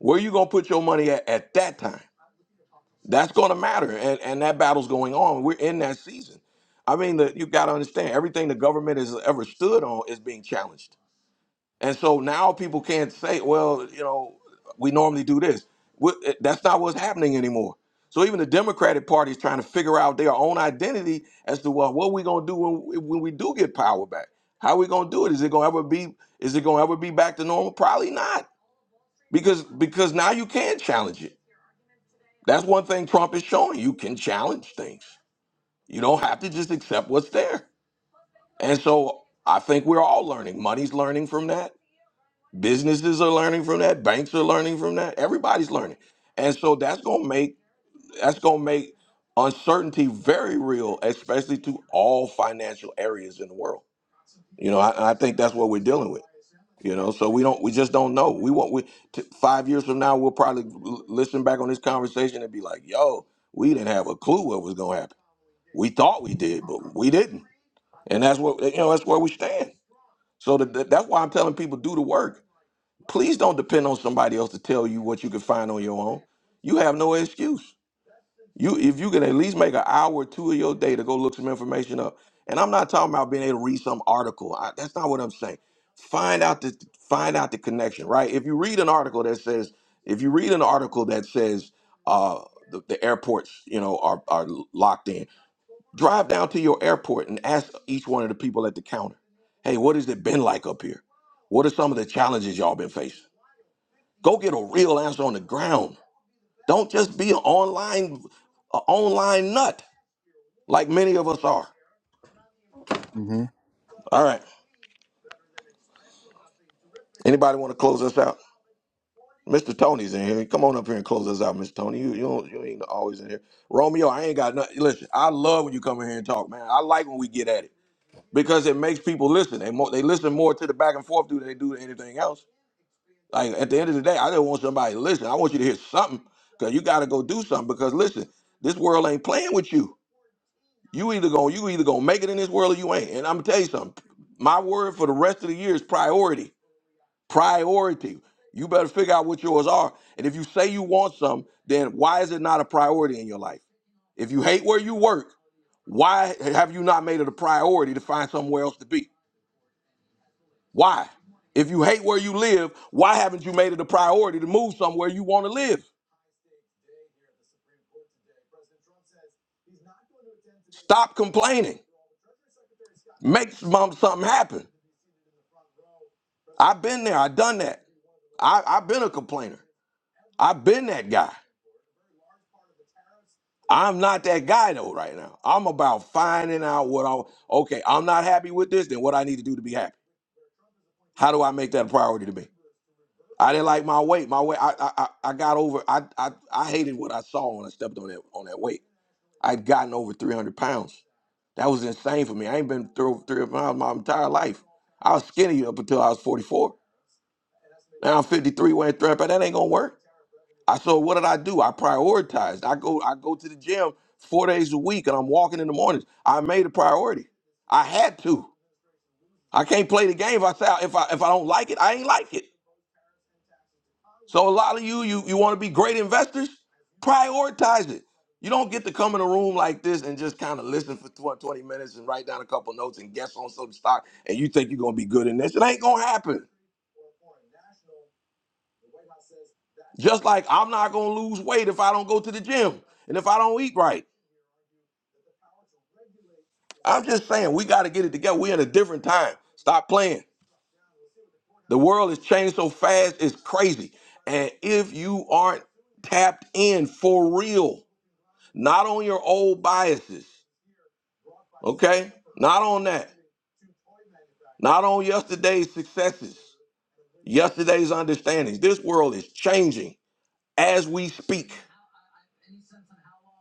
A: Where you gonna put your money at at that time? That's going to matter, and and that battle's going on. We're in that season. I mean, the, you got to understand everything the government has ever stood on is being challenged, and so now people can't say, well, you know, we normally do this. What- That's not what's happening anymore. So even the Democratic Party is trying to figure out their own identity as to well, what we going to do when when we do get power back. How we going to do it? Is it going to ever be? Is it going to ever be back to normal? Probably not, because because now you can challenge it that's one thing Trump is showing. You can challenge things. You don't have to just accept what's there. And so I think we're all learning. Money's learning from that. Businesses are learning from that. Banks are learning from that. Everybody's learning. And so that's gonna make that's gonna make uncertainty very real, especially to all financial areas in the world. You know, I, I think that's what we're dealing with. You know, so we don't, we just don't know. We want we t- five years from now, we'll probably l- listen back on this conversation and be like, "Yo, we didn't have a clue what was going to happen. We thought we did, but we didn't." And that's what you know. That's where we stand. So th- th- that's why I'm telling people do the work. Please don't depend on somebody else to tell you what you can find on your own. You have no excuse. You if you can at least make an hour or two of your day to go look some information up. And I'm not talking about being able to read some article. I, that's not what I'm saying. Find out the find out the connection, right? If you read an article that says if you read an article that says uh the, the airports, you know, are are locked in. Drive down to your airport and ask each one of the people at the counter, "Hey, what has it been like up here? What are some of the challenges y'all been facing?" Go get a real answer on the ground. Don't just be an online a online nut like many of us are.
M: hmm
A: All right. Anybody want to close us out? Mr. Tony's in here. Come on up here and close us out, Mr. Tony. You you, don't, you ain't always in here. Romeo, I ain't got nothing. Listen, I love when you come in here and talk, man. I like when we get at it because it makes people listen. They more, they listen more to the back and forth do than they do to anything else. Like at the end of the day, I just want somebody to listen. I want you to hear something because you got to go do something. Because listen, this world ain't playing with you. You either gonna you either gonna make it in this world or you ain't. And I'm gonna tell you something. My word for the rest of the year is priority priority. You better figure out what yours are. And if you say you want some, then why is it not a priority in your life? If you hate where you work, why have you not made it a priority to find somewhere else to be? Why? If you hate where you live, why haven't you made it a priority to move somewhere you want to live? Stop complaining. Make some- something happen. I've been there. I've done that. I, I've been a complainer. I've been that guy. I'm not that guy though right now. I'm about finding out what I okay, I'm not happy with this, then what I need to do to be happy. How do I make that a priority to me? I didn't like my weight. My weight I I I I got over I I, I hated what I saw when I stepped on that on that weight. I'd gotten over 300 pounds. That was insane for me. I ain't been through 300 pounds my entire life. I was skinny up until I was 44. Now I'm 53 weighing 300 pounds. That ain't gonna work. I so what did I do? I prioritized. I go I go to the gym four days a week and I'm walking in the mornings. I made a priority. I had to. I can't play the game if I say if I if I don't like it, I ain't like it. So a lot of you you you want to be great investors, prioritize it. You don't get to come in a room like this and just kind of listen for 20 20 minutes and write down a couple notes and guess on some stock and you think you're gonna be good in this. It ain't gonna happen. Just like I'm not gonna lose weight if I don't go to the gym and if I don't eat right. I'm just saying we got to get it together. We're in a different time. Stop playing. The world has changed so fast, it's crazy. And if you aren't tapped in for real, not on your old biases, okay? Not on that. Not on yesterday's successes, yesterday's understandings. This world is changing as we speak.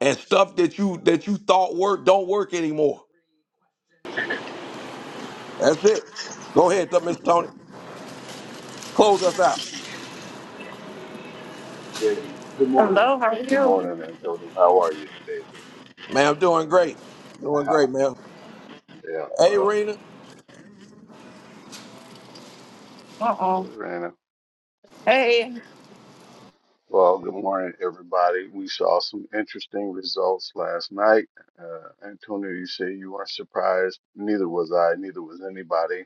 A: And stuff that you that you thought worked don't work anymore. That's it. Go ahead, Mr. Tony. Close us out.
O: Good, good morning.
P: Hello, how are
O: Good
P: you?
O: morning, Antonio. How are you today,
A: Man, I'm doing great. Doing
O: sir?
A: great, man.
O: yeah,
A: Hey,
O: well,
A: Rena.
P: Uh oh.
O: Rana.
P: Hey,
O: Well, good morning, everybody. We saw some interesting results last night. Uh, Antonio, you say you weren't surprised. Neither was I. Neither was anybody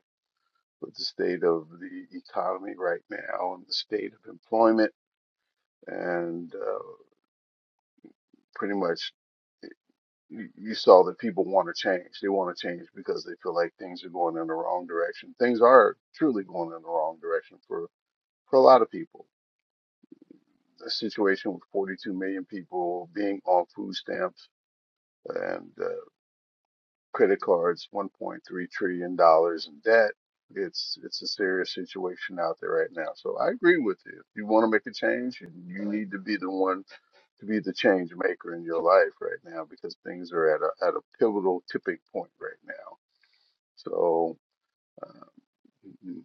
O: with the state of the economy right now and the state of employment and uh, pretty much. you, you saw that people want to change. They want to change because they feel like things are going in the wrong direction. Things are truly going in the wrong direction for, for a lot of people. The situation with 42 million people being on food stamps and uh, credit cards, 1.3 trillion dollars in debt. It's it's a serious situation out there right now. So I agree with you. If you want to make a change, you you need to be the one to be the change maker in your life right now because things are at a at a pivotal tipping point right now So uh,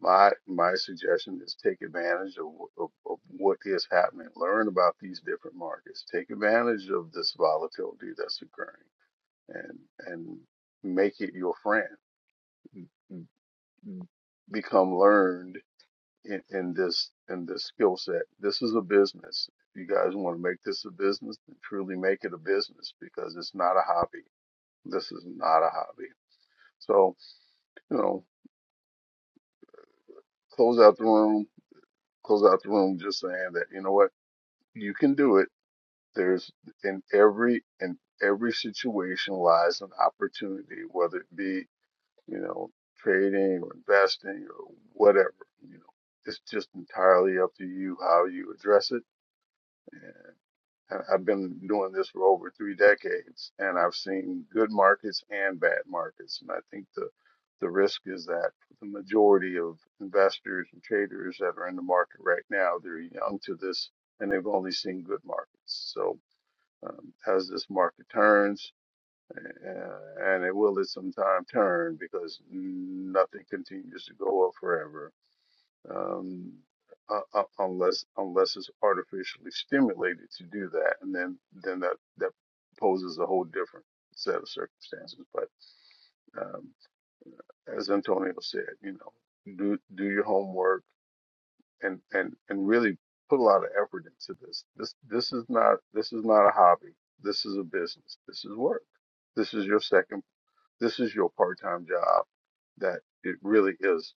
O: my my suggestion is take advantage of, wh- of, of what is happening. Learn about these different markets. Take advantage of this volatility that's occurring, and and make it your friend. Become learned in, in this in this skill set. This is a business. If you guys want to make this a business, then truly make it a business because it's not a hobby. This is not a hobby. So you know, close out the room. Close out the room. Just saying that you know what You can do it. There's in every in every situation lies an opportunity, whether it be, you know, trading or investing or whatever, you know. It's just entirely up to you how you address it. And I- have been doing this for over three decades and I've seen good markets and bad markets. And I think the the risk is that the majority of investors and traders that are in the market right now, they're young to this and they've only seen good markets. So um, as this market turns, uh, and it will at some time turn because nothing continues to go up forever um, uh, uh, unless unless it's artificially stimulated to do that, and then then that that poses a whole different set of circumstances. But um, as Antonio said, you know, do do your homework and and and really put a lot of effort into this. This this is not this is not a hobby. This is a business. This is work. This is your second. This is your part-time job. That it really is.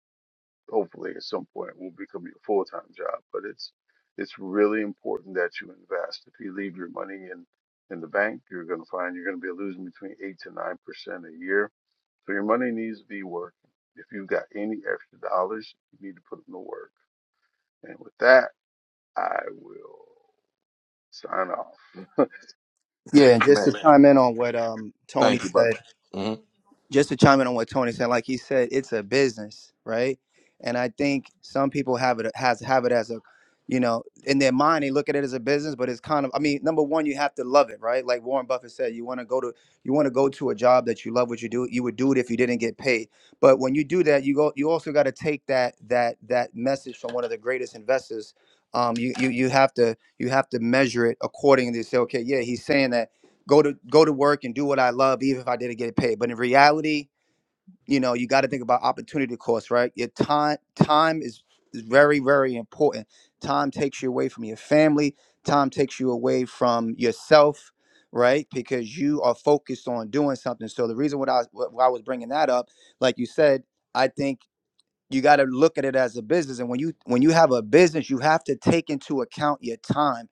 O: Hopefully, at some point, will become your full-time job. But it's it's really important that you invest. If you leave your money in in the bank, you're going to find you're going to be losing between eight to nine percent a year. So your money needs to be working. If you've got any extra dollars, you need to put them to work. And with that. I will sign off.
M: Yeah, and just
A: Man,
M: to chime in on what um Tony
A: thank you, brother.
M: said.
A: hmm
M: just to chime in on what Tony said, like he said, it's a business, right? And I think some people have it has have it as a, you know, in their mind they look at it as a business, but it's kind of. I mean, number one, you have to love it, right? Like Warren Buffett said, you want to go to you want to go to a job that you love what you do. You would do it if you didn't get paid. But when you do that, you go. You also got to take that that that message from one of the greatest investors. Um, you, you you have to you have to measure it accordingly. Say, okay, yeah, he's saying that go to go to work and do what I love, even if I didn't get paid. But in reality, you know, you got to think about opportunity cost, right? Your time time is is very very important. Time takes you away from your family. Time takes you away from yourself, right? Because you are focused on doing something. So the reason what I why I was bringing that up, like you said, I think you got to look at it as a business and when you when you have a business you have to take into account your time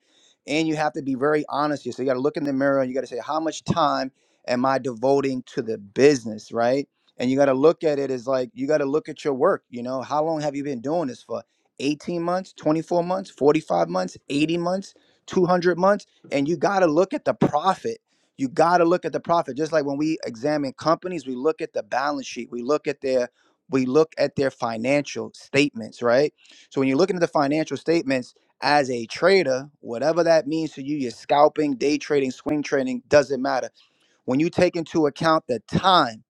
M: and you have to be very honest here so you got to look in the mirror and you got to say how much time am i devoting to the business right and you got to look at it as like you got to look at your work you know how long have you been doing this for 18 months 24 months 45 months 80 months 200 months and you got to look at the profit you got to look at the profit just like when we examine companies we look at the balance sheet we look at their we look at their financial statements, right? So when you're looking at the financial statements as a trader, whatever that means to you, you're scalping, day trading, swing trading, doesn't matter. When you take into account the time,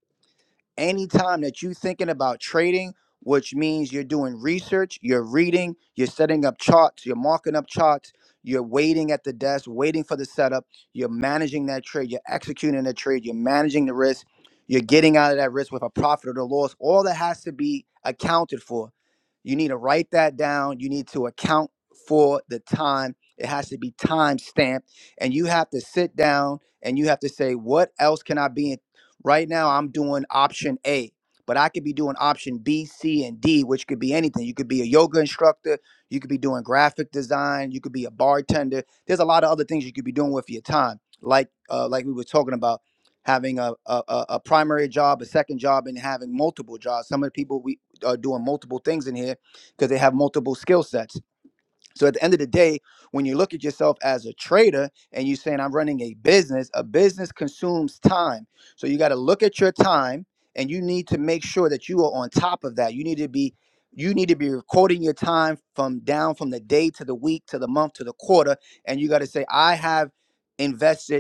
M: anytime that you are thinking about trading which means you're doing research you're reading you're setting up charts you're marking up charts you're waiting at the desk waiting for the setup you're managing that trade you're executing the trade you're managing the risk you're getting out of that risk with a profit or the loss all that has to be accounted for you need to write that down you need to account for the time it has to be time stamped and you have to sit down and you have to say what else can i be Right now, I'm doing option A, but I could be doing option B, C, and D, which could be anything. You could be a yoga instructor, you could be doing graphic design, you could be a bartender. There's a lot of other things you could be doing with your time, like uh, like we were talking about having a, a a a primary job, a second job, and having multiple jobs. Some of the people we are doing multiple things in here because they have multiple skill sets. So at the end of the day, when you look at yourself as a trader and you're saying, I'm running a business, a business consumes time. So you got to look at your time and you need to make sure that you are on top of that. You need to be you need to be recording your time from down from the day to the week to the month to the quarter and you got to say I have invested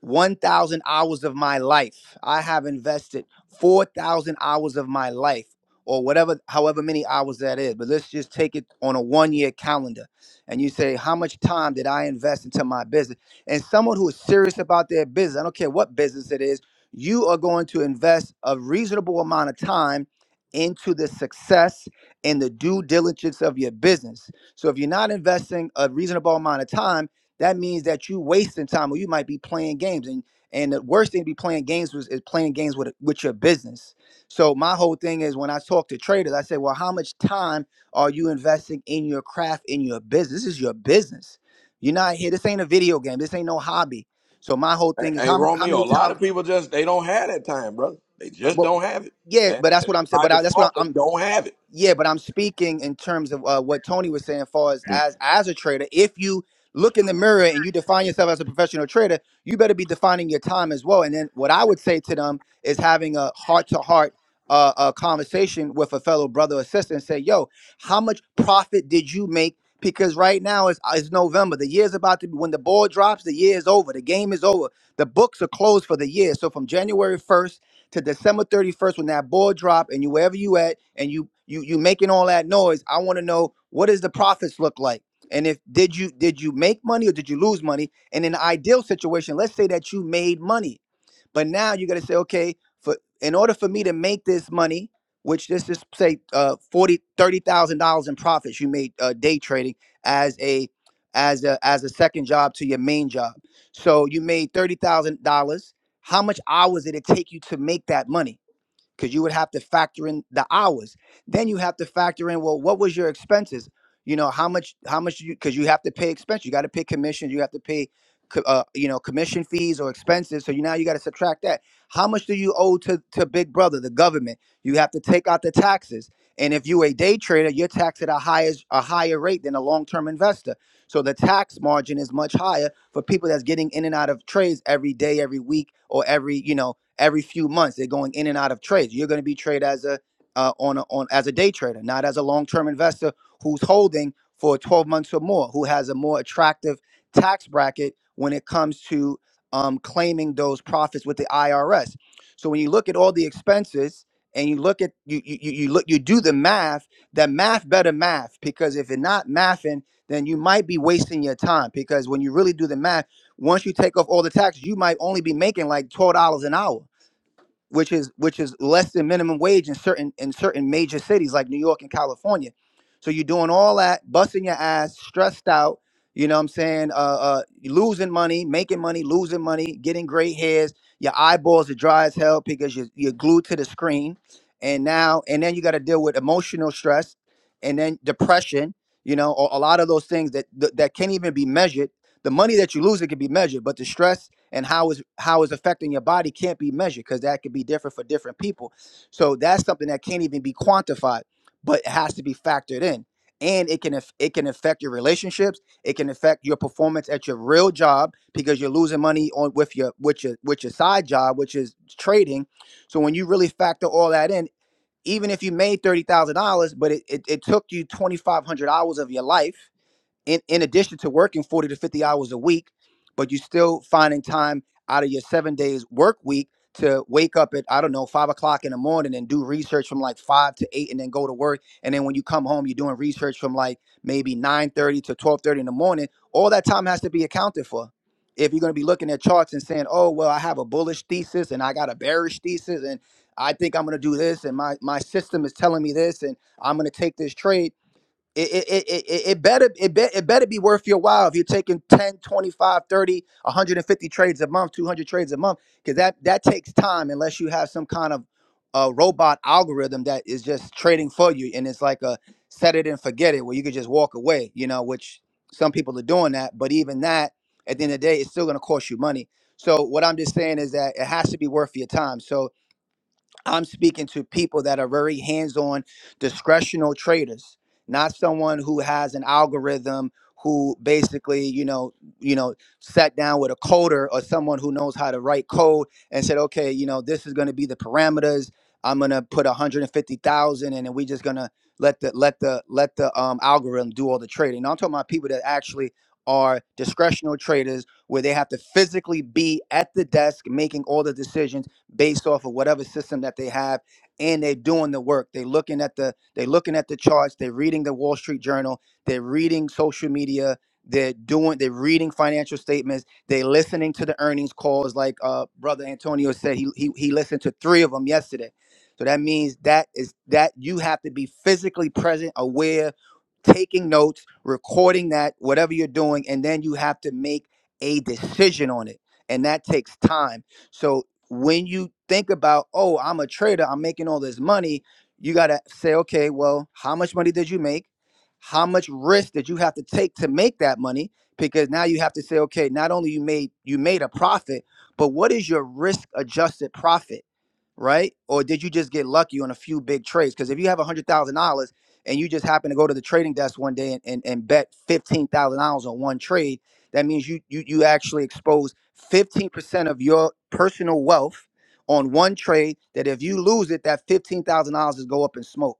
M: 1,000 hours of my life. I have invested 4,000 hours of my life or whatever, however many hours that is. But let's just take it on a one year calendar. And you say, how much time did I invest into my business? And someone who is serious about their business, I don't care what business it is, you are going to invest a reasonable amount of time into the success and the due diligence of your business. So if you're not investing a reasonable amount of time, that means that you wasting time or you might be playing games and and the worst thing to be playing games was is playing games with with your business so my whole thing is when i talk to traders i say well how much time are you investing in your craft in your business this is your business you're not here this ain't a video game this ain't no hobby so my whole
A: Hey,
M: thing is
A: hey,
M: how, mu- how
A: Romeo.
M: many
A: A lot
M: times
A: of people just they don't have that time, brother. They just
M: well
A: don't have it,
M: yeah
A: and
M: but that's
A: and
M: what i'm saying
A: by
M: but I, that's what
A: default, they
M: I'm,
A: don't have it.
M: yeah, but I'm speaking in terms of uh, what Tony was saying, as far as, as as a trader. If you look in the mirror and you define yourself as a professional trader, you better be defining your time as well. And then what I would say to them is having a heart to heart uh a conversation with a fellow brother or sister and say, "Yo, how much profit did you make?" Because right now it's, it's November. The year's about to be when the ball drops. The year is over. The game is over. The books are closed for the year. So from January 1st to December 31st when that ball drop and you wherever you at and you you you making all that noise, I want to know what does the profits look like? And if did you did you make money or did you lose money? And in an ideal situation, let's say that you made money but now you got to say, okay, for in order for me to make this money, which this is say uh, forty thirty thousand dollars in profits you made uh, day trading as a as a as a second job to your main job. So you made thirty thousand dollars. How much hours did it take you to make that money? because you would have to factor in the hours. Then you have to factor in well, what was your expenses? You know how much how much you because you have to pay expense. You got to pay commissions. You have to pay, co- uh, you know, commission fees or expenses. So you now you got to subtract that. How much do you owe to to Big Brother, the government? You have to take out the taxes. And if you a day trader, you're taxed at a higher a higher rate than a long term investor. So the tax margin is much higher for people that's getting in and out of trades every day, every week, or every you know every few months. They're going in and out of trades. You're going to be traded as a uh, on a, on as a day trader, not as a long term investor who's holding for 12 months or more, who has a more attractive tax bracket when it comes to um, claiming those profits with the IRS. So when you look at all the expenses and you look at you you, you you look you do the math, that math better math because if you're not mathing, then you might be wasting your time because when you really do the math once you take off all the taxes, you might only be making like twelve dollars an hour which is which is less than minimum wage in certain in certain major cities like New York and California. So you're doing all that, busting your ass, stressed out. You know what I'm saying? Uh, uh, you're losing money, making money, losing money, getting gray hairs. Your eyeballs are dry as hell because you're, you're glued to the screen. And now, and then you got to deal with emotional stress and then depression, you know, a, a lot of those things that, that that can't even be measured. The money that you lose, it can be measured, but the stress and how is how is affecting your body can't be measured because that could be different for different people. So that's something that can't even be quantified, but it has to be factored in. And it can aff- it can affect your relationships. It can affect your performance at your real job because you're losing money on with your with your with your side job, which is trading. So when you really factor all that in, even if you made thirty thousand dollars, but it, it, it took you twenty five hundred hours of your life in, in addition to working 40 to 50 hours a week, but you're still finding time out of your seven days work week to wake up at, I don't know, five o'clock in the morning and do research from like five to eight and then go to work. And then when you come home, you're doing research from like maybe 9.30 to 12.30 in the morning. All that time has to be accounted for. If you're going to be looking at charts and saying, oh, well, I have a bullish thesis and I got a bearish thesis and I think I'm going to do this and my, my system is telling me this and I'm going to take this trade it, it, it, it it- better it, be, it better be worth your while if you're taking 10 25 150 trades a month 200 trades a month because that that takes time unless you have some kind of uh, robot algorithm that is just trading for you and it's like a set it and forget it where you could just walk away you know which some people are doing that but even that at the end of the day it's still going to cost you money so what i'm just saying is that it has to be worth your time so I'm speaking to people that are very hands-on, discretional traders, not someone who has an algorithm who basically, you know, you know, sat down with a coder or someone who knows how to write code and said, okay, you know, this is going to be the parameters. I'm going to put 150,000 in, and we're just going to let the let the let the um, algorithm do all the trading. Now, I'm talking about people that actually are discretional traders where they have to physically be at the desk making all the decisions based off of whatever system that they have and they're doing the work they're looking at the they're looking at the charts they're reading the wall street journal they're reading social media they're doing they're reading financial statements they're listening to the earnings calls like uh brother antonio said he he, he listened to three of them yesterday so that means that is that you have to be physically present aware taking notes recording that whatever you're doing and then you have to make a decision on it and that takes time so when you think about, oh, I'm a trader, I'm making all this money, you got to say, okay, well, how much money did you make? How much risk did you have to take to make that money? Because now you have to say, okay, not only you made you made a profit, but what is your risk adjusted profit, right? Or did you just get lucky on a few big trades? Because if you have one hundred thousand dollars and you just happen to go to the trading desk one day and, and, and bet fifteen thousand dollars on one trade, that means you you you actually exposed 15% of your personal wealth on one trade that if you lose it that $15,000 is go up in smoke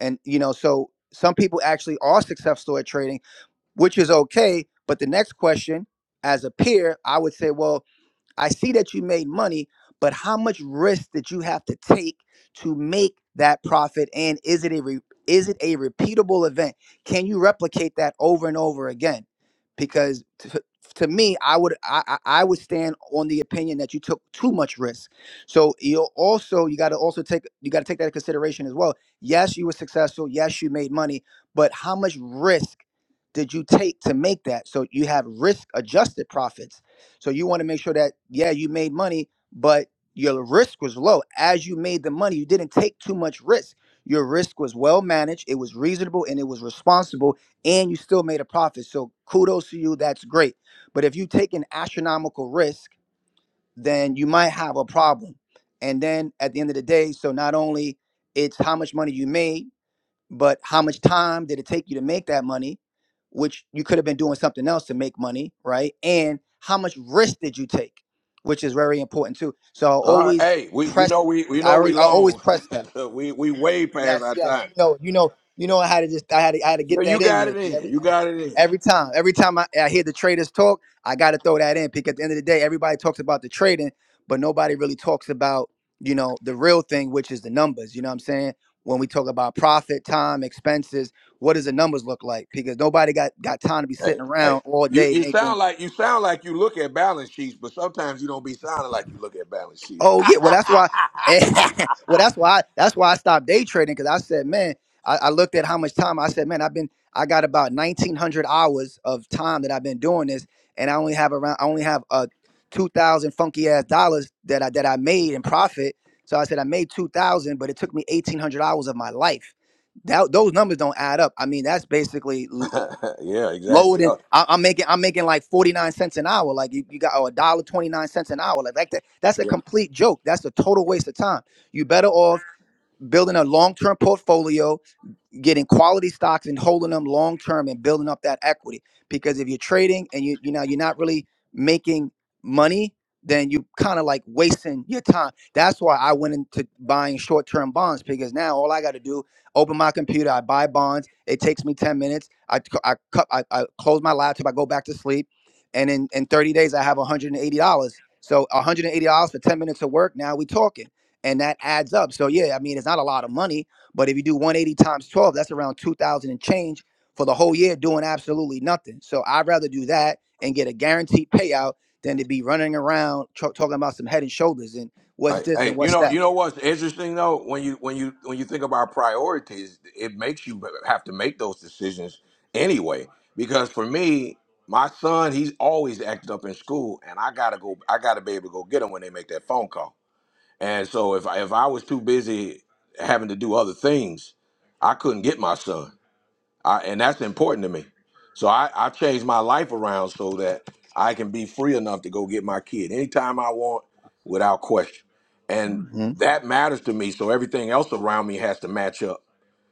M: and you know so some people actually are successful at trading which is okay but the next question as a peer I would say well I see that you made money, but how much risk did you have to take to make that profit? And is it a re- is it a repeatable event? Can you replicate that over and over again? Because to, to me, I would I, I I would stand on the opinion that you took too much risk. So you also you got to also take you got to take that into consideration as well. Yes, you were successful. Yes, you made money, but how much risk did you take to make that? So you have risk adjusted profits so you want to make sure that yeah, you made money, but your risk was low. As you made the money, you didn't take too much risk. Your risk was well managed, it was reasonable and it was responsible, and you still made a profit. So kudos to you, that's great. But if you take an astronomical risk, then you might have a problem. And then at the end of the day, so not only it's how much money you made, but how much time did it take you to make that money which you could have been doing something else to make money right and how much risk did you take which is very important too so i
A: All right,
M: always
A: hey, we you
M: press
A: know we you
M: i,
A: know we
M: already, I always
A: long,
M: press that
A: we we way past our
M: Yes, yes.
A: time.
M: You know, you know, you know. I had to just, I had to, I had to
A: You,
M: get
A: you
M: that in
A: got
M: there
A: it
M: because every,
A: in. You got it in.
M: every time, every time I, I hear the traders talk, I got to throw that in because at the end of the day, everybody talks about the trading, but nobody really talks about, you know, the real thing, which is the numbers. You know what I'm saying? When we talk about profit, time, expenses, what does the numbers look like? Because nobody got got time to be
A: Hey,
M: sitting
A: hey.
M: around all
A: You
M: day
A: you
M: making
A: sound like you sound like you look at balance sheets, but sometimes you don't be sounding like you look at balance sheets.
M: Oh yeah, well that's why. well that's why. That's why I stopped day trading because I said, man, I, I looked at how much time. I said, man, I've been. I got about nineteen hundred hours of time that I've been doing this, and I only have around. I only have uh two thousand funky ass dollars that I that I made in profit. So I said I made two thousand, but it took me eighteen hundred hours of my life. That those numbers don't add up. I mean, that's basically
A: yeah,
M: lower
A: exactly.
M: than
A: Oh,
M: I, I'm making. I'm making like forty nine cents an hour. Like you, you got a dollar twenty nine cents an hour. Like, like that. That's a
A: yeah.
M: complete joke. That's a total waste of time. You better off building a long term portfolio getting quality stocks and holding them long term and building up that equity. Because if you're trading and you you know you're not really making money, then you kind of like wasting your time. That's why I went into buying short term bonds because now all I got to do open my computer, I buy bonds. It takes me ten minutes. I c- I cut I, I close my laptop. I go back to sleep, and in in thirty days I have one hundred and eighty dollars. So one hundred and eighty dollars for ten minutes of work. Now we talking, and that adds up. So yeah, I mean it's not a lot of money but if you do 180 times 12, that's around 2,000 and change for the whole year doing absolutely nothing. So I'd rather do that and get a guaranteed payout than to be running around tro- talking about some head and shoulders and what's
A: Hey,
M: this
A: hey,
M: and
A: you
M: what's
A: know,
M: that.
A: you know what's interesting though? When you when you when you think about priorities, it makes you have to make those decisions anyway. Because for me, my son, he's always acted up in school, and I gotta go. I gotta be able to go get him when they make that phone call. And so if I, if I was too busy having to do other things, I couldn't get my son. I, and that's important to me. So I, I changed my life around so that I can be free enough to go get my kid anytime I want without question. And
M: hmm
A: that matters to me. So everything else around me has to match up.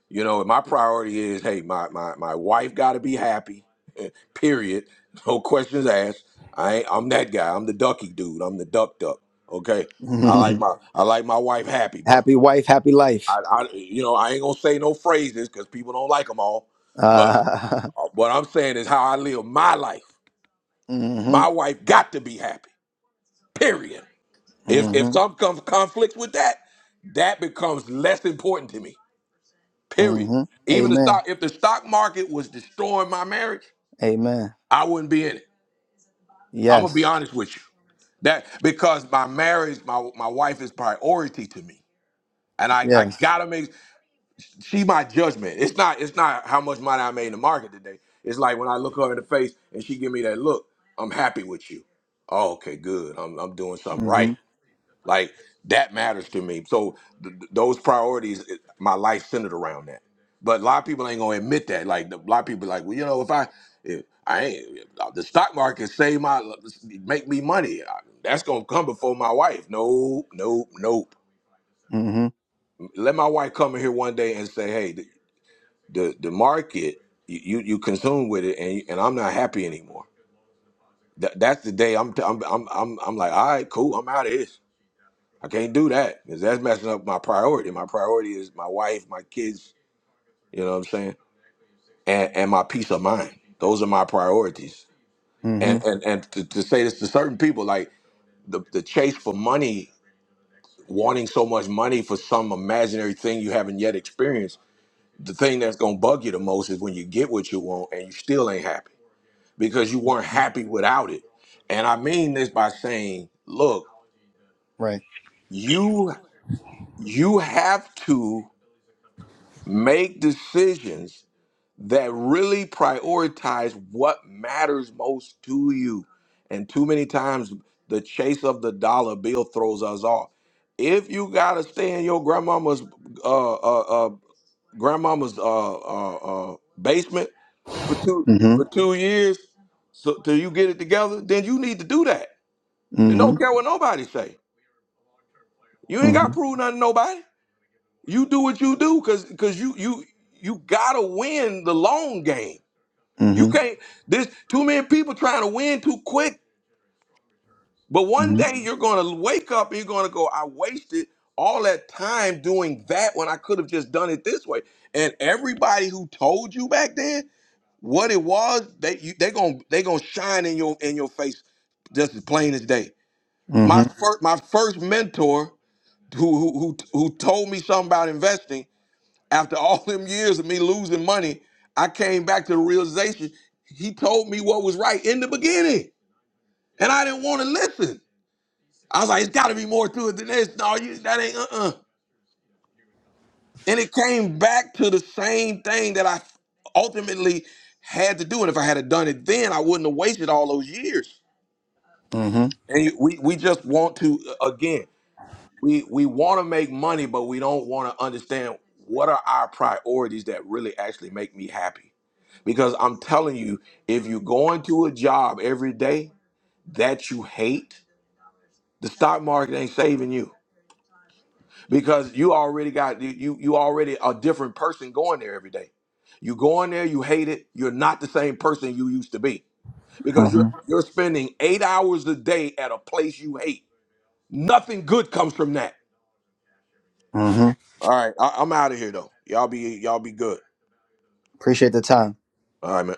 A: You know, my priority is, hey, my, my, my wife got to be happy, period. No questions asked. I ain't, I'm that guy. I'm the ducky dude. I'm the duck duck. Okay. I like my I like my wife happy, bro.
M: happy wife, happy life.
A: I, I you know I ain't gonna say no phrases because people don't like them all.
M: Uh,
A: What I'm saying is how I live my life.
M: hmm
A: My wife got to be happy. Period. If if
M: hmm
A: some comes conflicts with that, that becomes less important to me. Period.
M: hmm
A: Even the
M: Amen.
A: stock, if the stock market was destroying my marriage,
M: Amen.
A: I wouldn't be in it. I'm gonna be
M: Yes.
A: honest with you. That because my marriage, my my wife is priority to me, and I I
M: Yes.
A: gotta make. she my judgment. It's not it's not how much money I made in the market today. It's like when I look her in the face and she give me that look, I'm happy with you. Oh, okay, good. I'm I'm doing something
M: hmm
A: right. Like that matters to me. So th- th- those priorities, it- my life centered around that. But a lot of people ain't gonna admit that. Like a lot of people, like, well, you know, if I, if I ain't the stock market save my make me money. I- That's gonna come before my wife. No, no, nope.
M: hmm
A: Let my wife come in here one day and say, hey the the market you you consume with it and and I'm not happy anymore. That that's the day I'm t- I'm I'm I'm I'm like, all right, cool, I'm out of this. I can't do that because that's messing up my priority. My priority is my wife, my kids. You know what I'm saying? And and my peace of mind. Those are my priorities.
M: hmm
A: And and and to, to say this to certain people, like the the chase for money, wanting so much money for some imaginary thing you haven't yet experienced. The thing that's gonna bug you the most is when you get what you want and you still ain't happy because you weren't happy without it. And I mean this by saying, look,
M: Right.
A: you you have to make decisions that really prioritize what matters most to you. And too many times the chase of the dollar bill throws us off. If you gotta stay in your grandmama's uh uh, uh grandmama's uh uh, uh basement for two
M: hmm
A: for two years so till you get it together, then you need to do that and
M: hmm hmm
A: don't care what nobody say. You ain't got to prove nothing to nobody. You do what you do because because you you you gotta win the long game. You
M: hmm
A: can't. There's too many people trying to win too quick. But one day you're gonna wake up and you're gonna go, I wasted all that time doing that when I could have just done it this way. And everybody who told you back then what it was, they you, they gonna they gonna shine in your in your face just as plain as day.
M: hmm
A: My first my first mentor. who who who who told me something about investing after all them years of me losing money i came back to the realization he told me what was right in the beginning and i didn't want to listen i was like it's got to be more to it than this no you that ain't uh-uh and it came back to the same thing that i ultimately had to do and if i had have done it then i wouldn't have wasted all those years
M: hmm
A: and you- we, we just want to uh, again we we want to make money, but we don't want to understand what are our priorities that really actually make me happy. Because I'm telling you, if you're going to a job every day that you hate, the stock market ain't saving you because you already got you you you already a different person going there every day. You go in there, you hate it. You're not the same person you used to be because you're
M: Mm-hmm.
A: you're spending eight hours a day at a place you hate. Nothing good comes from that
M: Mm-hmm.
A: All right, I, I'm out of here though. Y'all be y'all be good.
M: Appreciate the time.
A: All right, man.